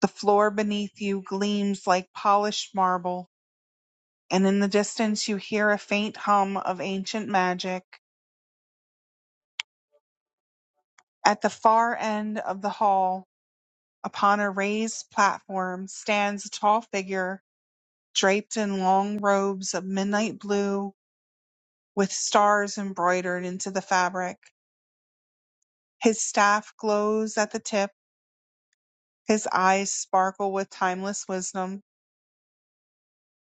Speaker 1: The floor beneath you gleams like polished marble, and in the distance you hear a faint hum of ancient magic. At the far end of the hall, Upon a raised platform stands a tall figure draped in long robes of midnight blue with stars embroidered into the fabric. His staff glows at the tip, his eyes sparkle with timeless wisdom.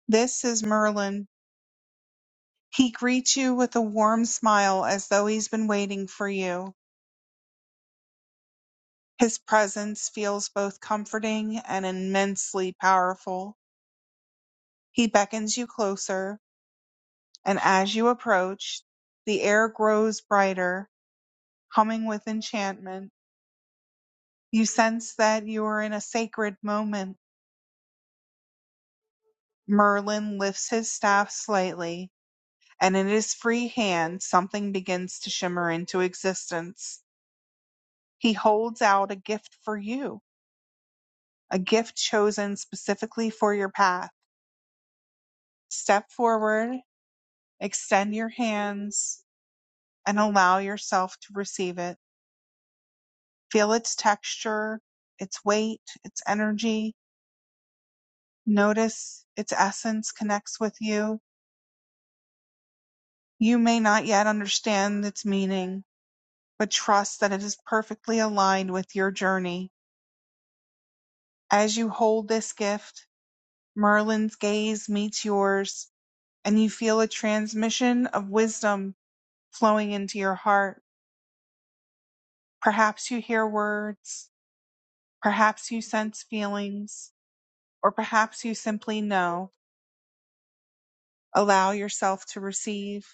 Speaker 1: This is Merlin. He greets you with a warm smile as though he's been waiting for you. His presence feels both comforting and immensely powerful. He beckons you closer. And as you approach, the air grows brighter, humming with enchantment. You sense that you are in a sacred moment. Merlin lifts his staff slightly, and in his free hand, something begins to shimmer into existence. He holds out a gift for you, a gift chosen specifically for your path. Step forward, extend your hands, and allow yourself to receive it. Feel its texture, its weight, its energy Notice its essence connects with you. You may not yet understand its meaning, but trust that it is perfectly aligned with your journey. As you hold this gift, Merlin's gaze meets yours, and you feel a transmission of wisdom flowing into your heart. Perhaps you hear words, perhaps you sense feelings, or perhaps you simply know. Allow yourself to receive.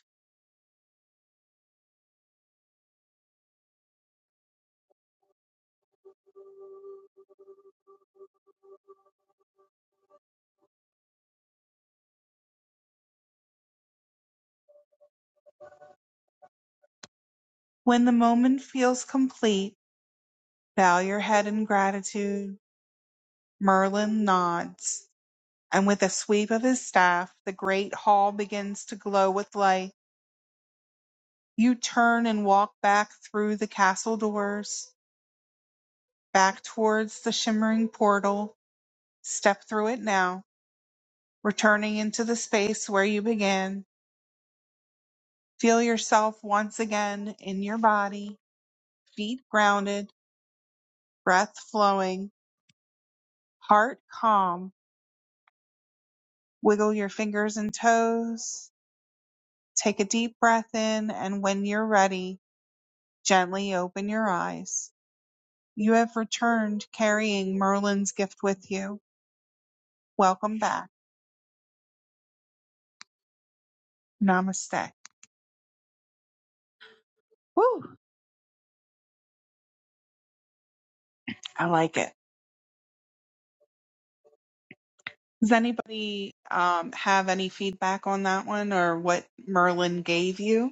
Speaker 1: When the moment feels complete, Bow your head in gratitude. Merlin nods, and with a sweep of his staff, the great hall begins to glow with light. You turn and walk back through the castle doors, back towards the shimmering portal. Step through it now, returning into the space where you began. Feel yourself once again in your body, feet grounded, breath flowing, heart calm. Wiggle your fingers and toes Take a deep breath in, and when you're ready, gently open your eyes. You have returned carrying Merlin's gift with you. Welcome back. Namaste. Woo! I like it. Does anybody um, have any feedback on that one or what Merlin gave you?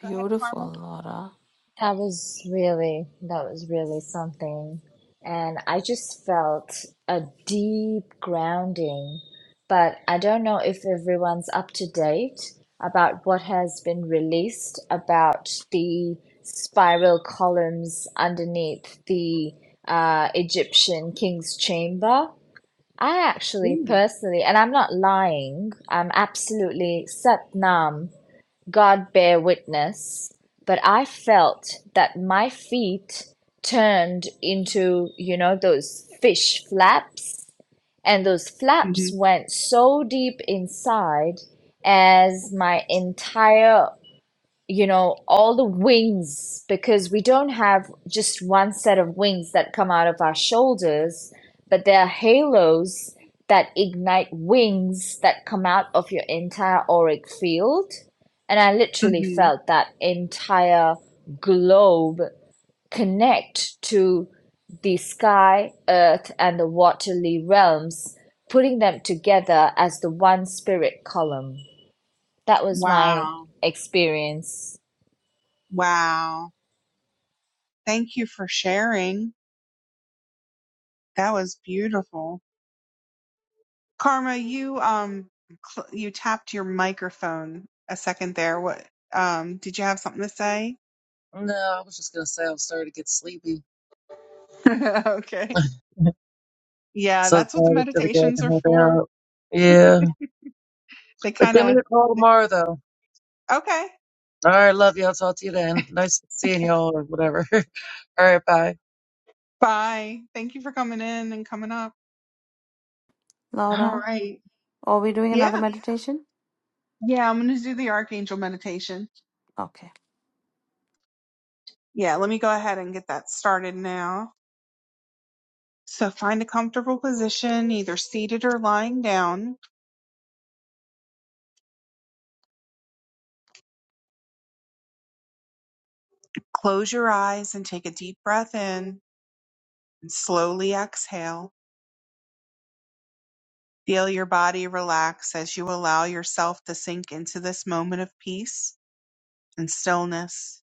Speaker 1: Go ahead, Karma.
Speaker 12: Laura.
Speaker 17: That was really, that was really something. And I just felt a deep grounding. But I don't know if everyone's up to date about what has been released about the spiral columns underneath the uh, Egyptian king's chamber. I actually
Speaker 1: Ooh.
Speaker 17: personally, and I'm not lying, I'm absolutely Sat Nam. God bear witness, but I felt that my feet turned into, you know, those fish flaps, and those
Speaker 1: hmm
Speaker 17: flaps went so deep inside as my entire you know, all the wings, because we don't have just one set of wings that come out of our shoulders, but there are halos that ignite wings that come out of your entire auric field. And I literally
Speaker 1: hmm
Speaker 17: felt that entire globe connect to the sky, earth, and the waterly realms, putting them together as the one spirit column. That was my
Speaker 1: Wow.
Speaker 17: experience.
Speaker 1: Wow. Thank you for sharing. That was beautiful. Karma, you um cl- you tapped your microphone a second there. What um did you have something to say?
Speaker 4: I was just gonna say I'm starting to get sleepy.
Speaker 1: <laughs> okay.
Speaker 4: <laughs>
Speaker 1: Yeah,
Speaker 4: so tired
Speaker 1: that's what the
Speaker 4: to get
Speaker 1: meditations are
Speaker 4: the head
Speaker 1: for.
Speaker 4: out.
Speaker 1: <laughs>
Speaker 4: Yeah.
Speaker 1: They
Speaker 4: But
Speaker 1: kind
Speaker 4: give me
Speaker 1: of
Speaker 4: a call tomorrow though.
Speaker 1: Okay.
Speaker 4: All right, love you. I'll talk to you then. Nice seeing y'all or whatever. <laughs> All right, bye.
Speaker 1: Bye. Thank you for coming in and coming up. All
Speaker 12: Laura,
Speaker 1: right.
Speaker 12: are we doing another
Speaker 1: Yeah.
Speaker 12: meditation?
Speaker 1: Yeah, I'm going to do the archangel meditation.
Speaker 12: Okay.
Speaker 1: Yeah, let me go ahead and get that started now. So find a comfortable position, either seated or lying down. Close your eyes and take a deep breath in. and slowly exhale. Feel your body relax as you allow yourself to sink into this moment of peace and stillness.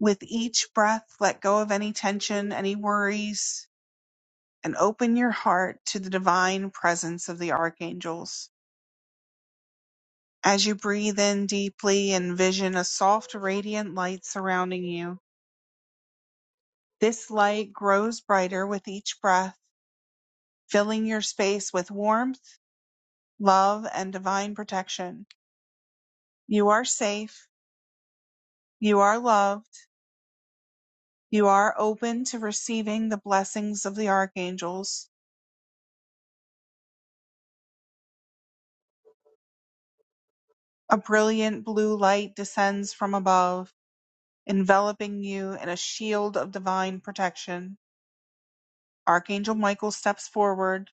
Speaker 1: With each breath, let go of any tension, any worries, and open your heart to the divine presence of the archangels. As you breathe in deeply, envision a soft, radiant light surrounding you. This light grows brighter with each breath, filling your space with warmth, love, and divine protection. You are safe You are loved. You are open to receiving the blessings of the archangels. A brilliant blue light descends from above, enveloping you in a shield of divine protection. Archangel Michael steps forward,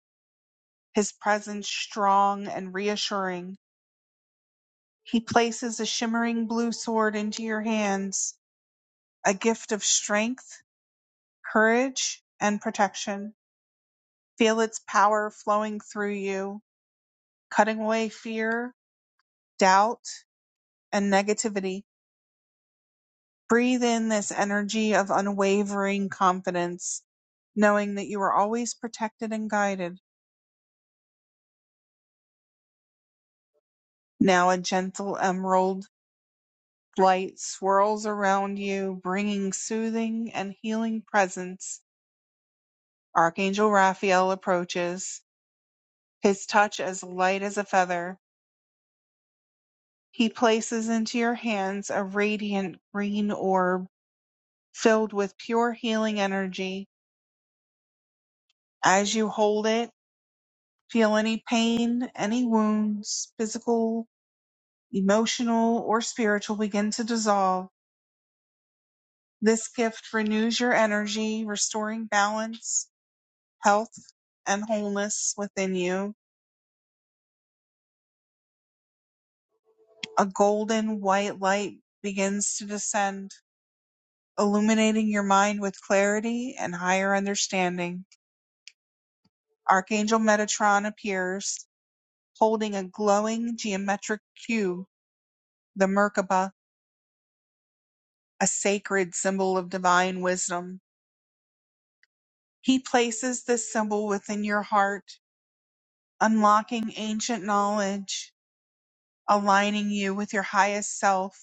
Speaker 1: his presence strong and reassuring. He places a shimmering blue sword into your hands, a gift of strength, courage, and protection. Feel its power flowing through you, cutting away fear, doubt, and negativity. Breathe in this energy of unwavering confidence, knowing that you are always protected and guided. Now a gentle emerald light swirls around you, bringing soothing and healing presence. Archangel Raphael approaches, his touch as light as a feather. He places into your hands a radiant green orb filled with pure healing energy. As you hold it, Feel any pain, any wounds, physical, emotional, or spiritual, begin to dissolve. This gift renews your energy, restoring balance, health, and wholeness within you. A golden white light begins to descend, illuminating your mind with clarity and higher understanding. Archangel Metatron appears, holding a glowing geometric cube, the Merkaba, a sacred symbol of divine wisdom. He places this symbol within your heart, unlocking ancient knowledge, aligning you with your highest self.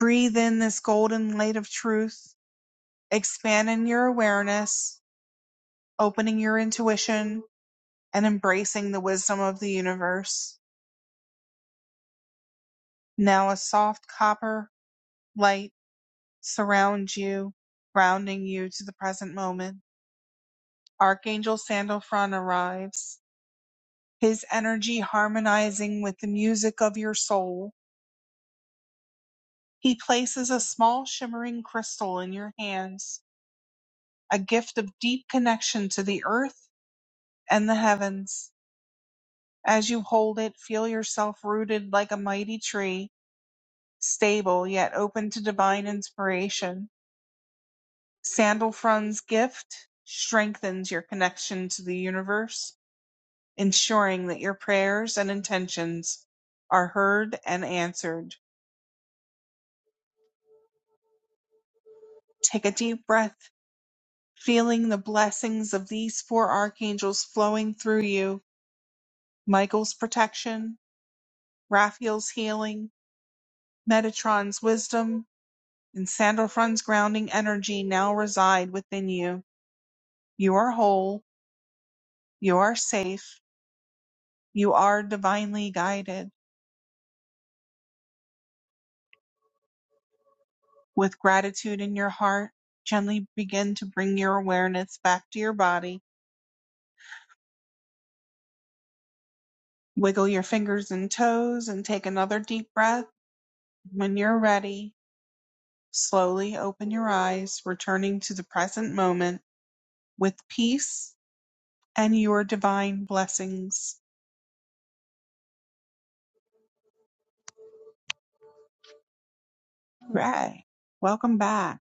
Speaker 1: Breathe in this golden light of truth, expanding your awareness, opening your intuition, and embracing the wisdom of the universe. Now a soft copper light surrounds you, grounding you to the present moment. Archangel Sandalphon arrives, his energy harmonizing with the music of your soul He places a small shimmering crystal in your hands, a gift of deep connection to the earth and the heavens. As you hold it, feel yourself rooted like a mighty tree, stable yet open to divine inspiration. Sandalfron's gift strengthens your connection to the universe, ensuring that your prayers and intentions are heard and answered. Take a deep breath feeling the blessings of these four archangels flowing through you Michael's protection, Raphael's healing, Metatron's wisdom, and Sandalfron's grounding energy now reside within you. You are whole, you are safe, you are divinely guided. With gratitude in your heart, gently begin to bring your awareness back to your body. Wiggle your fingers and toes and take another deep breath. When you're ready, slowly open your eyes, returning to the present moment with peace and your divine blessings. Ray, welcome back.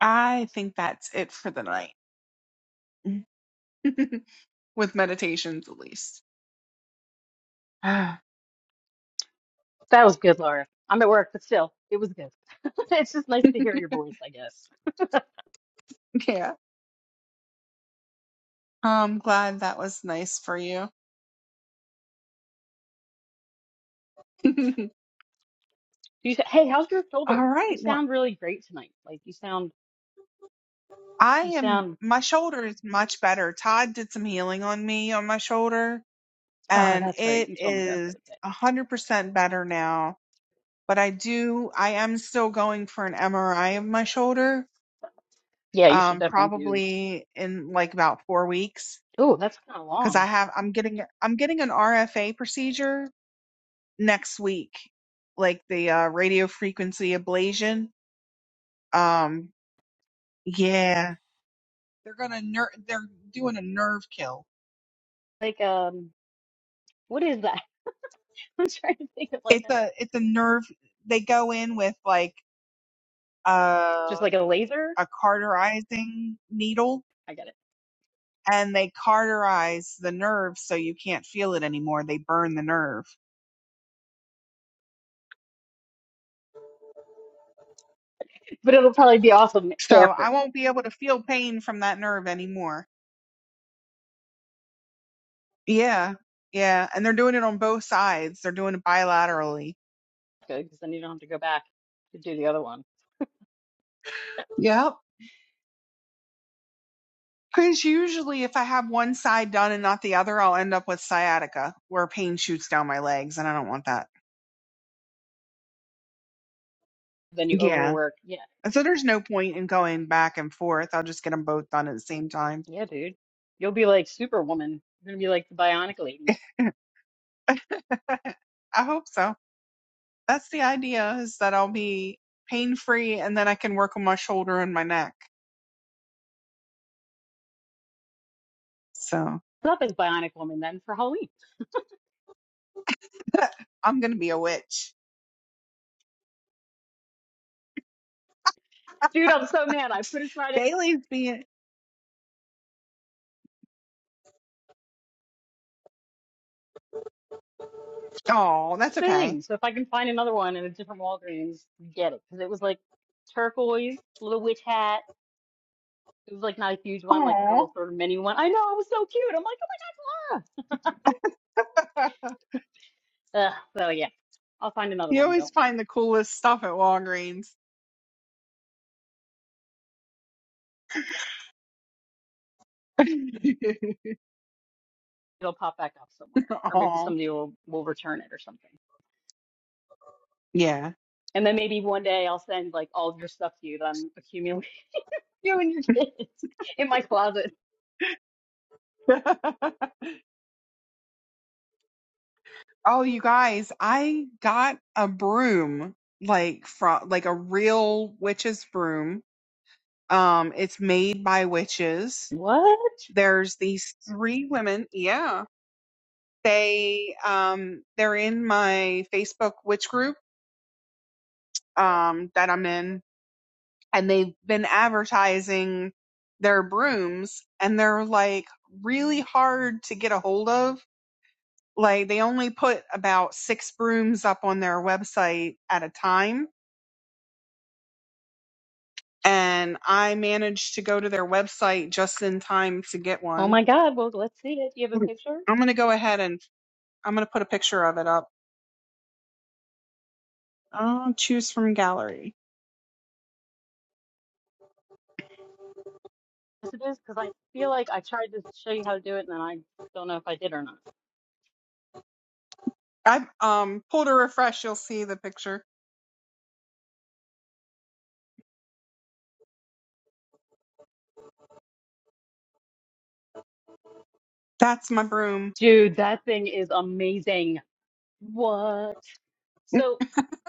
Speaker 1: I think that's it for the night. <laughs> With meditations at least. <sighs> yeah.
Speaker 13: That was good, Laura. I'm at work, but still, it was good. <laughs> it's just nice to hear your voice, I guess.
Speaker 1: <laughs> I'm glad that was nice for you. <laughs> All
Speaker 13: You said, "Hey, how's your shoulder?
Speaker 1: right.
Speaker 13: You
Speaker 1: Well,
Speaker 13: sound really great tonight. Like you sound,
Speaker 1: I
Speaker 13: you
Speaker 1: am
Speaker 13: sound.
Speaker 1: my shoulder is much better. Todd did some healing on me on my shoulder
Speaker 13: Oh,
Speaker 1: and
Speaker 13: that's right.
Speaker 1: it
Speaker 13: You told me that the
Speaker 1: is
Speaker 13: other day.
Speaker 1: a hundred percent better now. But I do I am still going for an MRI of my shoulder
Speaker 13: Yeah, you should
Speaker 1: um,
Speaker 13: definitely do.
Speaker 1: probably in like about four weeks
Speaker 13: Oh, that's kind of
Speaker 1: because I
Speaker 13: long.
Speaker 1: have I'm getting I'm getting an RFA procedure next week, like the uh, radio frequency ablation. Um, yeah, they're gonna ner- they're doing a nerve kill.
Speaker 13: Like um. What is that? <laughs> I'm trying to think of like
Speaker 1: It's
Speaker 13: a
Speaker 1: a it's a nerve. They go in with like
Speaker 13: just
Speaker 1: uh,
Speaker 13: like a laser.
Speaker 1: a cauterizing needle
Speaker 13: I get it.
Speaker 1: and they cauterize the nerve so you can't feel it anymore. They burn the nerve.
Speaker 13: But it'll probably be awesome
Speaker 1: So
Speaker 13: after.
Speaker 1: I won't be able to feel pain from that nerve anymore. Yeah. Yeah. And they're doing it on both sides. They're doing it bilaterally.
Speaker 13: Good, because then you don't have to go back to do the other one.
Speaker 1: Yep. Because usually if I have one side done and not the other, I'll end up with sciatica where pain shoots down my legs and I don't want that.
Speaker 13: Then you
Speaker 1: Yeah.
Speaker 13: overwork. Yeah,
Speaker 1: And so
Speaker 13: it's
Speaker 1: there's no point in going back and forth. I'll just get them both done at the same time.
Speaker 13: yeah, dude. You'll be like Superwoman. You're gonna be like the Bionic Lady.
Speaker 1: <laughs> I hope so. That's the idea is that I'll be pain free and then I can work on my shoulder and my neck. So
Speaker 13: Put Up as Bionic Woman then for Halloween.
Speaker 1: I'm going to be a witch.
Speaker 13: Dude, I'm so mad. I put aside
Speaker 1: Bailey's being oh,
Speaker 13: this
Speaker 1: that's okay.
Speaker 13: thing. So if I can find another one in a different Walgreens, get it. Because it was like turquoise, little witch hat. It was like not a huge one, like a little
Speaker 1: Oh,
Speaker 13: sort of mini one. I know, it was so cute. I'm like, oh my God.
Speaker 1: <laughs>
Speaker 13: Ugh, so yeah, I'll find another
Speaker 1: you
Speaker 13: one.
Speaker 1: always
Speaker 13: Don't worry.
Speaker 1: find the coolest stuff at Walgreens. <laughs>
Speaker 13: It'll pop back up somewhere, or maybe
Speaker 1: oh,
Speaker 13: somebody will will return it or something.
Speaker 1: yeah.
Speaker 13: And then maybe one day I'll send like all of your stuff to you that I'm accumulating <laughs> you and your kids in my closet.
Speaker 1: <laughs> oh, you guys, I got a broom like from like a real witch's broom. Um, it's made by witches.
Speaker 13: What?
Speaker 1: There's these three women. Yeah, they um they're in my Facebook witch group um that I'm in and they've been advertising their brooms and they're like really hard to get a hold of. Like they only put about six brooms up on their website at a time. And I managed to go to their website just in time to get
Speaker 13: Oh
Speaker 1: one.
Speaker 13: my God. Well, let's see it. Do you have a
Speaker 1: Mm.
Speaker 13: picture?
Speaker 1: I'm going to go ahead and I'm going to put a picture of it up. I'll choose from gallery.
Speaker 13: Yes, it is because I feel like I tried to show you how to do it, and then I don't know if I did or not.
Speaker 1: I um pulled a refresh. You'll see the picture. That's my broom.
Speaker 13: Dude, that thing is amazing. What? So,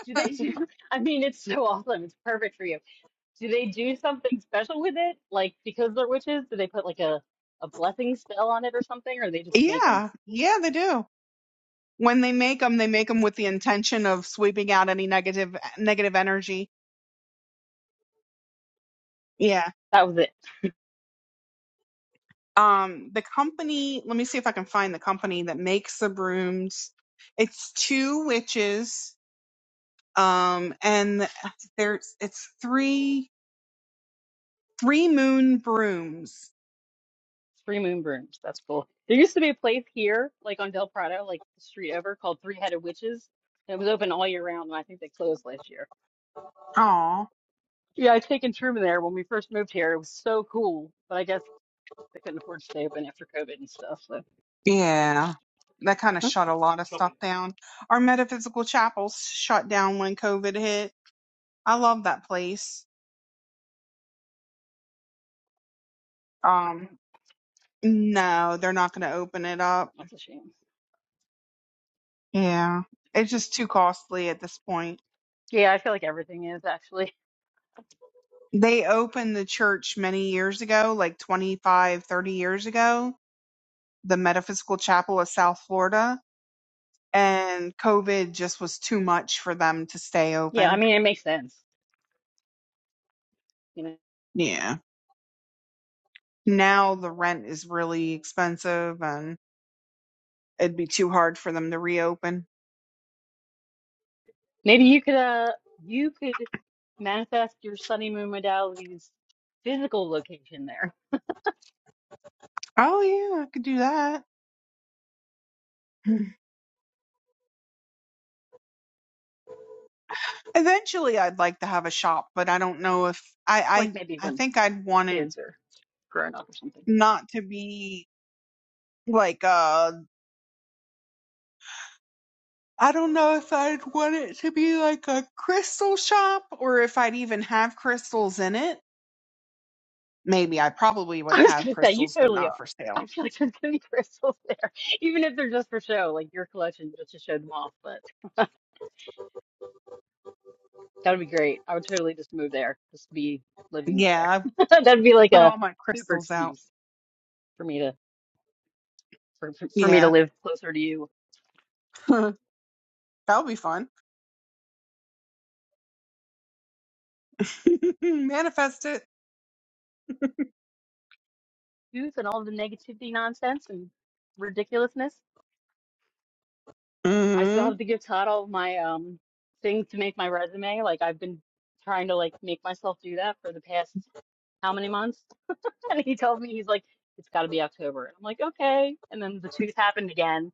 Speaker 13: do they do? <laughs> I mean, it's so awesome. It's perfect for you. Do they do something special with it? Like because they're witches, do they put like a a blessing spell on it or something, or they just make them?
Speaker 1: Yeah. Yeah, they do. when they make them, they make them with the intention of sweeping out any negative negative energy. Yeah.
Speaker 13: That was it.
Speaker 1: Um, the company. Let me see if I can find the company that makes the brooms. It's two witches. Um, and there's it's three three moon brooms.
Speaker 13: Three moon brooms. That's cool. There used to be a place here, like on Del Prado, like the street over, called Three Headed Witches. And it was open all year round, and I think they closed last year.
Speaker 1: Oh,
Speaker 13: Yeah, I taken Truman there when we first moved here. It was so cool, but I guess they couldn't afford to stay open after COVID and stuff. So
Speaker 1: yeah. That kind of
Speaker 13: Huh?
Speaker 1: shut a lot of stuff down. Our metaphysical chapels shut down when COVID hit. I love that place. Um, no, they're not going to open it up
Speaker 13: that's a shame.
Speaker 1: Yeah, it's just too costly at this point.
Speaker 13: Yeah, I feel like everything is actually.
Speaker 1: They opened the church many years ago, like 25, 30 years ago, the Metaphysical Chapel of South Florida, and COVID just was too much for them to stay
Speaker 13: Yeah, I
Speaker 1: open.
Speaker 13: mean it makes sense. You know.
Speaker 1: Yeah. Now the rent is really expensive and it'd be too hard for them to reopen.
Speaker 13: Maybe you could uh you could manifest your sunny moon modality's physical location there.
Speaker 1: Oh, yeah, I could do that. <clears throat> Eventually, I'd like to have a shop, but I don't know if I,
Speaker 13: Like maybe
Speaker 1: I, I
Speaker 13: when
Speaker 1: think I'd want it
Speaker 13: kids are grown up or something.
Speaker 1: not to be like uh I don't know if I'd want it to be like a crystal shop or if I'd even have crystals in it. Maybe I probably
Speaker 13: <laughs>
Speaker 1: would
Speaker 13: I was
Speaker 1: have
Speaker 13: gonna say you
Speaker 1: crystals, but
Speaker 13: totally
Speaker 1: not for
Speaker 13: are.
Speaker 1: sale.
Speaker 13: I feel like there's gonna be crystals there. Even if they're just for show, like your collection just to show them off, but <laughs> that would be great. I would totally just move there, just be living near
Speaker 1: Yeah, I've
Speaker 13: there. <laughs> That'd be like
Speaker 1: put
Speaker 13: a
Speaker 1: all my
Speaker 13: super
Speaker 1: crystals out.
Speaker 13: excuse for me to for, for for me to
Speaker 1: Yeah,
Speaker 13: live closer to you,
Speaker 1: <laughs> that would be fun. <laughs> Manifest it.
Speaker 13: youth and all the negativity nonsense and ridiculousness. I still
Speaker 1: hmm
Speaker 13: have to give Todd all of my um thing to make my resume. Like I've been trying to like make myself do that for the past how many months? <laughs> And he told me he's like, it's got to be October. And I'm like, okay. And then the tooth happened again,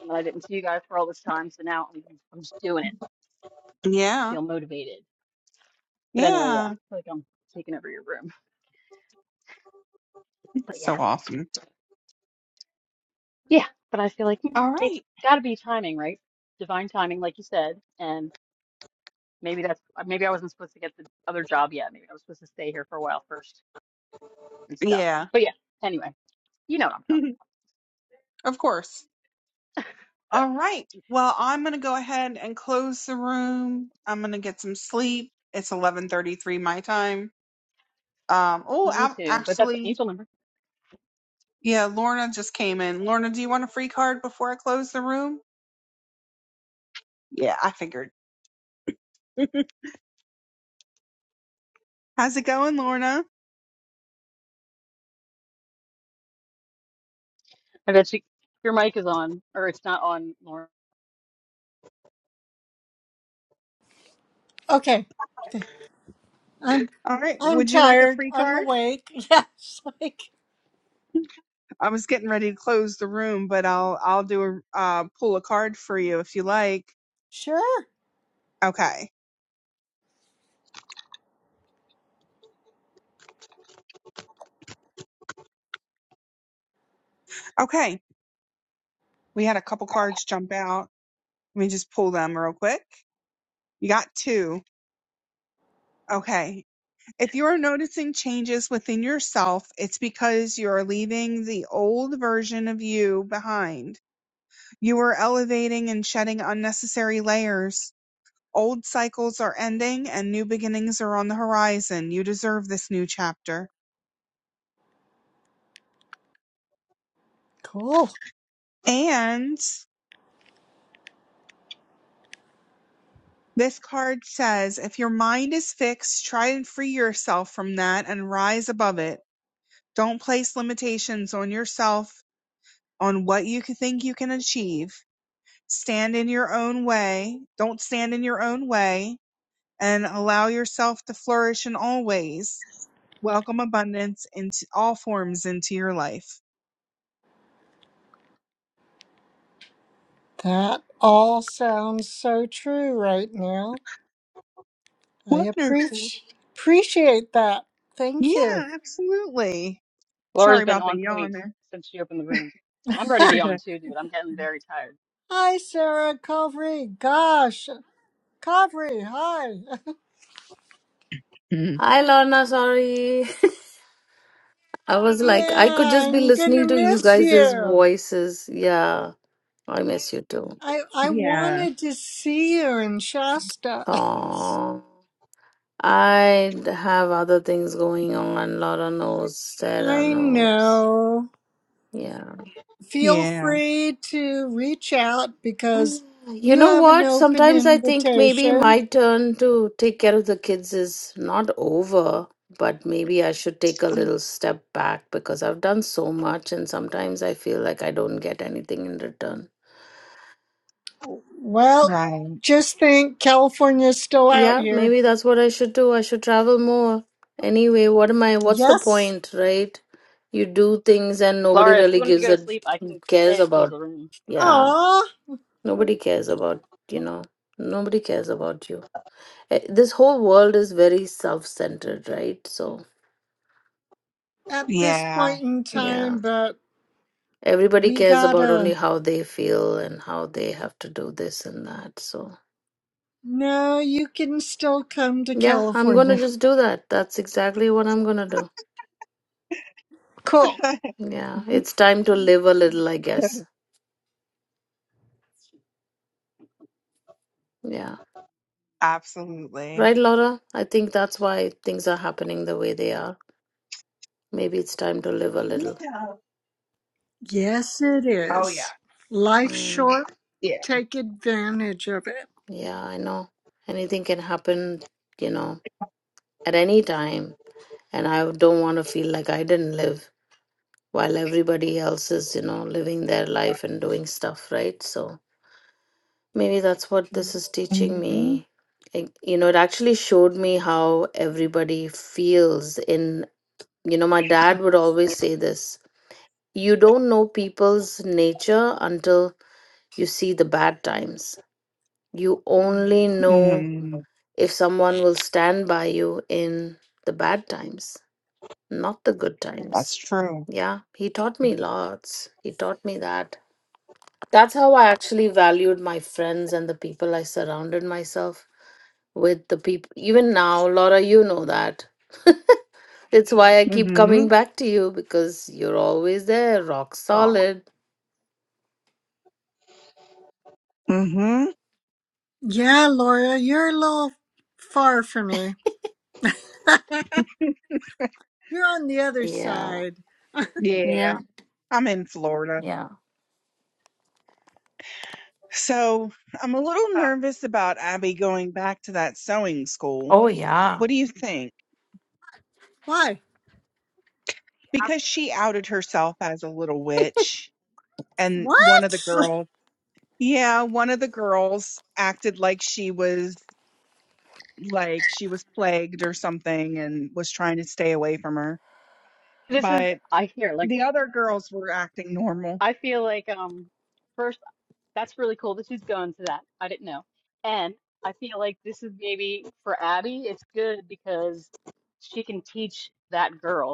Speaker 13: and I didn't see you guys for all this time. So now I'm, I'm just doing it. I
Speaker 1: Yeah,
Speaker 13: feel motivated. But anyway, yeah, I
Speaker 1: yeah.
Speaker 13: feel like I'm taking over your room. <laughs> But yeah,
Speaker 1: So awesome.
Speaker 13: yeah. But I feel like
Speaker 1: All
Speaker 13: mm, it's
Speaker 1: right.
Speaker 13: got to be timing, right? Divine timing, like you said. And maybe that's maybe I wasn't supposed to get the other job yet. Maybe I was supposed to stay here for a while first. and stuff.
Speaker 1: Yeah,
Speaker 13: But yeah, anyway, you know what I'm
Speaker 1: <laughs>
Speaker 13: talking
Speaker 1: of course.
Speaker 13: about.
Speaker 1: All right. Well, I'm gonna go ahead and close the room. I'm gonna get some sleep. It's 11:33 my time. Um, oh,
Speaker 13: Me
Speaker 1: I'm
Speaker 13: too. But that's
Speaker 1: actually,
Speaker 13: Angel number.
Speaker 1: yeah, Lorna just came in. Lorna, do you want a free card before I close the room? Yeah, I figured. <laughs> How's it going, Lorna?
Speaker 13: I bet you your mic is on, or it's not on, Laura.
Speaker 18: Okay. I'm
Speaker 1: All right.
Speaker 18: I'm
Speaker 1: Would you like a
Speaker 18: tired.
Speaker 1: free
Speaker 18: I'm
Speaker 1: card?
Speaker 18: awake. <laughs> Yeah, it's like
Speaker 1: I was getting ready to close the room, but I'll I'll do a uh, pull a card for you if you like.
Speaker 18: sure,
Speaker 1: Okay. Okay. We had a couple cards jump out. Let me just pull them real quick. You got two. Okay. If you are noticing changes within yourself, it's because you are leaving the old version of you behind. You are elevating and shedding unnecessary layers. Old cycles are ending and new beginnings are on the horizon. You deserve this new chapter.
Speaker 18: cool.
Speaker 1: And this card says if your mind is fixed, try and free yourself from that and rise above it. Don't place limitations on yourself on what you think you can achieve. stand in your own way. Don't stand in your own way and allow yourself to flourish in all ways. Welcome abundance in all forms into your life.
Speaker 18: That all sounds so true right now. I
Speaker 1: Wonderful.
Speaker 18: appreciate appreciate that. Thank you.
Speaker 1: Yeah, absolutely.
Speaker 13: Laura's
Speaker 1: Sorry
Speaker 13: been
Speaker 1: about the
Speaker 13: on point
Speaker 1: yawn.
Speaker 13: since she opened the room. I'm
Speaker 18: <laughs>
Speaker 13: ready to yawn
Speaker 1: there. <laughs>
Speaker 13: too, dude. I'm getting very tired.
Speaker 18: Hi, Sarah Covery. Gosh, Covery. Hi. <laughs>
Speaker 1: Mhm.
Speaker 12: Hi, Lorna. Sorry. <laughs> I was like, I could
Speaker 18: yeah,
Speaker 12: just be
Speaker 18: I'm gonna
Speaker 12: listening to you
Speaker 18: miss
Speaker 12: guys'
Speaker 18: you.
Speaker 12: voices. Yeah. I miss you too.
Speaker 18: I I
Speaker 1: yeah.
Speaker 18: wanted to see you in Shasta. <laughs>
Speaker 12: Aww. I have other things going on. Laura knows, Sarah
Speaker 18: I
Speaker 12: knows.
Speaker 18: know.
Speaker 12: Yeah.
Speaker 18: Feel
Speaker 1: Yeah.
Speaker 18: free to reach out because
Speaker 12: You
Speaker 18: you
Speaker 12: know
Speaker 18: have an
Speaker 12: what?
Speaker 18: open
Speaker 12: Sometimes I think maybe
Speaker 18: invitation.
Speaker 12: my turn to take care of the kids is not over, but maybe I should take a little step back because I've done so much and sometimes I feel like I don't get anything in return.
Speaker 18: Well,
Speaker 1: Right.
Speaker 18: just think California's still out
Speaker 12: Yeah,
Speaker 18: here.
Speaker 12: maybe that's what I should do. I should travel more. Anyway, what am I, what's the
Speaker 18: Yes.
Speaker 12: point, right? You do things and nobody
Speaker 13: Laura, if you
Speaker 12: really
Speaker 13: wanted to
Speaker 12: gives
Speaker 13: go to
Speaker 12: a
Speaker 13: sleep, I can stay
Speaker 12: cares
Speaker 13: and close
Speaker 12: about.
Speaker 13: the room if you want.
Speaker 12: Yeah.
Speaker 18: Aw,
Speaker 12: Nobody cares about, you know, nobody cares about you. Eh, This whole world is very self centered, right? So,
Speaker 18: at this
Speaker 1: Yeah,
Speaker 18: point in
Speaker 1: it
Speaker 12: yeah,
Speaker 18: time,
Speaker 1: is.
Speaker 18: but
Speaker 12: everybody
Speaker 18: we
Speaker 12: cares about only
Speaker 18: gotta.
Speaker 12: how they feel and how they have to do this and that. So,
Speaker 18: No, you can still come to
Speaker 12: yeah, I'm going to
Speaker 18: California.
Speaker 12: just do that. That's exactly what I'm going to do.
Speaker 18: Cool.
Speaker 1: <laughs>
Speaker 12: Yeah,
Speaker 18: <laughs>
Speaker 12: it's time to live a little, I guess. Yeah.
Speaker 1: absolutely.
Speaker 12: Right, Laura? I think that's why things are happening the way they are. Maybe it's time to live a little.
Speaker 1: Yeah.
Speaker 18: Yes, it
Speaker 1: Oh, yeah.
Speaker 18: is. Life's
Speaker 12: Mm,
Speaker 18: short.
Speaker 1: Yeah.
Speaker 18: Take advantage of it.
Speaker 12: yeah, I know. Anything can happen, you know at any time and i don't want to feel like i didn't live while everybody else is you know living their life and doing stuff right so maybe that's what this is teaching me
Speaker 1: hmm
Speaker 12: It- you know it actually showed me how everybody feels in you know my dad would always say this you don't know people's nature until you see the bad times you only know
Speaker 1: hmm
Speaker 12: if someone will stand by you in the bad times not the good
Speaker 1: That's
Speaker 12: times.
Speaker 1: true.
Speaker 12: Yeah, he taught me lots. He taught me that. That's how I actually valued my friends and the people I surrounded myself with. The people, even now, Laura, you know that. <laughs> it's why I keep
Speaker 1: hmm
Speaker 12: coming back to you because you're always there, rock
Speaker 1: Oh.
Speaker 12: solid.
Speaker 1: hmm
Speaker 18: Yeah, Laura, you're a little far from me. <laughs> You're on the other
Speaker 12: Yeah,
Speaker 18: side. <laughs>
Speaker 1: Yeah.
Speaker 12: yeah,
Speaker 1: I'm in Florida.
Speaker 12: yeah.
Speaker 1: So I'm a little nervous about Abby going back to that sewing school.
Speaker 12: Oh, yeah.
Speaker 1: What do you think?
Speaker 18: Why?
Speaker 1: Because she outed herself as a little witch, and one of the
Speaker 18: What? <laughs>
Speaker 1: girls, yeah, one of the girls acted like she was like she was plagued or something and was trying to stay away from her.
Speaker 13: This is
Speaker 1: But
Speaker 13: I hear like
Speaker 1: the other girls were acting normal.
Speaker 13: I feel like um first that's really cool that she's going to that. I didn't know. And I feel like this is maybe for Abby, it's good because she can teach that girl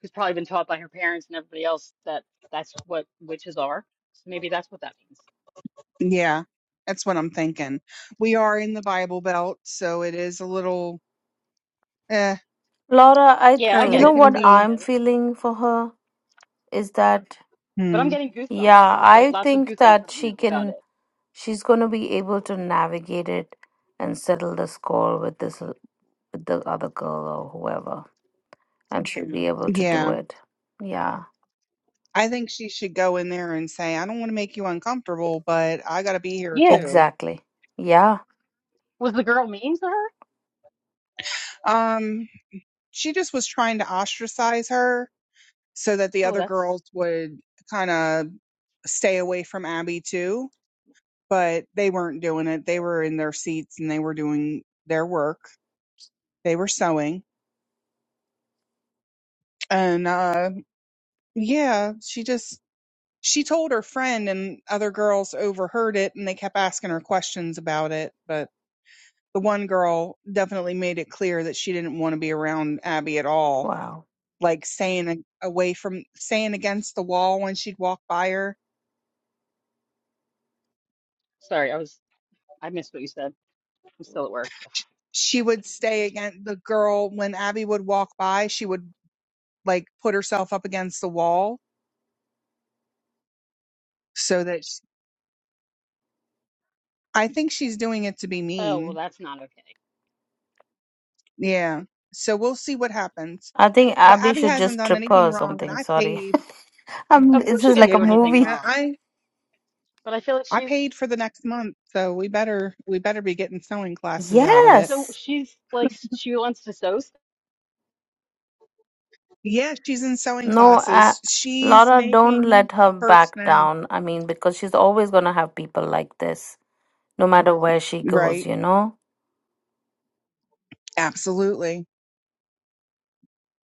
Speaker 13: who's probably been taught by her parents and everybody else that that's what witches are. So maybe that's what that means.
Speaker 1: Yeah, that's what I'm thinking. We are in the Bible Belt, so it is a little, eh,
Speaker 12: Laura, I th-
Speaker 13: Yeah, I
Speaker 12: you
Speaker 13: get
Speaker 18: Oh,
Speaker 1: it
Speaker 12: know
Speaker 13: it. I
Speaker 1: can
Speaker 12: what
Speaker 13: totally
Speaker 1: be.
Speaker 12: I'm
Speaker 13: get it.
Speaker 12: feeling for her is that
Speaker 13: But
Speaker 1: hmm.
Speaker 13: I'm getting goosebumps,
Speaker 12: yeah,
Speaker 13: like
Speaker 12: I
Speaker 13: lots of
Speaker 12: think
Speaker 13: goosebumps
Speaker 12: that
Speaker 13: right
Speaker 12: she
Speaker 13: now about
Speaker 12: can
Speaker 13: it.
Speaker 12: she's going to be able to navigate it and settle the score with this with the other girl or whoever and she'll be able to do
Speaker 1: Yeah.
Speaker 12: it yeah
Speaker 1: I think she should go in there and say, I don't want to make you uncomfortable, but I got to be here
Speaker 13: Yeah.
Speaker 1: too.
Speaker 12: exactly yeah
Speaker 13: Was the girl mean to her?
Speaker 1: Um, she just was trying to ostracize her so that the
Speaker 13: Oh,
Speaker 1: other girls
Speaker 13: that's
Speaker 1: would kind of stay away from Abby too, but they weren't doing it. They were in their seats and they were doing their work. They were sewing. And uh yeah, she just she told her friend and other girls overheard it and they kept asking her questions about it, but the one girl definitely made it clear that she didn't want to be around Abby at all.
Speaker 12: wow
Speaker 1: Like saying away from saying against the wall when she'd walk by her.
Speaker 13: sorry. I was I missed what you said. I'm still at work. So.
Speaker 1: She would stay against the girl when Abby would walk by, she would like put herself up against the wall so that sh I think she's doing it to be
Speaker 13: Oh, well,
Speaker 1: mean.
Speaker 13: that's not okay.
Speaker 1: Yeah. So we'll see what happens.
Speaker 12: i think
Speaker 1: But
Speaker 12: abby
Speaker 1: Abby
Speaker 12: should
Speaker 1: hasn't
Speaker 12: just
Speaker 1: done
Speaker 12: trip her
Speaker 1: anything
Speaker 12: or
Speaker 1: wrong and
Speaker 12: something
Speaker 1: I
Speaker 12: sorry
Speaker 1: paid.
Speaker 12: <laughs> um
Speaker 13: Of
Speaker 12: this
Speaker 13: course she
Speaker 12: is
Speaker 13: didn't
Speaker 12: like a
Speaker 13: do
Speaker 1: Yeah.
Speaker 13: anything
Speaker 12: movie
Speaker 1: I,
Speaker 13: wrong.
Speaker 1: I
Speaker 13: But I feel like
Speaker 1: I
Speaker 13: she's
Speaker 1: paid for the next month, so we better we better be getting sewing classes out of it.
Speaker 13: so
Speaker 12: yes
Speaker 13: she's like s- she wants to so
Speaker 1: Yeah, she's in sewing
Speaker 12: no uh,
Speaker 1: classes. She's
Speaker 12: laura don't
Speaker 1: making
Speaker 12: let
Speaker 1: a
Speaker 12: her
Speaker 1: purse
Speaker 12: back
Speaker 1: now.
Speaker 12: down i mean because she's always going to have people like this no matter where she goes
Speaker 1: Right.
Speaker 12: you know
Speaker 1: Absolutely.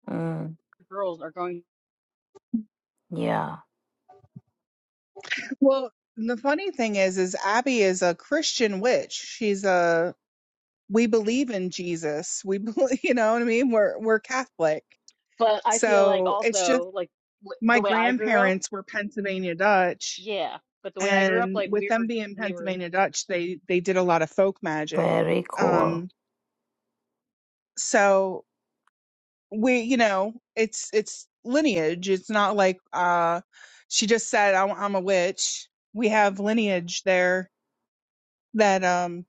Speaker 12: mm,
Speaker 13: girls are going.
Speaker 12: yeah
Speaker 1: Well, the funny thing is is Abby is a Christian witch. She's a we believe in Jesus. We believe, <laughs> you know what I mean? We're we're Catholic.
Speaker 13: But I feel like
Speaker 1: So, it's just
Speaker 13: also like w
Speaker 1: my
Speaker 13: the way I grew up.
Speaker 1: grandparents were Pennsylvania Dutch
Speaker 13: Yeah, but the way I grew up,
Speaker 1: and
Speaker 13: like
Speaker 1: with
Speaker 13: we
Speaker 1: them
Speaker 13: were,
Speaker 1: being
Speaker 13: we were,
Speaker 1: Pennsylvania Dutch, they they did a lot of folk magic.
Speaker 12: very cool
Speaker 1: Um so we you know it's it's lineage it's not like uh she just said I'm, I'm a witch we have lineage there that um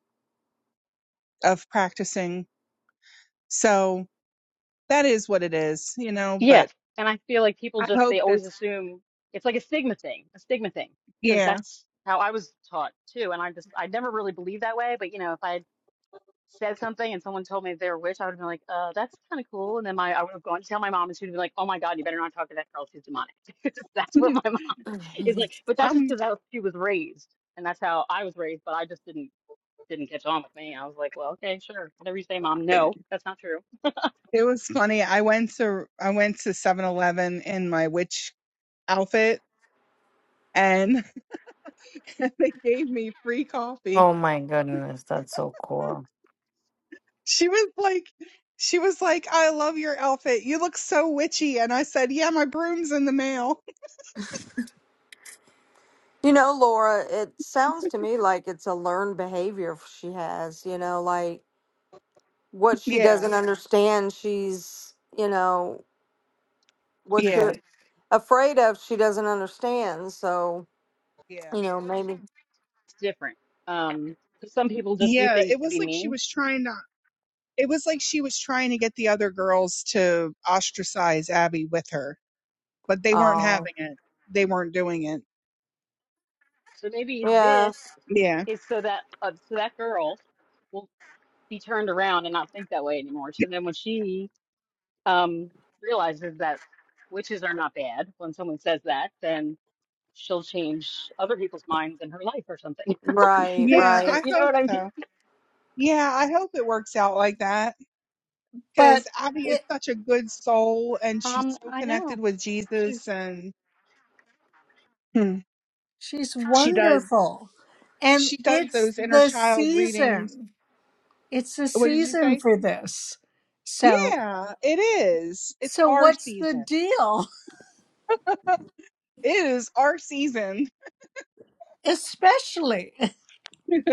Speaker 1: of practicing so that is what it is you know
Speaker 13: yeah.
Speaker 1: but
Speaker 13: And I feel like people
Speaker 1: i
Speaker 13: just,
Speaker 1: hope
Speaker 13: they always
Speaker 1: that's
Speaker 13: assume it's like a stigma thing, a stigma thing, because
Speaker 1: yeah
Speaker 13: that's how I was taught too. And I just, I never really believed that way. But you know, if I had said something and someone told me they were a witch, I would have been like, uh, that's kind of cool. And then my, I would have gone to tell my mom and she would be like, oh my God, you better not talk to that girl. She's demonic. <laughs> That's
Speaker 1: <laughs>
Speaker 13: what my mom <laughs> is like. But that's just
Speaker 1: um
Speaker 13: because how she was raised. And that's how I was raised. But I just didn't, didn't catch on with me. I was like, well, okay, sure. Whatever you say, mom. No, that's not true.
Speaker 1: it was funny i went to i went to Seven Eleven in my witch outfit and <laughs> they gave me free coffee
Speaker 12: Oh my goodness, that's so cool.
Speaker 1: She was like, she was like, I love your outfit. You look so witchy. And I said, yeah, my broom's in the mail. <laughs>
Speaker 14: You know, Laura, it sounds to me like it's a learned behavior she has, you know, like what she
Speaker 1: Yeah,
Speaker 14: doesn't understand, she's, you know, what
Speaker 1: yeah,
Speaker 14: you're. afraid of she doesn't understand. So,
Speaker 1: Yeah.
Speaker 14: you know, maybe.
Speaker 13: it's different. Um, 'cause some people just do
Speaker 1: Yeah.
Speaker 13: things
Speaker 1: It
Speaker 13: to
Speaker 1: was
Speaker 13: be
Speaker 1: like she
Speaker 13: mean.
Speaker 1: was trying to, it was like she was trying to get the other girls to ostracize Abby with her, but they weren't
Speaker 14: Oh,
Speaker 1: having it. They weren't doing it.
Speaker 13: So maybe
Speaker 14: yeah.
Speaker 13: this
Speaker 1: Yeah.
Speaker 13: is so that uh, so that girl will be turned around and not think that way anymore. So then when she um, realizes that witches are not bad, when someone says that, then she'll change other people's minds in her life or something. <laughs>
Speaker 14: Right,
Speaker 13: you
Speaker 1: Yeah.
Speaker 14: right.
Speaker 1: I
Speaker 13: know
Speaker 1: hope
Speaker 13: what I mean?
Speaker 1: so. Yeah. I hope it works out like that
Speaker 18: but
Speaker 1: because Abby is
Speaker 18: it,
Speaker 1: such a good soul and she's
Speaker 13: Um,
Speaker 1: so
Speaker 13: I
Speaker 1: connected
Speaker 13: know.
Speaker 1: with
Speaker 13: She's.
Speaker 1: Jesus and Hmm.
Speaker 18: she's
Speaker 1: she does.
Speaker 18: wonderful. And
Speaker 1: she does
Speaker 18: it's
Speaker 1: those inner
Speaker 18: the
Speaker 1: child readings.
Speaker 18: season. It's the
Speaker 1: What did you
Speaker 18: season
Speaker 1: say?
Speaker 18: for this. So,
Speaker 1: Yeah, it is. It's
Speaker 18: so
Speaker 1: our
Speaker 18: what's the
Speaker 1: season.
Speaker 18: deal?
Speaker 1: <laughs> It is our season.
Speaker 18: <laughs> Especially.
Speaker 1: <laughs>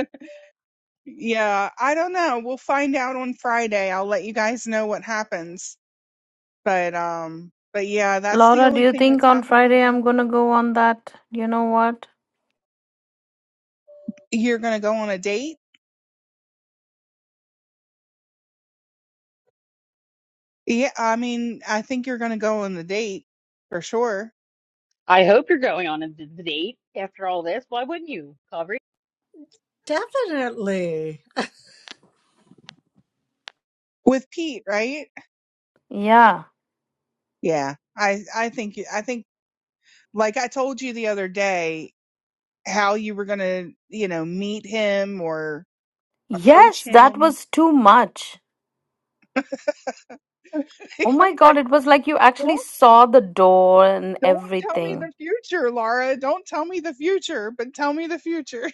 Speaker 1: yeah, I don't know. We'll find out on Friday. I'll let you guys know what happens. But um but yeah, that's the
Speaker 12: Laura, do
Speaker 1: only
Speaker 12: you
Speaker 1: thing
Speaker 12: think
Speaker 1: that's
Speaker 12: on
Speaker 1: happening right
Speaker 12: Friday
Speaker 1: now.
Speaker 12: I'm gonna go on that? You know what?
Speaker 1: You're going to go on a date? Yeah, I mean, I think you're going to go on the date for sure
Speaker 13: I hope you're going on a d- date after all this. Why wouldn't you?
Speaker 18: <laughs> Definitely.
Speaker 1: with Pete, right?
Speaker 12: Yeah.
Speaker 1: Yeah. I I think you- I think like I told you the other day how you were gonna, you know, meet him or approach
Speaker 12: Yes, that
Speaker 1: him.
Speaker 12: was too much.
Speaker 1: <laughs>
Speaker 12: Oh my
Speaker 1: It's
Speaker 12: god,
Speaker 1: like,
Speaker 12: it was like you actually
Speaker 1: don't
Speaker 12: saw the door and
Speaker 1: don't tell me
Speaker 12: everything.
Speaker 1: the future, Laura. Don't tell me the future, but tell me the future.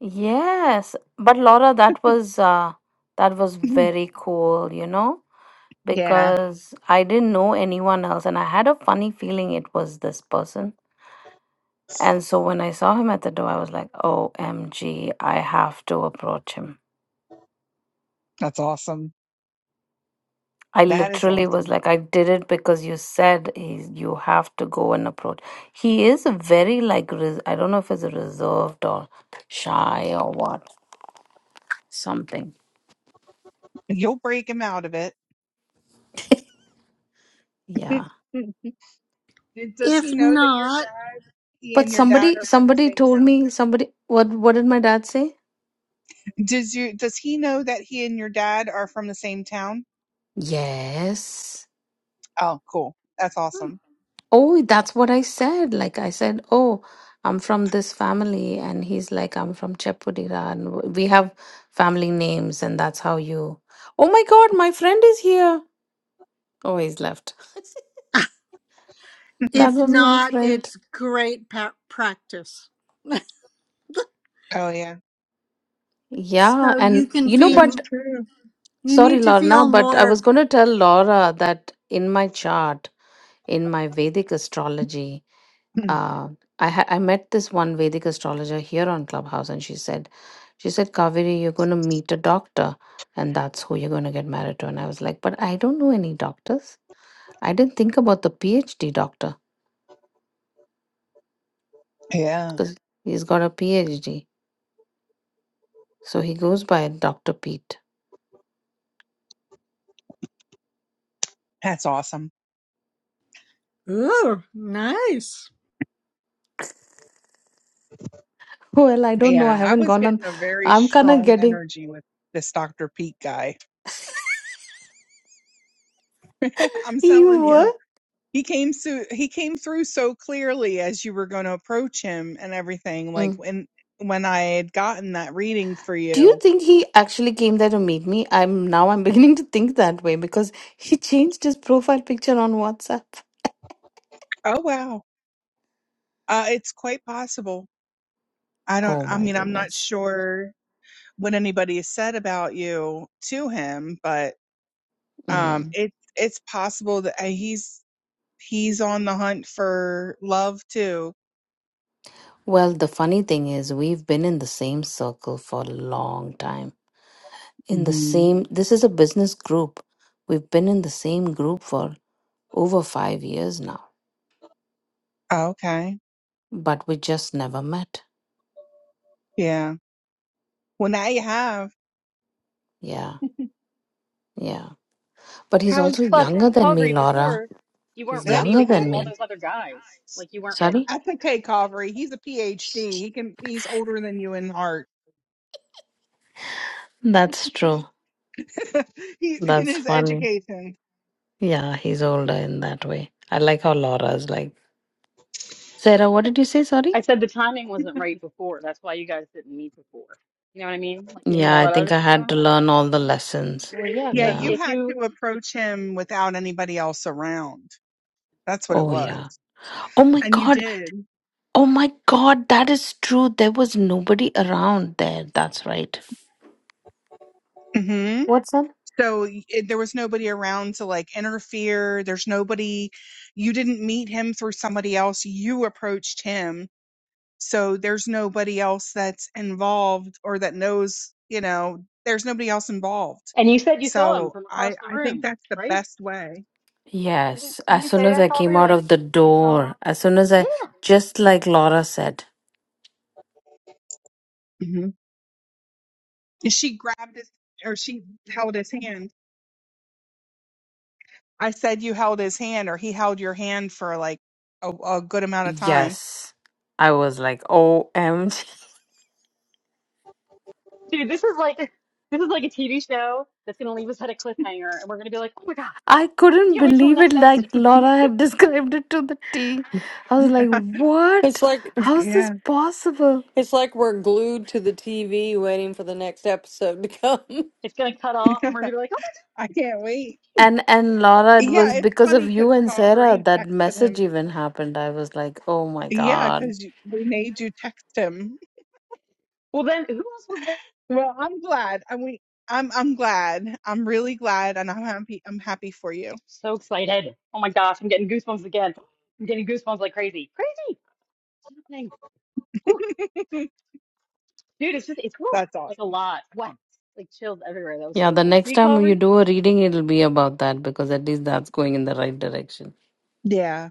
Speaker 12: Yes, but Laura, that was uh that was
Speaker 1: <laughs>
Speaker 12: very cool, you know,
Speaker 1: yeah,
Speaker 12: because I didn't know anyone else and I had a funny feeling it was this person. And so when I saw him at the door, I was like, OMG, I have to approach him.
Speaker 1: that's awesome.
Speaker 12: I
Speaker 1: That is
Speaker 12: literally was
Speaker 1: awesome.
Speaker 12: like, I did it because you said he's, you have to go and approach. He is a very like res- I don't know if it's a reserved or shy or what something.
Speaker 1: You'll break him out of it. <laughs>
Speaker 12: Yeah,
Speaker 1: Did- Does he
Speaker 18: If
Speaker 1: know that your
Speaker 18: not,
Speaker 1: dad, he
Speaker 12: but
Speaker 1: and your dad
Speaker 12: somebody
Speaker 1: are from the
Speaker 12: somebody
Speaker 1: same
Speaker 12: told
Speaker 1: town?
Speaker 12: me somebody what what did my dad say?
Speaker 1: Does you does he know that he and your dad are from the same town?
Speaker 12: Yes.
Speaker 1: Oh, cool. That's awesome.
Speaker 12: Oh, that's what I said. Like I said, oh, I'm from this family, and he's like, I'm from Chepudira, and w- we have family names, and that's how you. Oh my God, my friend is here. Oh, he's left. That
Speaker 18: if
Speaker 12: was my
Speaker 18: not,
Speaker 12: friend.
Speaker 18: it's great pa- practice.
Speaker 1: Oh yeah,
Speaker 18: <laughs>
Speaker 12: Yeah,
Speaker 18: so you
Speaker 12: and
Speaker 18: can
Speaker 12: you know,
Speaker 1: that's
Speaker 18: feel,
Speaker 12: but
Speaker 1: true.
Speaker 18: you
Speaker 12: sorry,
Speaker 18: need to
Speaker 12: Lorna,
Speaker 18: feel
Speaker 12: but I was
Speaker 18: more.
Speaker 12: going to tell Laura that in my chart, in my Vedic astrology,
Speaker 1: <clears throat>
Speaker 12: uh, I ha- I met this one Vedic astrologer here on Clubhouse, and she said, she said, Kaveri, you're going to meet a doctor, and that's who you're going to get married to. And I was like, but I don't know any doctors. I didn't think about the PhD doctor
Speaker 1: Yeah,
Speaker 12: because he's got a PhD, so he goes by Doctor Pete.
Speaker 1: that's awesome.
Speaker 18: Ooh, nice.
Speaker 12: Well, I don't know. I
Speaker 1: Yeah, I
Speaker 12: haven't
Speaker 1: was
Speaker 12: gone on.
Speaker 1: getting a very
Speaker 12: I'm kind of
Speaker 1: strong
Speaker 12: getting.
Speaker 1: energy with this Dr. Pete guy.
Speaker 12: <laughs>
Speaker 1: <laughs> I'm telling
Speaker 12: You
Speaker 1: you,
Speaker 12: were?
Speaker 1: he came so he came through so clearly as you were going to approach him and everything. Like
Speaker 12: Mm.
Speaker 1: when when I had gotten that reading for
Speaker 12: Do you
Speaker 1: you.
Speaker 12: think he actually came there to meet me? I'm now I'm <laughs> beginning to think that way because he changed his profile picture on WhatsApp.
Speaker 1: Oh wow, uh, it's quite possible. I don't.
Speaker 12: Oh
Speaker 1: I
Speaker 12: my
Speaker 1: mean, I'm not
Speaker 12: goodness.
Speaker 1: sure what anybody has said about you to him, but um,
Speaker 12: Mm.
Speaker 1: it it's possible that uh, he's he's on the hunt for love too.
Speaker 12: Well, the funny thing is we've been in the same circle for a long time. In the
Speaker 1: hmm
Speaker 12: same, this is a business group. We've been in the same group for over five years now,
Speaker 1: Okay.
Speaker 12: but we just never met.
Speaker 1: Yeah. Well, now you have.
Speaker 12: Yeah, yeah. But he's
Speaker 1: How
Speaker 12: also
Speaker 13: Plus,
Speaker 12: younger
Speaker 1: exciting.
Speaker 12: than me,
Speaker 13: Calgary,
Speaker 12: Laura.
Speaker 13: before you
Speaker 12: He's
Speaker 13: weren't
Speaker 1: And That's
Speaker 13: ready
Speaker 12: younger
Speaker 13: because
Speaker 12: than
Speaker 13: of
Speaker 1: okay.
Speaker 13: all
Speaker 12: me.
Speaker 13: those other guys. Like you weren't
Speaker 12: Sorry?
Speaker 13: ready.
Speaker 1: That's okay, Calvary. He's a PhD. He can. He's older than you in heart.
Speaker 12: That's true.
Speaker 1: <laughs> he's in
Speaker 12: That's
Speaker 1: his
Speaker 12: funny.
Speaker 1: education.
Speaker 12: Yeah, he's older in that way. I like how Laura's like, Sarah, what did you say? Sorry?
Speaker 13: I said the timing wasn't right before. That's why you guys didn't meet before. You know what I mean? Like you had
Speaker 12: Yeah,
Speaker 13: all
Speaker 12: I
Speaker 13: that
Speaker 12: think
Speaker 13: other
Speaker 12: I
Speaker 13: stuff
Speaker 12: had
Speaker 13: going
Speaker 12: to
Speaker 13: on.
Speaker 12: learn all the lessons.
Speaker 13: Well, yeah,
Speaker 1: Yeah,
Speaker 13: because
Speaker 12: Yeah.
Speaker 1: you
Speaker 13: if
Speaker 1: had
Speaker 13: you
Speaker 1: to approach him without anybody else around. That's what it
Speaker 12: Oh, yeah.
Speaker 1: was,
Speaker 12: Oh, my
Speaker 1: and you
Speaker 12: God.
Speaker 1: did.
Speaker 12: Oh, my God. That is true. There was nobody around there. That's right.
Speaker 1: hmm
Speaker 12: What's that?
Speaker 1: So y- it, there was nobody around to like interfere. There's nobody. You didn't meet him through somebody else. You approached him So there's nobody else that's involved or that knows, you know, there's nobody else involved.
Speaker 13: and you said you saw him
Speaker 1: So
Speaker 13: from
Speaker 1: I
Speaker 13: across the
Speaker 1: I think
Speaker 13: room,
Speaker 1: that's the
Speaker 13: right?
Speaker 1: best way.
Speaker 13: Didn't
Speaker 12: Yes.
Speaker 13: didn't
Speaker 12: As
Speaker 13: you
Speaker 12: soon
Speaker 13: say
Speaker 12: as
Speaker 13: that,
Speaker 12: I came
Speaker 13: Calgary?
Speaker 12: out
Speaker 13: Like
Speaker 12: of the
Speaker 13: you saw him?
Speaker 12: door, as soon as
Speaker 13: Yeah,
Speaker 12: I, just like Laura said,
Speaker 1: hmm And she grabbed his or she held his hand. I said you held his hand or he held your hand for like a, a good amount of time.
Speaker 12: Yes. I was like, OMG.
Speaker 13: dude. This is like this is like a TV show that's gonna leave us at a cliffhanger, and we're gonna be like, oh my god,
Speaker 12: I
Speaker 13: we
Speaker 12: couldn't
Speaker 13: can't wait till the
Speaker 12: believe it,
Speaker 13: next
Speaker 12: like
Speaker 13: episode.
Speaker 12: Laura had <laughs> described it to the T. I was like,
Speaker 1: <laughs>
Speaker 12: what?
Speaker 14: It's like
Speaker 12: How's this
Speaker 1: yeah.
Speaker 12: possible?
Speaker 14: it's like we're glued to the TV waiting for the next episode to come.
Speaker 13: It's gonna cut off, and
Speaker 1: <laughs>
Speaker 13: we're gonna be like, oh my.
Speaker 1: I can't wait.
Speaker 13: God.
Speaker 12: And and Laura, it
Speaker 1: Yeah,
Speaker 12: was
Speaker 1: it's
Speaker 12: because of
Speaker 1: funny because
Speaker 12: you and Sarah
Speaker 1: Calvary
Speaker 12: that
Speaker 1: texted
Speaker 12: message
Speaker 1: him.
Speaker 12: even happened. I was like, oh my
Speaker 1: Yeah,
Speaker 12: God.
Speaker 1: because we made you text him
Speaker 13: Well, then who else was there?
Speaker 1: Well, I'm glad. I mean, I'm I'm glad. I'm really glad, and I'm happy. I'm happy for you.
Speaker 13: So excited. Oh my gosh, I'm getting goosebumps again. I'm getting goosebumps like crazy. Crazy. It's happening. Whew.
Speaker 1: <laughs>
Speaker 13: Dude, it's just, it's whew,
Speaker 1: That's
Speaker 13: like a
Speaker 1: awesome.
Speaker 13: lot. What? Like chills everywhere. That was
Speaker 12: Yeah,
Speaker 13: so
Speaker 12: the
Speaker 13: cool.
Speaker 12: next
Speaker 13: See,
Speaker 12: time you
Speaker 13: Calvary?
Speaker 12: do a
Speaker 13: Good
Speaker 12: reading, it'll be about that because at least that's going in the right direction.
Speaker 1: Yeah,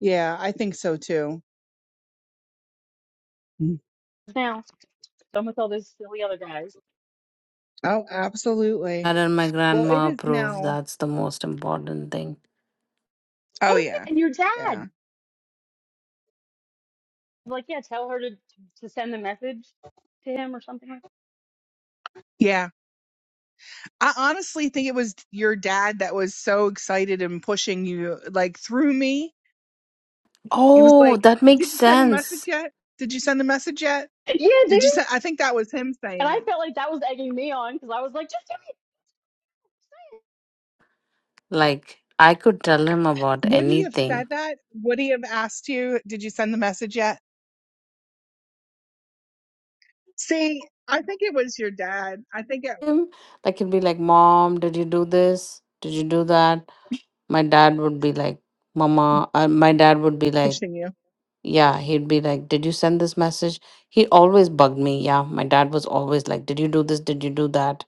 Speaker 1: yeah, I think so too. Mm.
Speaker 13: now. Done with all those silly other guys.
Speaker 1: Oh, absolutely.
Speaker 12: That and my
Speaker 1: Well, it
Speaker 12: grandma
Speaker 1: is
Speaker 12: approve.
Speaker 1: now.
Speaker 12: That's the most important thing.
Speaker 1: Oh
Speaker 13: Oh, yeah,
Speaker 1: yeah,
Speaker 13: and your dad.
Speaker 1: yeah,
Speaker 13: Like, yeah, tell her to, to send the message to him or something like
Speaker 1: yeah. I honestly think it was your dad that was so excited and pushing you like through me. He was
Speaker 12: Oh,
Speaker 1: like,
Speaker 12: that makes
Speaker 1: "Did you send the message
Speaker 12: sense.
Speaker 1: yet? Did you send the message yet?
Speaker 13: that. Yeah, dude.
Speaker 1: Did you send?" I think that was him
Speaker 13: And
Speaker 1: saying
Speaker 13: I
Speaker 1: it.
Speaker 13: felt like that was egging me on because I was like, just do it.
Speaker 12: Like I could tell him about
Speaker 1: Would he have
Speaker 12: anything.
Speaker 1: said that? Would he have asked you, "Did you send the message yet?" See, I think it was your dad. I think it
Speaker 12: Him, like he'd be like, "Mom, did you do this? Did you do that?" My dad would be like, "Mama," uh, my dad would be like,
Speaker 1: pushing you.
Speaker 12: "Yeah." He'd be like, "Did you send this message?" He always bugged me. Yeah, my dad was always like, "Did you do this? Did you do that?"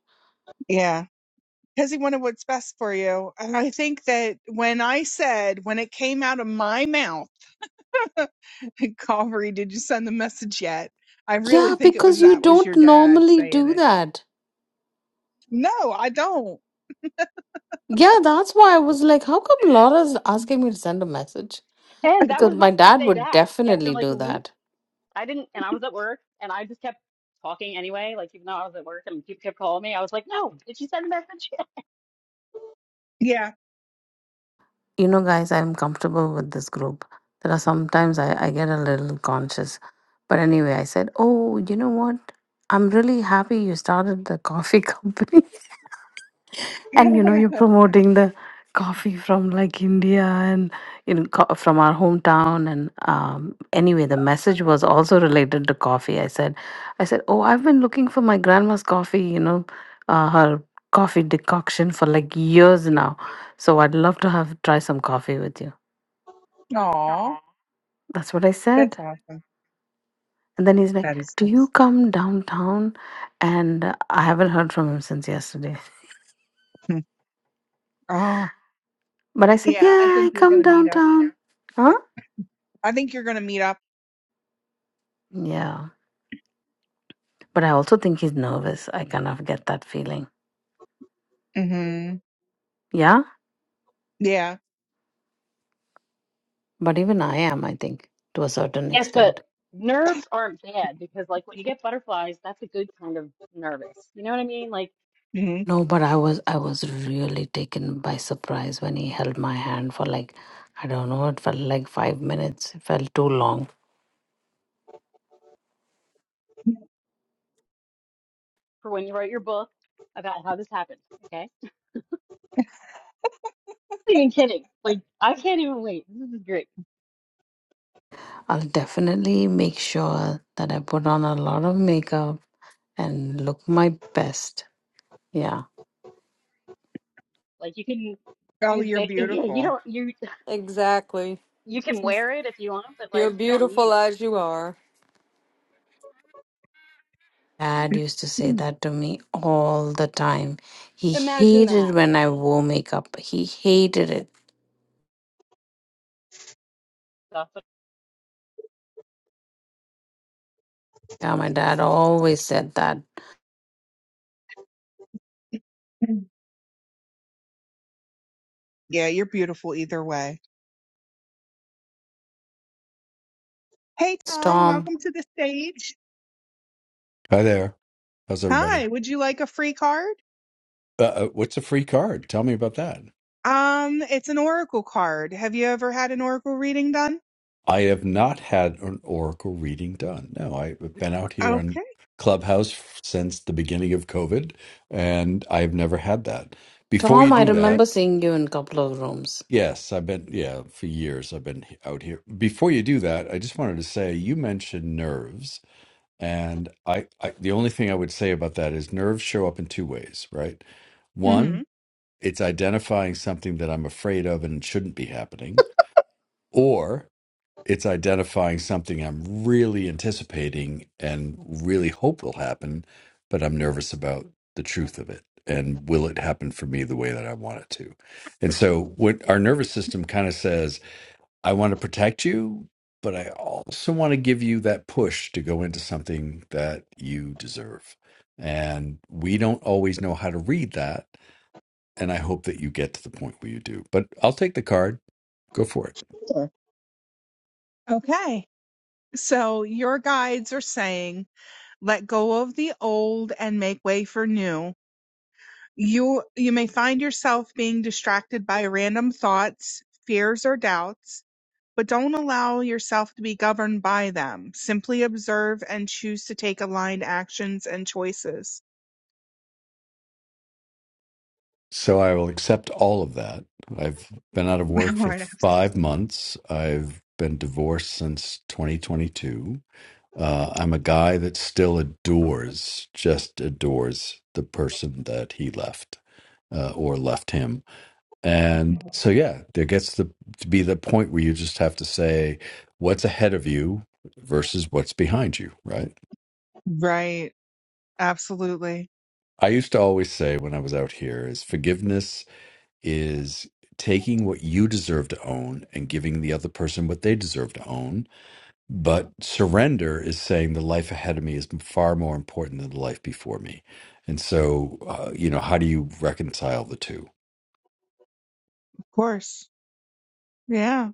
Speaker 1: Yeah, because he wanted what's best for you. And I think that when I said, when it came out of my mouth, <laughs> Calvary, did you send the message yet? I
Speaker 12: Yeah,
Speaker 1: really think it was
Speaker 12: because you
Speaker 1: that was
Speaker 12: don't
Speaker 1: your dad
Speaker 12: normally
Speaker 1: saying
Speaker 12: do
Speaker 1: it.
Speaker 12: that.
Speaker 1: No, I don't.
Speaker 12: Yeah, that's why I was like, "How come Laura's asking me to send a message?"
Speaker 13: And that
Speaker 12: Because
Speaker 13: was
Speaker 12: my
Speaker 13: my first
Speaker 12: dad
Speaker 13: day
Speaker 12: would
Speaker 13: back after
Speaker 12: definitely
Speaker 13: like
Speaker 12: do
Speaker 13: a week.
Speaker 12: that.
Speaker 13: I didn't, and I was at work, and I just kept talking anyway. Like even though I was at work, and people kept calling me, I was like, "No, did she send a message?"
Speaker 1: Yeah.
Speaker 12: you know guys i'm comfortable with this group there are sometimes I, I get a little conscious but anyway i said oh you know what i'm really happy you started the coffee <laughs> company and you know you're
Speaker 1: <laughs>
Speaker 12: promoting the coffee from like india and you know co- from our hometown and um, anyway the message was also related to coffee i said i said oh i've been looking for my grandma's coffee you know uh, her coffee decoction for like years now so i'd love to have try some coffee with you
Speaker 1: Aw,
Speaker 12: that's what i
Speaker 1: That's
Speaker 12: said
Speaker 1: awesome.
Speaker 12: and then he's
Speaker 1: That
Speaker 12: like
Speaker 1: is.
Speaker 12: do you come downtown and uh, i haven't heard from him since yesterday
Speaker 1: Hmm. oh,
Speaker 12: but i said
Speaker 1: yeah.
Speaker 12: yeah
Speaker 1: I think
Speaker 12: i
Speaker 1: you're
Speaker 12: come
Speaker 1: gonna meet up.
Speaker 12: downtown huh
Speaker 1: I think you're gonna meet up.
Speaker 12: yeah But I also think he's nervous. I kind of get that feeling.
Speaker 1: hmm
Speaker 12: Yeah?
Speaker 1: Yeah.
Speaker 12: But even I am, I think, to a
Speaker 13: <laughs>
Speaker 12: certain
Speaker 13: yes,
Speaker 12: extent.
Speaker 13: but nerves aren't bad because, like, when you get butterflies, that's a good kind of nervous. You know what I mean? Like
Speaker 1: hmm
Speaker 12: No, but I was I was really taken by surprise when he held my hand for like I don't know, it felt like five minutes. It felt too long.
Speaker 13: for when you write your book about how this happened. Okay, I'm not even kidding. Like I can't even wait. This is great.
Speaker 12: I'll definitely make sure that I put on a lot of makeup and look my best. Yeah.
Speaker 13: Like you can
Speaker 1: Oh,
Speaker 13: use
Speaker 1: you're
Speaker 13: Vic. And Yeah, you
Speaker 1: beautiful.
Speaker 13: don't you <laughs>
Speaker 14: <laughs> exactly.
Speaker 13: you can wear it if you want, but
Speaker 14: You're
Speaker 13: like you don't need
Speaker 14: beautiful
Speaker 13: it.
Speaker 14: as you are.
Speaker 12: Dad used to say
Speaker 1: <clears throat>
Speaker 12: that to me all the time. He
Speaker 13: Imagine that
Speaker 12: hated when I wore makeup. He hated it
Speaker 13: stuff. But
Speaker 12: Yeah, my dad always said that.
Speaker 1: Yeah, you're beautiful either way. Hey,
Speaker 12: It's
Speaker 1: Tom,
Speaker 12: Tom.
Speaker 1: welcome to the stage.
Speaker 19: Hi there. How's everybody?
Speaker 1: Hi, would you like a free card?
Speaker 19: Uh, uh, what's a free card? Tell me about that.
Speaker 1: Um, it's an oracle card. Have you ever had an oracle reading done?
Speaker 19: I have not had an oracle reading done. No, I've been out here on
Speaker 1: Okay.
Speaker 19: Clubhouse f- since the beginning of COVID, and I've never had that. Before you
Speaker 12: Tom, I
Speaker 19: do
Speaker 1: Oh, okay.
Speaker 19: that,
Speaker 12: remember seeing you in a couple of rooms.
Speaker 19: yes, I've been, yeah, for years I've been he- out here. Before you do that, I just wanted to say you mentioned nerves, and I, I the only thing I would say about that is nerves show up in two ways, right? One.
Speaker 1: hmm
Speaker 19: it's identifying something that I'm afraid of and shouldn't be happening, or it's identifying something I'm really anticipating and really hope will happen, but I'm nervous about the truth of it. And will it happen for me the way that I want it to? And so, what our nervous system kind of says, I want to protect you, but I also want to give you that push to go into something that you deserve. And we don't always know how to read that and I hope that you get to the point where you do. But I'll take the card. Go for it.
Speaker 1: Okay. So your guides are saying, let go of the old and make way for new. You you may find yourself being distracted by random thoughts, fears or doubts But don't allow yourself to be governed by them. Simply observe and choose to take aligned actions and choices.
Speaker 19: So I will accept all of that. I've been out of
Speaker 1: <laughs>
Speaker 19: work for
Speaker 1: Lord,
Speaker 19: five months. I've been divorced since 2022. Uh, I'm a guy that still adores, just adores the person that he left uh, or left him. And so, yeah, there gets the, to be the point where you just have to say what's ahead of you versus what's behind you, right?
Speaker 1: Right. Absolutely.
Speaker 19: I used to always say when I was out here is forgiveness is taking what you deserve to own and giving the other person what they deserve to own. But surrender is saying the life ahead of me is far more important than the life before me. And so, uh, you know, how do you reconcile the two?
Speaker 1: Of course. Yeah.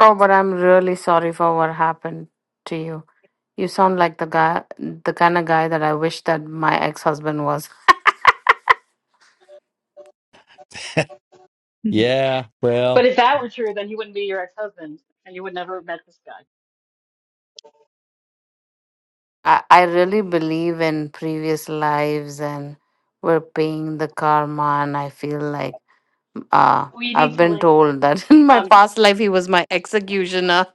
Speaker 12: Oh, but I'm really sorry for what happened to you. You sound like the guy, the kind of guy that I wish that my ex-husband was.
Speaker 1: <laughs>
Speaker 13: but if that were true, then he wouldn't be your ex-husband, and you would never have met this guy.
Speaker 12: I, I really believe in previous lives and we're paying the karma, and I feel like uh,
Speaker 13: Well, you
Speaker 12: I've
Speaker 13: need to
Speaker 12: been
Speaker 13: like,
Speaker 12: told that <laughs> in my
Speaker 13: um,
Speaker 12: past life he was my executioner.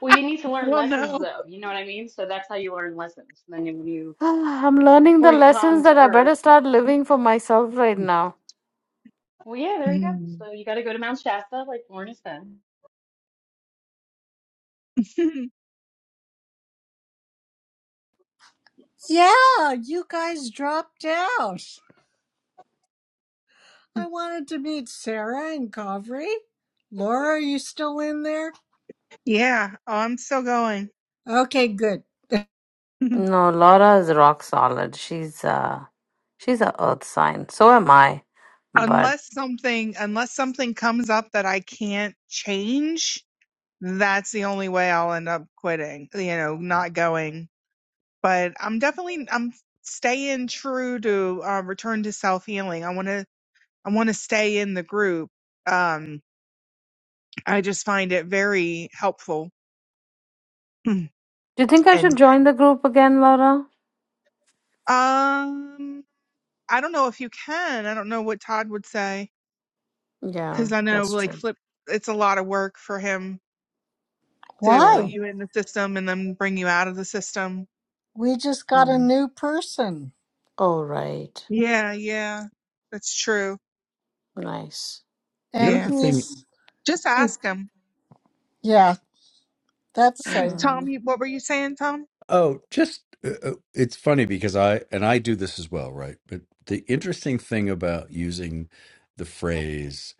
Speaker 13: well, you need to learn
Speaker 1: well,
Speaker 13: lessons
Speaker 1: no.
Speaker 13: though. You know what I mean? So that's how you learn lessons. And then when you,
Speaker 12: <sighs> I'm learning the
Speaker 13: before you
Speaker 12: lessons
Speaker 13: come to
Speaker 12: that I
Speaker 13: Earth,
Speaker 12: better start living for myself right now.
Speaker 13: well, yeah, there you go.
Speaker 1: Mm.
Speaker 13: So you got to go to Mount Shasta, like Lauren said.
Speaker 1: <laughs>
Speaker 18: Yeah, you guys dropped out. I wanted to meet Sarah and Kavri. Laura, are you still in there?
Speaker 1: yeah. Oh, I'm still going.
Speaker 18: Okay, good. <laughs>
Speaker 1: <laughs>
Speaker 12: No, Laura is rock solid. She's uh she's a earth sign. So am I. But
Speaker 1: unless something, unless something comes up that I can't change, that's the only way I'll end up quitting, you know, not going but I'm definitely I'm staying true to um, return to self healing. I want to I want to stay in the group. Um, I just find it very helpful. Hmm.
Speaker 12: do you think
Speaker 1: <clears throat>
Speaker 12: I
Speaker 1: and
Speaker 12: should join the group again, Laura?
Speaker 1: um, I don't know if you can. I don't know what Todd would say
Speaker 12: Yeah,
Speaker 1: because I know
Speaker 12: that's
Speaker 1: like
Speaker 12: true.
Speaker 1: flip. It's a lot of work for him to put
Speaker 12: Yeah.
Speaker 18: Why?
Speaker 1: you in the system and then bring you out of the system.
Speaker 18: We just got a
Speaker 12: Mm.
Speaker 18: new person,
Speaker 12: All right.
Speaker 1: Yeah, yeah, that's true.
Speaker 12: Nice.
Speaker 19: You know,
Speaker 18: and
Speaker 1: Yeah,
Speaker 19: the thing,
Speaker 18: he's
Speaker 1: just ask him.
Speaker 18: yeah, that's safe.
Speaker 1: Tom,
Speaker 12: Mm.
Speaker 1: you- what were you saying, Tom?
Speaker 19: oh, just uh, uh, it's funny because I, and I do this as well, right? But the interesting thing about using the phrase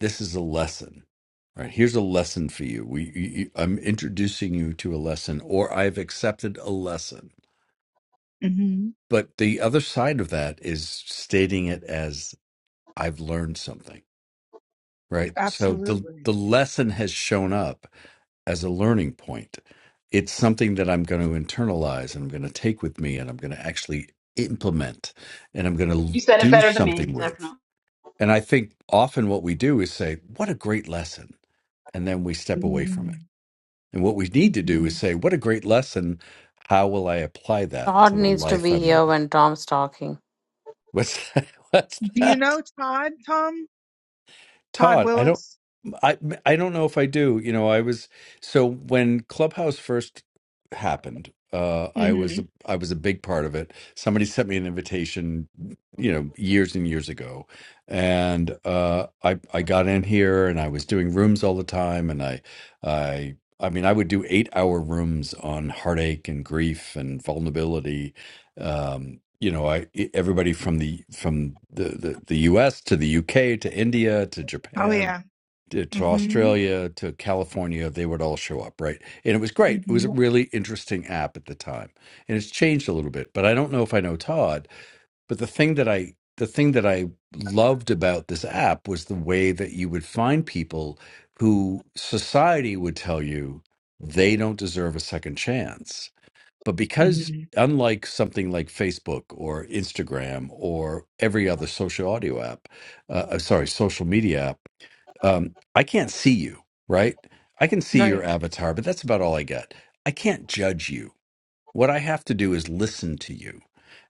Speaker 19: this is a lesson right here's a lesson for you we you, you- i'm introducing you to a lesson or i've accepted a lesson
Speaker 1: hmm
Speaker 19: but the other side of that is stating it as i've learned something right so the
Speaker 1: Absolutely.
Speaker 19: the lesson has shown up as a learning point it's something that i'm going to internalize and i'm going to take with me and i'm going to actually implement and i'm going
Speaker 13: You
Speaker 19: to
Speaker 13: said it
Speaker 19: do
Speaker 13: better than
Speaker 19: something
Speaker 13: me,
Speaker 19: with
Speaker 13: definitely.
Speaker 19: And I think often what we do is say, what a great lesson. And then we step away
Speaker 1: hmm
Speaker 19: from it. And what we need to
Speaker 1: hmm
Speaker 19: do is say, what a great lesson. How will I apply that
Speaker 12: Todd
Speaker 19: to the
Speaker 12: needs to
Speaker 19: life
Speaker 12: be
Speaker 19: I'm
Speaker 12: here
Speaker 19: living?
Speaker 12: when Tom's talking.
Speaker 19: What's <laughs> that? What's
Speaker 1: Do you
Speaker 19: that?
Speaker 1: know Todd, Tom? Todd
Speaker 19: Todd, I don't
Speaker 1: Willis?
Speaker 19: I I don't know if I do. You know, I was so when Clubhouse first happened, uh I was
Speaker 1: hmm
Speaker 19: a, I was a big part of it. Somebody sent me an invitation, you know, years and years ago. And uh I I got in here and I was doing rooms all the time and I I I mean, I would do eight hour rooms on heartache and grief and vulnerability um, you know, I e, everybody from the from the, the the U.S. to the U.K. to India to
Speaker 1: Oh,
Speaker 19: Japan
Speaker 1: yeah.
Speaker 19: to, to
Speaker 1: hmm
Speaker 19: Australia to California, they would all show up, right? And it was great. It was
Speaker 1: hmm
Speaker 19: a really interesting app at the time, and it's changed a little bit. But I don't know if I know Todd. But the thing that I the thing that I loved about this app was the way that you would find people who society would tell you they don't deserve a second chance but because,
Speaker 1: hmm
Speaker 19: unlike something like Facebook or Instagram or every other social audio app, uh, uh, sorry, social media app, um, I can't see you, right? I can see your
Speaker 1: Right.
Speaker 19: avatar, but that's about all I get. I can't judge you what I have to do is listen to you.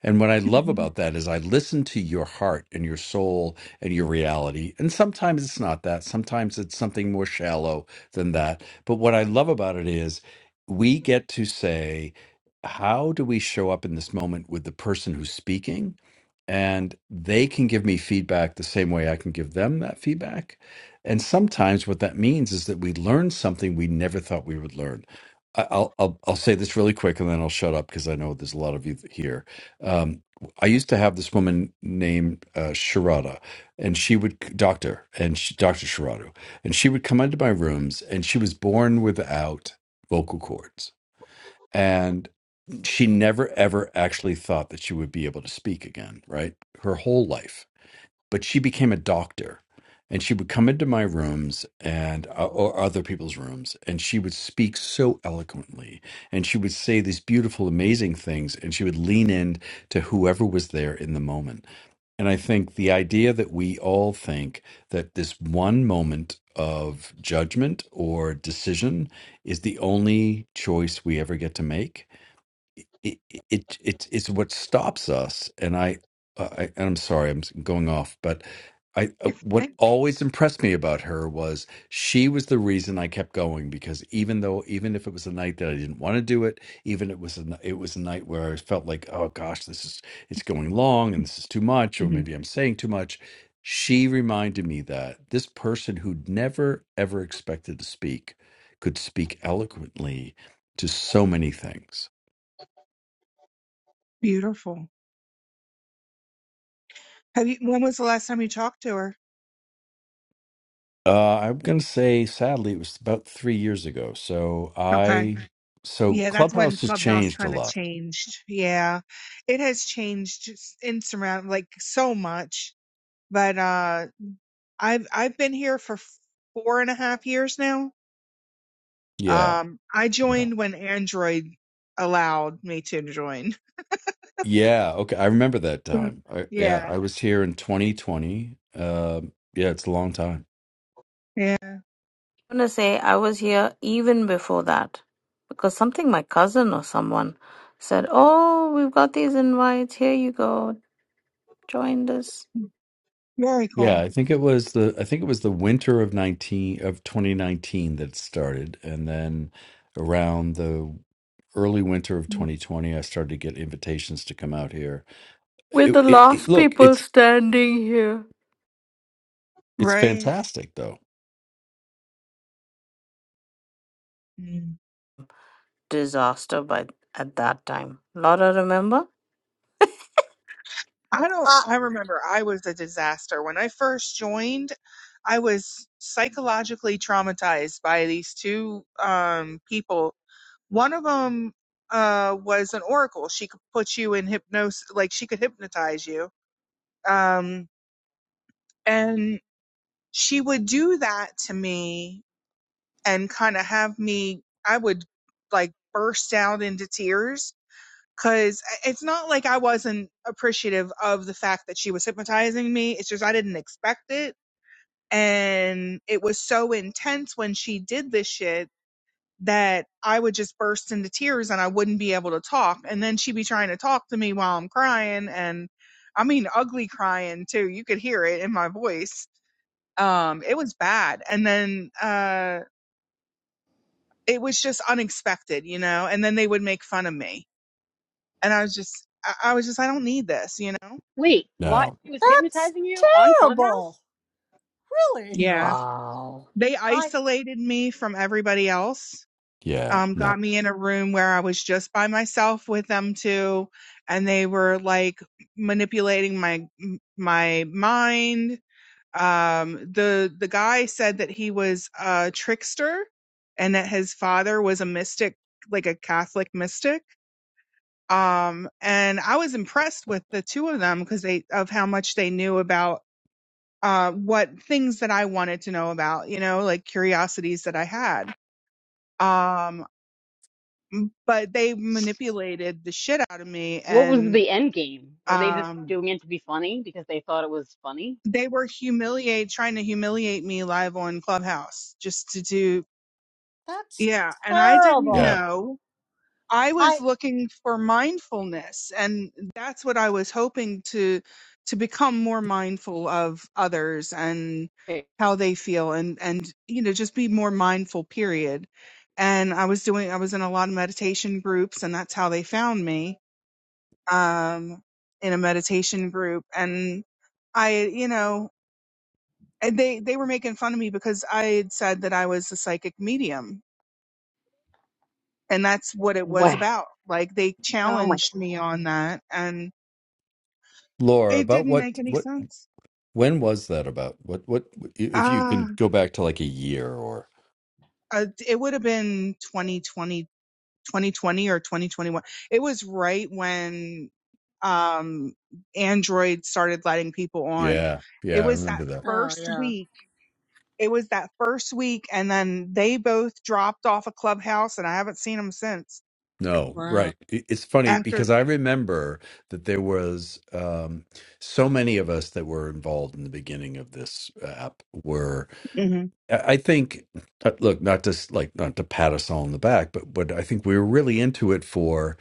Speaker 19: And what I love
Speaker 1: hmm
Speaker 19: about that is I listen to your heart and your soul and your reality. And sometimes it's not that. Sometimes it's something more shallow than that. But what I love about it is we get to say, how do we show up in this moment with the person who's speaking? And they can give me feedback the same way I can give them that feedback. And sometimes what that means is that we learn something we never thought we would learn I- I'll I'll I'll say this really quick and then I'll shut up because I know there's a lot of you th- here. Um, I used to have this woman named uh, Sharada, and she would doctor and she, Doctor Sharada, and she would come into my rooms, and she was born without vocal cords, and she never ever actually thought that she would be able to speak again. Right, her whole life but she became a doctor and she would come into my rooms and uh, or other people's rooms and she would speak so eloquently and she would say these beautiful amazing things and she would lean in to whoever was there in the moment and i think the idea that we all think that this one moment of judgment or decision is the only choice we ever get to make it, it, it it's what stops us. And I, uh, I, and I'm sorry, I'm going off, but I, uh, what
Speaker 1: Okay.
Speaker 19: always impressed me about her was she was the reason I kept going because even though, even if it was a night that I didn't want to do it, even it was, a, n- it was a night where I felt like, oh gosh, this is, it's going long and this is too much, or maybe I'm saying too much. She reminded me that this person who'd never ever expected to speak could speak eloquently to so many things
Speaker 1: Beautiful. Have you, when was the last time you talked to her?
Speaker 19: Uh, I'm going to say, sadly, it was about three years ago. So
Speaker 1: Okay.
Speaker 19: I, so
Speaker 1: Yeah, that's when
Speaker 19: Clubhouse has
Speaker 1: Clubhouse
Speaker 19: changed a
Speaker 1: kind of
Speaker 19: lot.
Speaker 1: changed. Yeah. It has changed just insurmountable, like so much. But, uh I've I've been here for four and a half years now.
Speaker 19: Yeah.
Speaker 1: Um, I
Speaker 19: Yeah.
Speaker 1: joined when Android allowed me to join.
Speaker 19: Yeah. Okay. I remember that
Speaker 1: <laughs>
Speaker 19: time. I, yeah.
Speaker 1: yeah,
Speaker 19: I was here in 2020. Um, yeah. It's a long time.
Speaker 1: yeah,
Speaker 12: I'm gonna say I was here even before that because something my cousin or someone said, "Oh, we've got these invites. Here you go. Join this."
Speaker 1: very
Speaker 19: Yeah.
Speaker 1: cool,
Speaker 19: I think it was the, I think it was the winter of 19, of 2019 that it started. And then around the early winter of 2020, I started to get invitations to come out here.
Speaker 12: We're
Speaker 19: It,
Speaker 12: the
Speaker 19: it, it,
Speaker 12: last
Speaker 19: look,
Speaker 12: people
Speaker 19: it's,
Speaker 12: standing here.
Speaker 19: it's
Speaker 1: right?
Speaker 19: fantastic though.
Speaker 1: Mm.
Speaker 12: disaster by at that time. Laura, remember?
Speaker 1: I don't.
Speaker 18: Uh,
Speaker 1: I remember I was a disaster when I first joined. I was psychologically traumatized by these two um, people. One of them uh, was an oracle. She could put you in hypnosis, like she could hypnotize you. Um, and she would do that to me and kind of have me i would like burst out into tears because it's not like i wasn't appreciative of the fact that she was hypnotizing me it's just i didn't expect it and it was so intense when she did this shit that i would just burst into tears and i wouldn't be able to talk and then she'd be trying to talk to me while i'm crying and i mean ugly crying too you could hear it in my voice um it was bad and then uh it was just unexpected you know and then they would make fun of me and i was just i, I was just i don't need this you know
Speaker 13: Wait, what? She was
Speaker 18: that's
Speaker 13: hypnotizing you on Clubhouse?
Speaker 18: terrible. Really,
Speaker 1: yeah
Speaker 12: Wow.
Speaker 1: they
Speaker 18: I
Speaker 1: isolated me from everybody else
Speaker 19: Yeah.
Speaker 1: um
Speaker 19: No.
Speaker 1: got me in a room where i was just by myself with them two and they were like manipulating my my mind um the the guy said that he was a trickster and that his father was a mystic like a catholic mystic um and i was impressed with the two of them because they of how much they knew about uh what things that i wanted to know about you know like curiosities that i had um but they manipulated the shit out of me
Speaker 13: What was
Speaker 1: and
Speaker 13: the end game? Were they just
Speaker 1: um
Speaker 13: doing it to be funny because they thought it was funny?
Speaker 1: they were humiliate trying to humiliate me live on clubhouse just to do
Speaker 18: that's
Speaker 1: yeah and i didn't
Speaker 19: Yeah.
Speaker 18: terrible.
Speaker 1: know I was
Speaker 18: I
Speaker 1: looking for mindfulness and that's what I was hoping to to become more mindful of others and
Speaker 13: Okay.
Speaker 1: how they feel and and you know just be more mindful period. And I was doing I was in a lot of meditation groups and that's how they found me um in a meditation group and I you know and they they were making fun of me because I had said that I was a psychic medium and that's what it was
Speaker 13: Wow.
Speaker 1: about. Like they
Speaker 13: Oh my,
Speaker 1: challenged me on that, and
Speaker 19: Laura,
Speaker 1: it
Speaker 19: about
Speaker 1: didn't
Speaker 19: what
Speaker 1: make any
Speaker 19: what
Speaker 1: sense.
Speaker 19: when was that about? What what if you
Speaker 1: Ah,
Speaker 19: could go back to like a year or
Speaker 1: uh, it would have been 2020 2020 or 2021. It was right when um Android started letting people on.
Speaker 19: Yeah.
Speaker 1: It
Speaker 19: Yeah, I
Speaker 1: was
Speaker 19: remember
Speaker 1: that
Speaker 19: that.
Speaker 18: oh
Speaker 1: first
Speaker 18: yeah,
Speaker 1: week. It was that first week, and then they both dropped off a clubhouse, and I haven't seen them since.
Speaker 19: No,
Speaker 18: wow,
Speaker 19: right. It- It's funny
Speaker 1: After,
Speaker 19: because I remember that there was um so many of us that were involved in the beginning of this uh, app were
Speaker 1: hmm
Speaker 19: I I think uh, look, not just like not to pat us all on the back, but but I think we were really into it for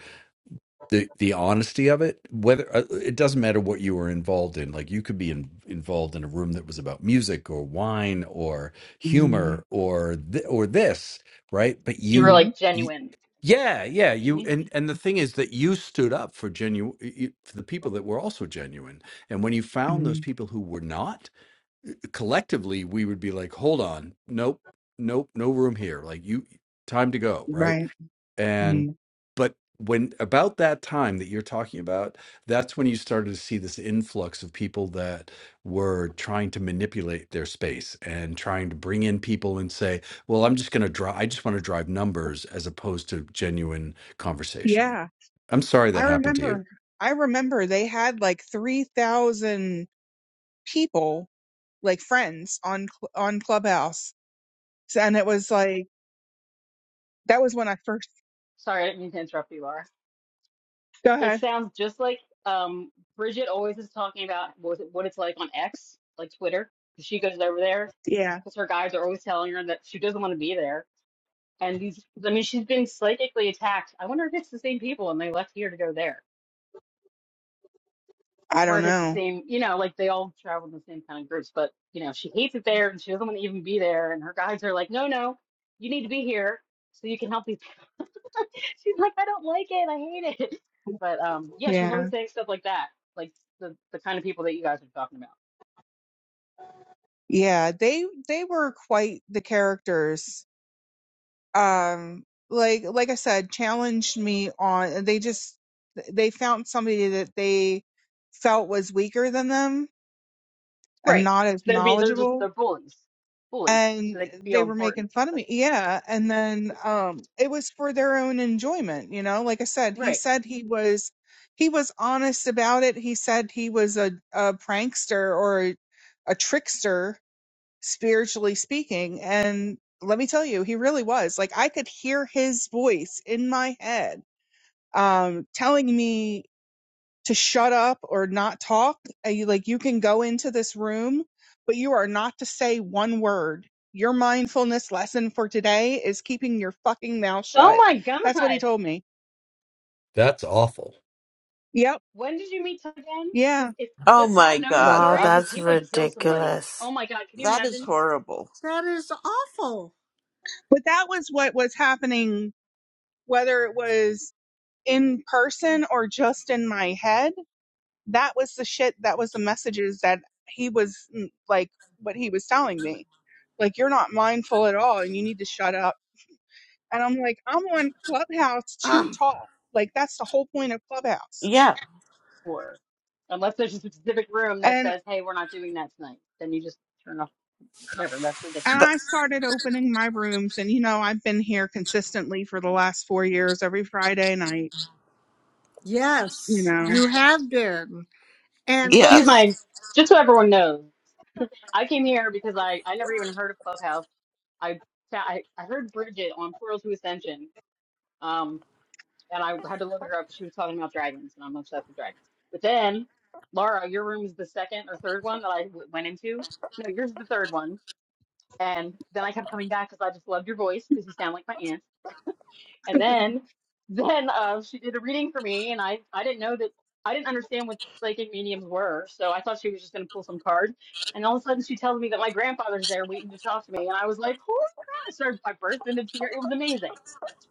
Speaker 19: the the honesty of it whether uh, it doesn't matter what you were involved in like you could be in, involved in a room that was about music or wine or
Speaker 1: hmm
Speaker 19: humor or th- or this right but
Speaker 13: you were
Speaker 19: you,
Speaker 1: hmm
Speaker 13: like
Speaker 19: y
Speaker 13: genuine. Is
Speaker 19: yeah
Speaker 13: that
Speaker 19: yeah
Speaker 13: What do you
Speaker 19: you
Speaker 13: mean?
Speaker 19: and and the thing is that you stood up for genuine for the people that were also genuine and when you found
Speaker 1: hmm
Speaker 19: those people who were not collectively we would be like hold on nope nope no room here like you time to go right
Speaker 1: right, hmm
Speaker 19: and but when about that time that you're talking about, that's when you started to see this influx of people that were trying to manipulate their space and trying to bring in people and say, "Well, I'm just going to drive. I just want to drive numbers as opposed to genuine conversation."
Speaker 1: yeah
Speaker 19: I'm sorry
Speaker 1: I
Speaker 19: that happened to you.
Speaker 1: remember, I remember they had like 3,000 people, like friends on, Cl- on Clubhouse. So, and it was like, that was when I first,
Speaker 13: Sorry, I didn't mean to interrupt you, Laura.
Speaker 1: go
Speaker 13: It
Speaker 1: ahead.
Speaker 13: sounds just like um, Bridget always is talking about what, was it- what it's like on X, like Twitter. She goes over there
Speaker 1: Yeah.
Speaker 13: because her guys are always telling her that she doesn't want to be there. And these, I mean, she's been psychically attacked. I wonder if it's the same people and they left here to go there,
Speaker 1: I
Speaker 13: or
Speaker 1: don't
Speaker 13: if it's the
Speaker 1: know.
Speaker 13: same, you know, like they all travel in the same kind of groups. But you know, she hates it there and she doesn't want to even be there. And her guys are like, no, no, you need to be here so you can help these <laughs> She's like, I don't like it. I hate it. <laughs> But um, yeah, she's
Speaker 1: Yeah.
Speaker 13: always saying stuff like that, like the the kind of people that you guys are talking about.
Speaker 1: Yeah. They, they were quite the characters. Um, like, like I said, challenged me on, they just, they found somebody that they felt was weaker than them and
Speaker 13: Right.
Speaker 1: not as
Speaker 13: They're be they're just
Speaker 1: knowledgeable
Speaker 13: they're bullies, bullies, so
Speaker 1: and
Speaker 13: they can
Speaker 1: they
Speaker 13: feel
Speaker 1: were
Speaker 13: important.
Speaker 1: making fun of
Speaker 13: That's-
Speaker 1: me. Yeah, and then um it was for their own enjoyment, you know. Like I said, he
Speaker 13: right.
Speaker 1: said he was he was honest about it. He said he was a a prankster or a, a trickster spiritually speaking, and let me tell you, he really was. Like I could hear his voice in my head um telling me to shut up or not talk. Uh, You like you can go into this room, but you are not to say one word. Your mindfulness lesson for today is keeping your fucking mouth
Speaker 13: Oh
Speaker 1: shut.
Speaker 13: my God.
Speaker 1: That's what he told me.
Speaker 19: That's awful.
Speaker 1: Yep.
Speaker 13: When did you meet Todd again?
Speaker 1: Yeah.
Speaker 13: Because if
Speaker 10: Oh
Speaker 13: does
Speaker 10: my
Speaker 13: Todd know the
Speaker 10: god,
Speaker 12: Wow,
Speaker 13: story?
Speaker 10: that
Speaker 13: Because
Speaker 12: that's
Speaker 13: he would kill somebody.
Speaker 12: ridiculous.
Speaker 13: Oh my God. Can you
Speaker 10: that is
Speaker 13: imagine?
Speaker 10: horrible.
Speaker 18: that is awful.
Speaker 1: But that was what was happening whether it was in person or just in my head. That was the shit that was the messages that he was mm, like what he was telling me. Like you're not mindful at all and you need to shut up And I'm like, I'm on Clubhouse too
Speaker 18: Ah,
Speaker 1: tall. Like that's the whole point of Clubhouse.
Speaker 10: Yeah.
Speaker 13: Or unless there's a specific room that
Speaker 1: And
Speaker 13: says, hey, we're not doing that tonight, then you just turn off. Never. That's
Speaker 1: and
Speaker 10: Th-
Speaker 1: I
Speaker 13: ridiculous.
Speaker 1: started opening my rooms and you know, I've been here consistently for the last 4 years every Friday night, you
Speaker 18: yes,
Speaker 1: know.
Speaker 18: you have been, and
Speaker 14: So
Speaker 10: yeah.
Speaker 13: She's
Speaker 14: did
Speaker 13: my. Just so everyone knows. I came here because I, I never even heard of Clubhouse. I, I I heard Bridget on Portal to Ascension, um, and I had to look her up. She was talking about dragons, and I'm obsessed with dragons. But then, Laura, your room is the second or third one that I w- went into. No, yours is the third one. And then I kept coming back because I just loved your voice because you sound like my aunt. And then, <laughs> then uh, she did a reading for me, and I I didn't know that I didn't understand what psychic mediums were, so I thought she was just gonna pull some cards. And all of a sudden, she tells me that my grandfather's there waiting to talk to me, and I was like, "Holy crap!" So I burst into tears. It was amazing,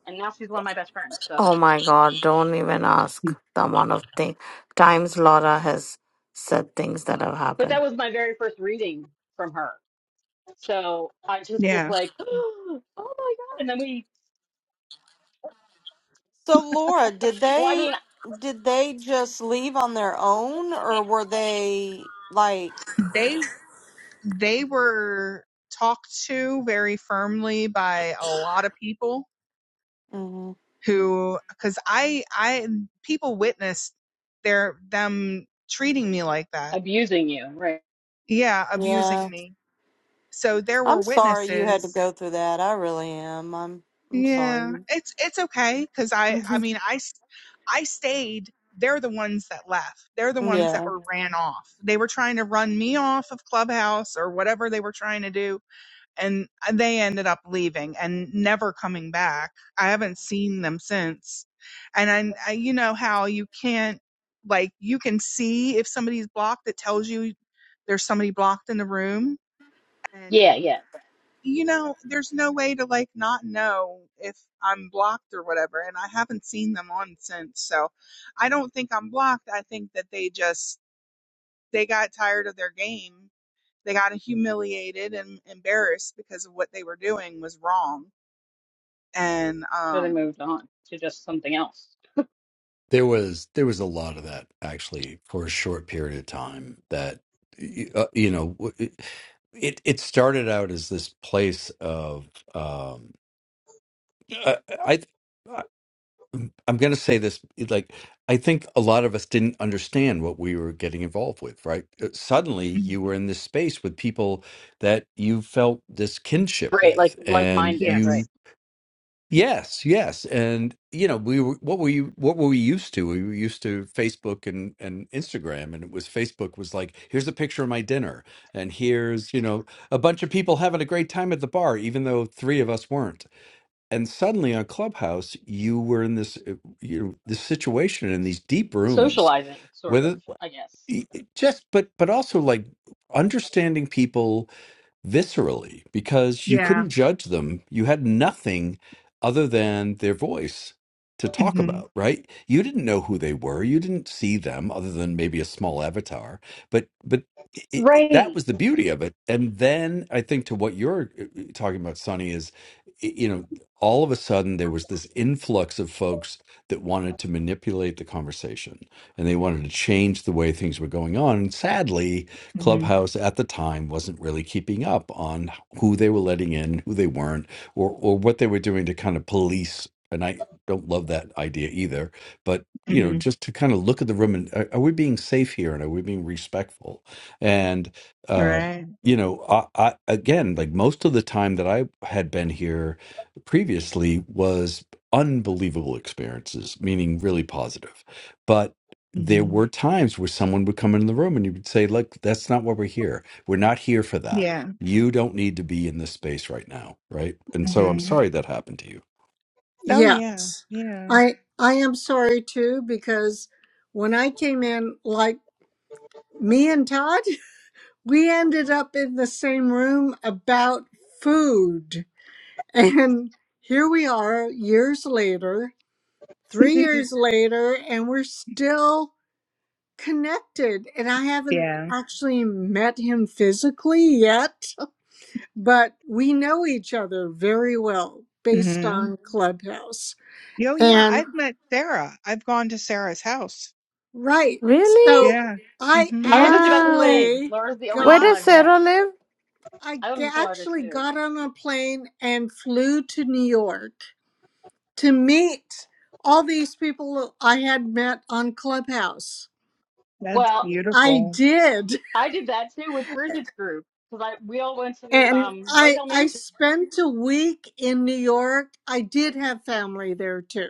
Speaker 13: and now she's one of my best friends. So,
Speaker 12: Oh my God, don't even ask the amount of thing, times Laura has said things that have
Speaker 13: but that
Speaker 12: happened.
Speaker 13: was my very first reading from her. So I just was
Speaker 1: Yeah.
Speaker 13: like, <gasps> "Oh my god!" And then we,
Speaker 14: so Laura, did
Speaker 13: well, I
Speaker 14: they
Speaker 13: mean,
Speaker 14: did they just leave on their own or were they like
Speaker 1: They they were talked to very firmly by a lot of people
Speaker 14: Mhm.
Speaker 1: who cuz I I people witnessed their them treating me like that.
Speaker 13: abusing you, right?
Speaker 1: Yeah, abusing
Speaker 14: yeah.
Speaker 1: me. So there were
Speaker 14: I'm sorry you had to
Speaker 1: witnesses
Speaker 14: go through that. I really am. I'm I'm
Speaker 1: Yeah,
Speaker 14: sorry.
Speaker 1: it's it's okay because I I
Speaker 14: <laughs>
Speaker 1: mean I s- I stayed. They're the ones that left. They're the ones that
Speaker 14: Yeah.
Speaker 1: were ran off. They were trying to run me off of Clubhouse or whatever they were trying to do, and uh, they ended up leaving and never coming back. I haven't seen them since, and I, I you know how you can't like you can see if somebody's blocked. It tells you there's somebody blocked in the room, and
Speaker 13: Yeah, yeah.
Speaker 1: you know, there's no way to like not know if I'm blocked or whatever. And I haven't seen them on since. So I don't think I'm blocked. I think that they just, they got tired of their game. They got humiliated and embarrassed because of what they were doing was wrong. And,
Speaker 13: But I
Speaker 1: um,
Speaker 13: moved on to just something else.
Speaker 19: There was there was a lot of that actually for a short period of time. That y- uh, you know, w- it it started out as this place of I, I I- am going to say this like I think a lot of us didn't understand what we were getting involved with, right? Uh, Suddenly,
Speaker 1: Mhm.
Speaker 19: you were in this space with people that you felt this kinship
Speaker 13: Right,
Speaker 19: with,
Speaker 13: like
Speaker 19: and
Speaker 13: like-minded, right?
Speaker 19: you,
Speaker 1: Yes.
Speaker 19: yes, yes, and you know, we were what were you what were we used to? We were used to Facebook and and Instagram, and it was Facebook was like, here's a picture of my dinner, and here's you know a bunch of people having a great time at the bar, even though three of us weren't and suddenly on clubhouse you were in this uh, you know, this situation in these deep rooms
Speaker 13: socializing, sort of,
Speaker 19: whether
Speaker 13: I guess.
Speaker 19: just but but also like understanding people viscerally because you
Speaker 1: Yeah.
Speaker 19: couldn't judge them. You had nothing other than their voice to talk
Speaker 1: hmm
Speaker 19: about, right? You didn't know who they were. You didn't see them other than maybe a small avatar. But but it, it- that
Speaker 13: Right.
Speaker 19: was the beauty of it. And then I think to what you're uh, uh, talking about, Sonny, is y- you know all of a sudden there was this influx of folks that wanted to manipulate the conversation and they wanted to change the way things were going on. And sadly,
Speaker 1: hmm
Speaker 19: Clubhouse at the time wasn't really keeping up on who they were letting in, who they weren't, or or what they were doing to kind of police. And I don't love that idea either, but you know,
Speaker 1: hmm
Speaker 19: just to kind of look at the room and are, are we being safe here and are we being respectful? And uh,
Speaker 1: Right.
Speaker 19: you know, I, I again, like most of the time that I had been here previously was unbelievable experiences, meaning really positive. But there
Speaker 1: hmm
Speaker 19: were times where someone would come in the room and you would say, Look, that's not what we're here. We're not here for that.
Speaker 1: Yeah.
Speaker 19: You don't need to be in this space right now. Right. And so I'm
Speaker 1: hmm
Speaker 19: sorry that happened to you.
Speaker 1: Oh yeah.
Speaker 18: Yes.
Speaker 1: Yeah.
Speaker 18: I I am sorry too because when I came in like me and Todd, <laughs> we ended up in the same room about food. <laughs> And here we are years later, 3 years later and we're still connected and I haven't
Speaker 1: <laughs>
Speaker 18: actually met him physically yet, <laughs> but we know each other very well based
Speaker 1: yeah.
Speaker 18: on Clubhouse.
Speaker 1: Yo, yeah,
Speaker 18: and.
Speaker 1: I've met Sarah. I've gone to Sarah's house.
Speaker 18: Right.
Speaker 12: Really?
Speaker 18: So
Speaker 1: Yeah.
Speaker 18: I
Speaker 1: hmm
Speaker 13: I was just about to
Speaker 12: Wow.
Speaker 13: say,
Speaker 18: actually
Speaker 13: Laura's the only
Speaker 12: Where
Speaker 13: one that
Speaker 18: got
Speaker 12: does
Speaker 13: I've met.
Speaker 12: Sarah live?
Speaker 18: I
Speaker 13: I live
Speaker 18: g-
Speaker 13: in Florida
Speaker 18: actually
Speaker 13: too.
Speaker 18: got on a plane and flew to New York to meet all these people I had met on Clubhouse.
Speaker 1: That's
Speaker 13: Well,
Speaker 18: I
Speaker 1: beautiful.
Speaker 18: did.
Speaker 13: I did that too with Bridget's group because I we all went to
Speaker 18: And
Speaker 13: um, White
Speaker 18: I
Speaker 13: Hill
Speaker 18: I
Speaker 13: Mansion.
Speaker 18: spent a week in New York. I did have family there too.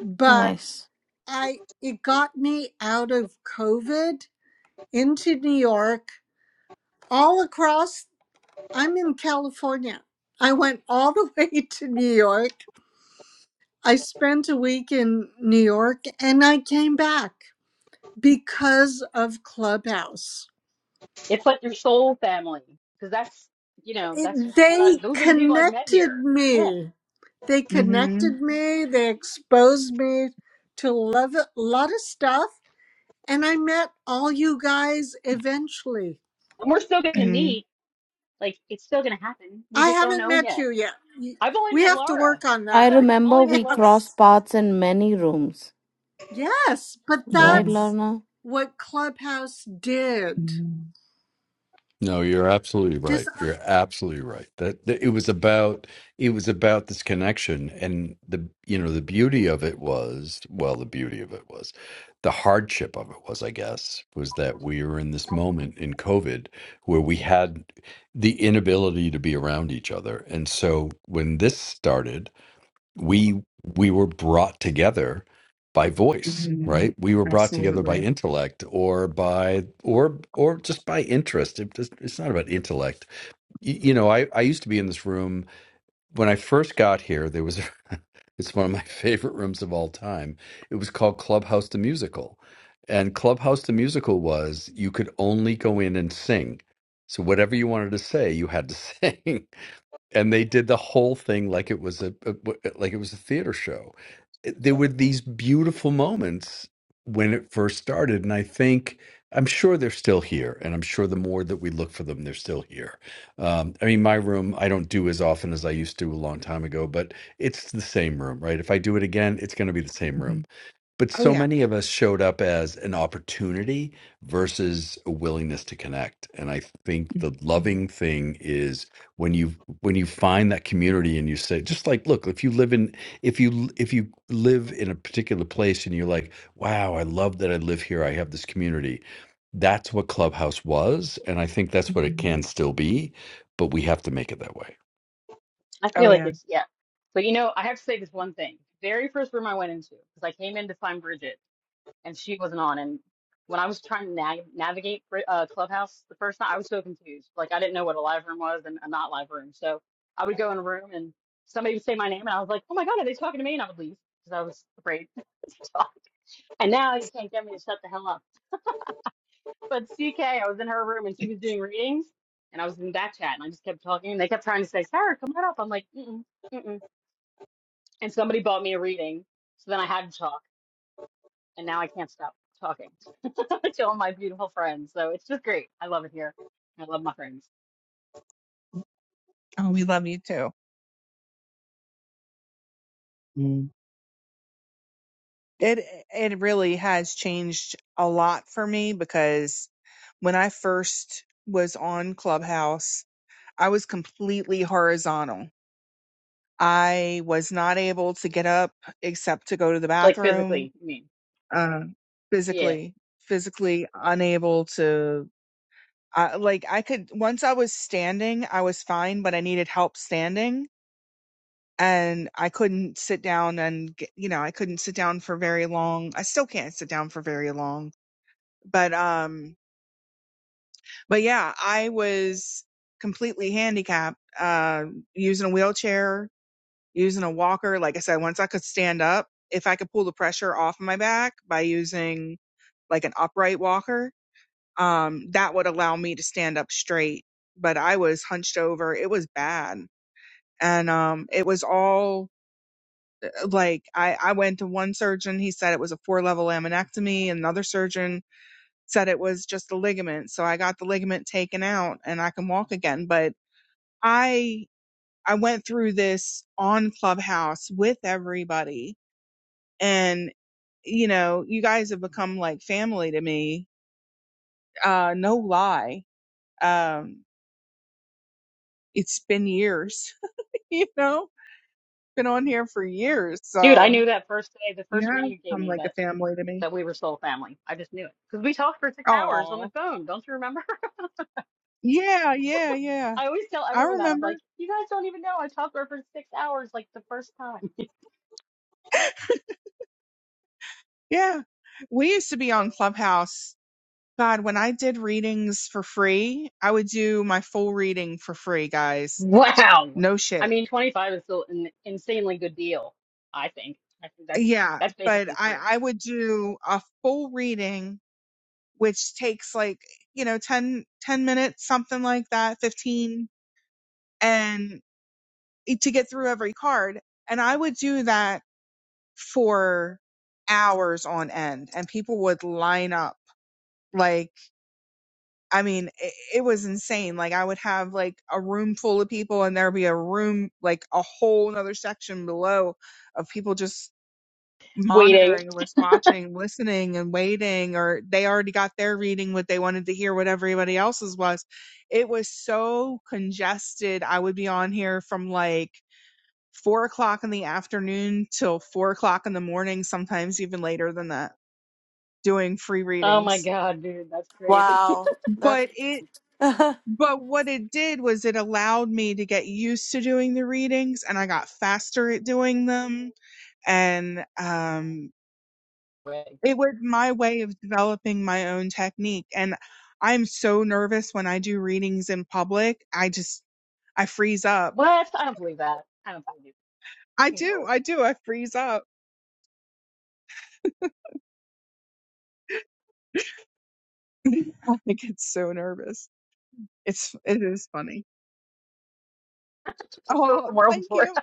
Speaker 18: But
Speaker 12: Nice.
Speaker 18: I it got me out of COVID into New York all across I'm in California. I went all <laughs> the way to New York. I spent a week in New York and I came back because of Clubhouse.
Speaker 13: It's like your soul family because that's you know that's
Speaker 18: It,
Speaker 13: what I,
Speaker 18: they
Speaker 13: those are the people I've met
Speaker 18: connected
Speaker 13: here. Yeah,
Speaker 18: me. They
Speaker 1: hmm
Speaker 18: connected me. They exposed me to a lot of lot of stuff. And I met all you guys eventually.
Speaker 13: and we're still gonna
Speaker 1: hmm
Speaker 13: meet. Like it's still gonna happen. We
Speaker 18: I
Speaker 13: just don't
Speaker 18: haven't
Speaker 13: know
Speaker 18: met
Speaker 13: yet.
Speaker 18: you yet. You-
Speaker 13: I've only
Speaker 18: We
Speaker 13: met
Speaker 18: have to
Speaker 13: Laura.
Speaker 18: work on
Speaker 12: I
Speaker 18: that.
Speaker 13: <laughs> I've
Speaker 12: remember
Speaker 18: <laughs>
Speaker 13: only met
Speaker 12: we
Speaker 13: Laura.
Speaker 18: Yes.
Speaker 12: crossed paths in many rooms.
Speaker 18: Yes, but
Speaker 1: hmm
Speaker 12: Right,
Speaker 18: that's
Speaker 12: Lorna?
Speaker 18: what Clubhouse did.
Speaker 1: hmm
Speaker 19: No, you're absolutely right.
Speaker 18: Just
Speaker 19: You're absolutely right. That, that it was about it was about this connection and the you know the beauty of it was well the beauty of it was the hardship of it was I guess was that we were in this moment in COVID where we had the inability to be around each other. And so when this started we we were brought together by voice
Speaker 1: hmm
Speaker 19: right we were brought together by
Speaker 1: Absolutely.
Speaker 19: intellect or by or or just by interest it just, it's not about intellect you, you know I, I used to be in this room when i first got here there was <laughs> it's one of my <laughs> favorite rooms of all time it was called clubhouse the musical and clubhouse the musical was you could only go in and sing so whatever you wanted to say you had to <laughs> sing and they did the whole thing like it was a a like it was a theater show. There were these beautiful moments when it first started, and I think I'm sure they're still here, and I'm sure the more that we look for them, they're still here. Um, I mean, my room I don't do as often as I used to a long time ago, but it's the same room, right? If I do it again, it's going to be the same room
Speaker 1: hmm
Speaker 19: but
Speaker 1: Oh
Speaker 19: so
Speaker 1: yeah.
Speaker 19: many of us showed up as an opportunity versus a willingness to connect. And I think the loving thing is when you when you find that community and you say, just like, look, if you live in if you if you live in a particular place and you're like, wow, I love that I live here. I have this community. That's what Clubhouse was, and I think that's what it
Speaker 1: hmm
Speaker 19: can still be, but we have to make it that way.
Speaker 13: I
Speaker 1: Oh
Speaker 13: feel like
Speaker 1: yeah.
Speaker 13: it's yeah. But you know, I have to say this one thing. Very first room I went into, because I came in to find Bridget and she wasn't on. And when I was trying to nav navigate Bri- uh, Clubhouse the first time, I was so confused. Like I didn't know what a live room was and a not live room. So I would go in a room and somebody would say my name and I was like, oh my God, are they talking to me? And I would leave because I was afraid <laughs> to talk. And now you can't get me to shut the hell up. But CK, I was in her room and she was doing readings and I was in that chat and I just kept talking and they kept trying to say, Sarah, come on up. I'm like, mm mm. and somebody bought me a reading. So then I had to talk, and now I can't stop talking <laughs> to all my beautiful friends. So it's just great. I love it here. I love my friends,
Speaker 1: Oh, we love you too. Mm. It it really has changed a lot for me because when I first was on Clubhouse, I was completely horizontal I was not able to get up except to go to the
Speaker 13: like
Speaker 1: bathroom.
Speaker 13: physically. I mean,
Speaker 1: Uh,
Speaker 13: yeah,
Speaker 1: physically, physically unable to. I like I could once I was standing, I was fine, but I needed help standing, and I couldn't sit down and get, you know I couldn't sit down for very long. I still can't sit down for very long, but um, but yeah, I was completely handicapped, uh, using a wheelchair using a walker. Like I said, once I could stand up, if I could pull the pressure off my back by using like an upright walker, um, that would allow me to stand up straight. But I was hunched over. It was bad. And um, it was all uh, like I, I went to one surgeon. He said it was a four level laminectomy. Another surgeon said it was just a ligament. So I got the ligament taken out and I can walk again. But I I went through this on Clubhouse with everybody and you know you guys have become like family to me uh no lie um it's been years <laughs> you know been on here for years
Speaker 13: dude, I
Speaker 1: so
Speaker 13: knew that first day, the
Speaker 1: you
Speaker 13: first
Speaker 1: have
Speaker 13: reading you gave
Speaker 1: become
Speaker 13: me
Speaker 1: like a
Speaker 13: that
Speaker 1: family to me
Speaker 13: that we were soul family. I just knew it because we talked for six hours on the
Speaker 1: oh
Speaker 13: phone. Don't you remember? <laughs>
Speaker 1: yeah yeah yeah
Speaker 13: I always tell
Speaker 1: i
Speaker 13: everyone that. I'm
Speaker 1: remember
Speaker 13: like, you guys don't even know I talked to her for six hours, like the first time. <laughs>
Speaker 1: yeah we used to be on clubhouse god when i did readings for free i would do my full reading for free guys
Speaker 13: Wow.
Speaker 1: no
Speaker 13: I
Speaker 1: shit
Speaker 13: mean, 25 is still an insanely good deal. I think. I think that's
Speaker 1: yeah
Speaker 13: that's
Speaker 1: but
Speaker 13: basically
Speaker 1: i
Speaker 13: free.
Speaker 1: i would do a full reading which takes like, you know, 10 10 minutes, something like that, 15, and to get through every card. And I would do that for hours on end and people would line up like, I mean, it, it was insane. Like I would have like a room full of people and there'd be a room, like a whole another section below of people just
Speaker 13: Waiting.
Speaker 1: monitoring was watching listening and waiting or they already got their reading what they wanted to hear what everybody else's was it was so congested i would be on here from like four o'clock in the afternoon till four o'clock in the morning sometimes even later than that doing free
Speaker 13: Oh my
Speaker 1: readings
Speaker 13: God, dude, that's crazy. <laughs>
Speaker 14: Wow. That's
Speaker 1: but it
Speaker 14: <laughs>
Speaker 1: but what it did was it allowed me to get used to doing the readings and i got faster at doing them and um
Speaker 13: Wait.
Speaker 1: It was my way of developing my own technique. And I'm so nervous when I do readings in public. I just, I freeze up.
Speaker 13: What? I don't believe that. I don't believe
Speaker 1: I
Speaker 13: it.
Speaker 1: do.
Speaker 13: No.
Speaker 1: I do. I freeze up. <laughs> I get so nervous. It's, it is funny.
Speaker 13: <laughs> For
Speaker 1: Oh,
Speaker 13: a World
Speaker 1: thank
Speaker 13: Tour.
Speaker 1: you.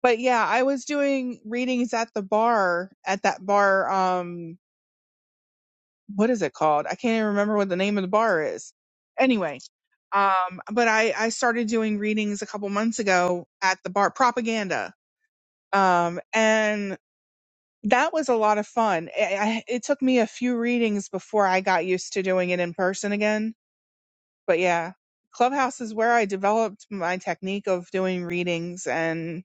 Speaker 1: But yeah, I was doing readings at the bar, at that bar. Um, what is it called? I can't even remember what the name of the bar is. Anyway, um, but I, I started doing readings a couple months ago at the bar, propaganda um, and that was a lot of fun. I, I, it took me a few readings before I got used to doing it in person again. But yeah, Clubhouse is where I developed my technique of doing readings, and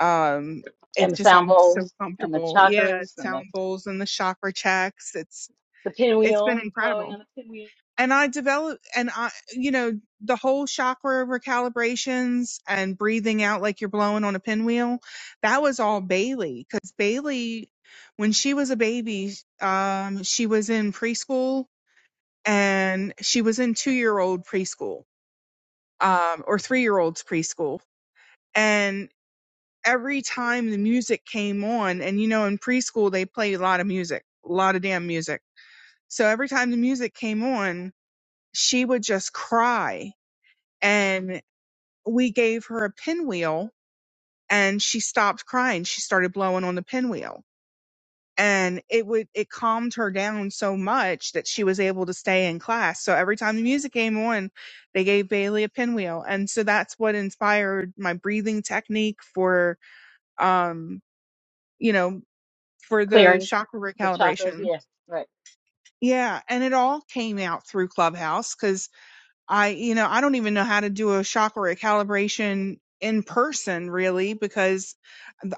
Speaker 1: um, it's
Speaker 13: And the
Speaker 1: just
Speaker 13: sound
Speaker 1: I'm so
Speaker 13: bowls and the
Speaker 1: comfortable. Yeah,
Speaker 13: chakras and the,
Speaker 1: sound bowls and the chakra checks. It's
Speaker 13: the
Speaker 1: it's been
Speaker 13: pinwheel, blowing
Speaker 1: incredible.
Speaker 13: on the pinwheel,
Speaker 1: and I developed and I you know the whole chakra recalibrations and breathing out like you're blowing on a pinwheel that was all Bailey cuz Bailey when she was a baby um she was in preschool and she was in 2-year-old preschool um or 3-year-olds preschool and every time the music came on and you know in preschool they play a lot of music a lot of damn music so every time the music came on she would just cry and we gave her a pinwheel and she stopped crying she started blowing on the pinwheel and it would it calmed her down so much that she was able to stay in class so every time the music came on they gave bailey a pinwheel and so that's what inspired my breathing technique for um you know for the
Speaker 13: clearing
Speaker 1: chakra
Speaker 13: the chakras.
Speaker 1: recalibration
Speaker 13: Yeah, right.
Speaker 1: yeah and it all came out through clubhouse because. I, you know, I don't even know how to do a shock or a calibration in person really because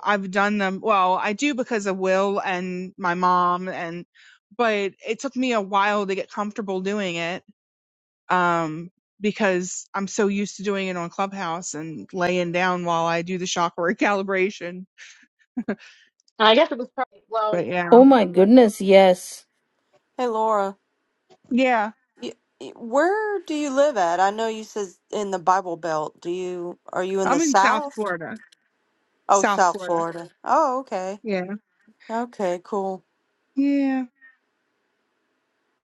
Speaker 1: I've done them. Well, I do because of Will and my mom and, but it took me a while to get comfortable doing it. Um, because I'm so used to doing it on Clubhouse and laying down while I do the shock or a calibration.
Speaker 13: And I guess it was probably, well,
Speaker 1: But yeah,
Speaker 12: Oh my goodness, yes.
Speaker 14: Hey Laura,
Speaker 1: yeah,
Speaker 14: you, you- where do you live at? I know you says in the Bible Belt. Do you are you in
Speaker 1: I'm
Speaker 14: the
Speaker 1: in South
Speaker 14: South?
Speaker 1: Florida,
Speaker 14: Oh,
Speaker 1: South
Speaker 14: South
Speaker 1: Florida.
Speaker 14: Florida. Oh, okay.
Speaker 1: Yeah.
Speaker 14: Okay, cool.
Speaker 1: Yeah.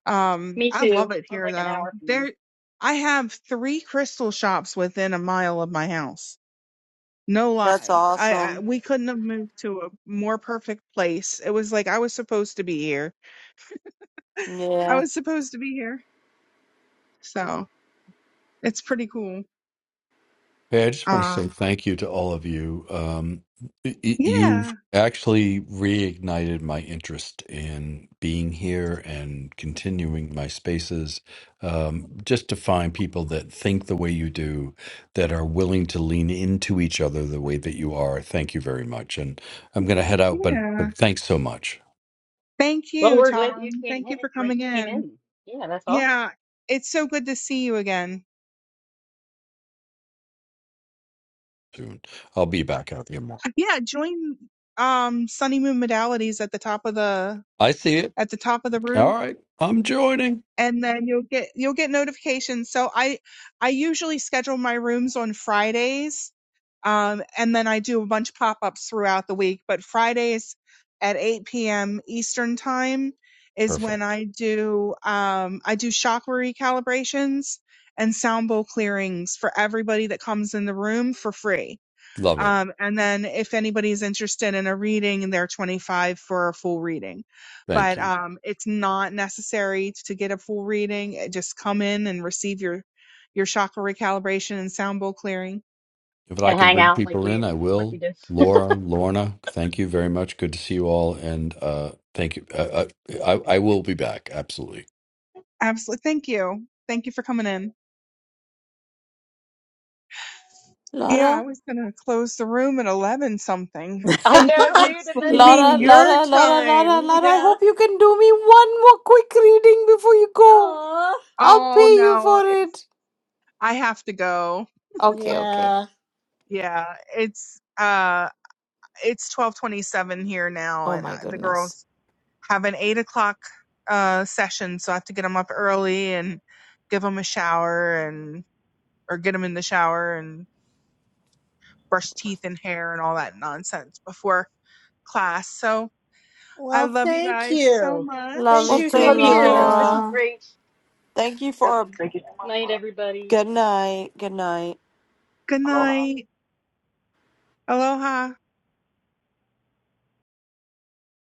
Speaker 1: Um,
Speaker 13: me
Speaker 1: I love
Speaker 13: too.
Speaker 1: it
Speaker 13: I'm
Speaker 1: here
Speaker 13: like an
Speaker 1: though.
Speaker 13: hour from her.
Speaker 1: There, I have three crystal shops within a mile of my house. No
Speaker 14: That's
Speaker 1: lie. I, I
Speaker 14: awesome.
Speaker 1: we couldn't have moved to a more perfect place. It was like I was supposed to be here. I
Speaker 14: Yeah.
Speaker 1: was supposed to be here. So it's pretty cool.
Speaker 19: Hey, I just want to say
Speaker 1: Um,
Speaker 19: thank you to all of you. Um, y- y-
Speaker 1: yeah,
Speaker 19: you've actually reignited my interest in being here and continuing my spaces, um, just to find people that think the way you do, that are willing to lean into each other the way that you are. Thank you very much. And I'm going to head out, but,
Speaker 1: yeah.
Speaker 19: but thanks so much
Speaker 1: Thank
Speaker 13: Well,
Speaker 1: you,
Speaker 13: we're glad that you
Speaker 1: Tom.
Speaker 13: came
Speaker 1: Thank
Speaker 13: in.
Speaker 1: you for
Speaker 13: Like,
Speaker 1: coming
Speaker 13: came
Speaker 1: in.
Speaker 13: in. Yeah, that's awesome.
Speaker 1: Yeah, it's so good to see you again.
Speaker 19: soon. I'll be back out here more.
Speaker 1: Yeah, join um Sunny Moon Modalities at the top of the
Speaker 19: I see it.
Speaker 1: at the top of the room
Speaker 19: All right. I'm joining.
Speaker 1: and then you'll get you'll get notifications. So I I usually schedule my rooms on Fridays, um, and then I do a bunch of pop ups throughout the week. But Fridays at 8 p.m. Eastern time is
Speaker 19: Perfect.
Speaker 1: when I do um, I do chakra recalibrations and sound bowl clearings for everybody that comes in the room for free
Speaker 19: Love it.
Speaker 1: um, and then if anybody's interested in a reading, they're 25 for a full reading.
Speaker 19: Thank
Speaker 1: But
Speaker 19: you.
Speaker 1: um, it's not necessary to get a full reading. Just come in and receive your your chakra recalibration and sound bowl clearing.
Speaker 19: If I
Speaker 13: And
Speaker 19: can
Speaker 13: hang
Speaker 19: bring
Speaker 13: out like
Speaker 19: people in,
Speaker 13: we
Speaker 19: I
Speaker 13: like we
Speaker 19: will.
Speaker 13: did. <laughs>
Speaker 19: Laura, Lorna, thank you very much. Good to see you all, and uh, thank you. Uh, I, I I will be back absolutely.
Speaker 1: Absolutely. Thank you. Thank you for coming in. Yeah, I
Speaker 12: Laura,
Speaker 1: was gonna close the room at 11
Speaker 18: <laughs>
Speaker 1: something. <laughs>
Speaker 13: I
Speaker 1: And
Speaker 13: know,
Speaker 1: that
Speaker 13: dude.
Speaker 1: was
Speaker 13: And
Speaker 18: you
Speaker 13: then
Speaker 1: like,
Speaker 12: Laura,
Speaker 18: mean your
Speaker 12: Laura, Laura, Laura,
Speaker 18: time? <laughs>
Speaker 12: Laura, I
Speaker 18: Yeah.
Speaker 12: hope you can do me one more quick reading before you go.
Speaker 18: Oh.
Speaker 12: I'll
Speaker 1: oh
Speaker 12: pay you
Speaker 1: no,
Speaker 12: for it.
Speaker 1: I have to go.
Speaker 12: Okay, okay.
Speaker 18: Yeah.
Speaker 1: Yeah, it's uh it's 12:27 here now
Speaker 12: Oh
Speaker 1: and uh,
Speaker 12: my
Speaker 1: the
Speaker 12: goodness.
Speaker 1: girls have an eight o'clock uh, session, so I have to get them up early and give them a shower and or get them in the shower and brush teeth and hair and all that nonsense before class. So I
Speaker 18: Well,
Speaker 1: love you
Speaker 18: thank
Speaker 1: guys so
Speaker 18: you.
Speaker 12: Love
Speaker 18: Thank
Speaker 14: Well,
Speaker 12: you
Speaker 1: much.
Speaker 18: you.
Speaker 12: too,
Speaker 13: love
Speaker 14: thank
Speaker 18: Thank
Speaker 13: you
Speaker 14: you,
Speaker 18: you.
Speaker 13: too. This was
Speaker 14: Laura.
Speaker 12: Laura.
Speaker 13: great.
Speaker 14: Thank you
Speaker 6: Yep.
Speaker 14: for a
Speaker 6: Thank you so much.
Speaker 13: Night, everybody.
Speaker 14: good night. Good night.
Speaker 1: Good
Speaker 6: Aloha.
Speaker 1: night. Aloha.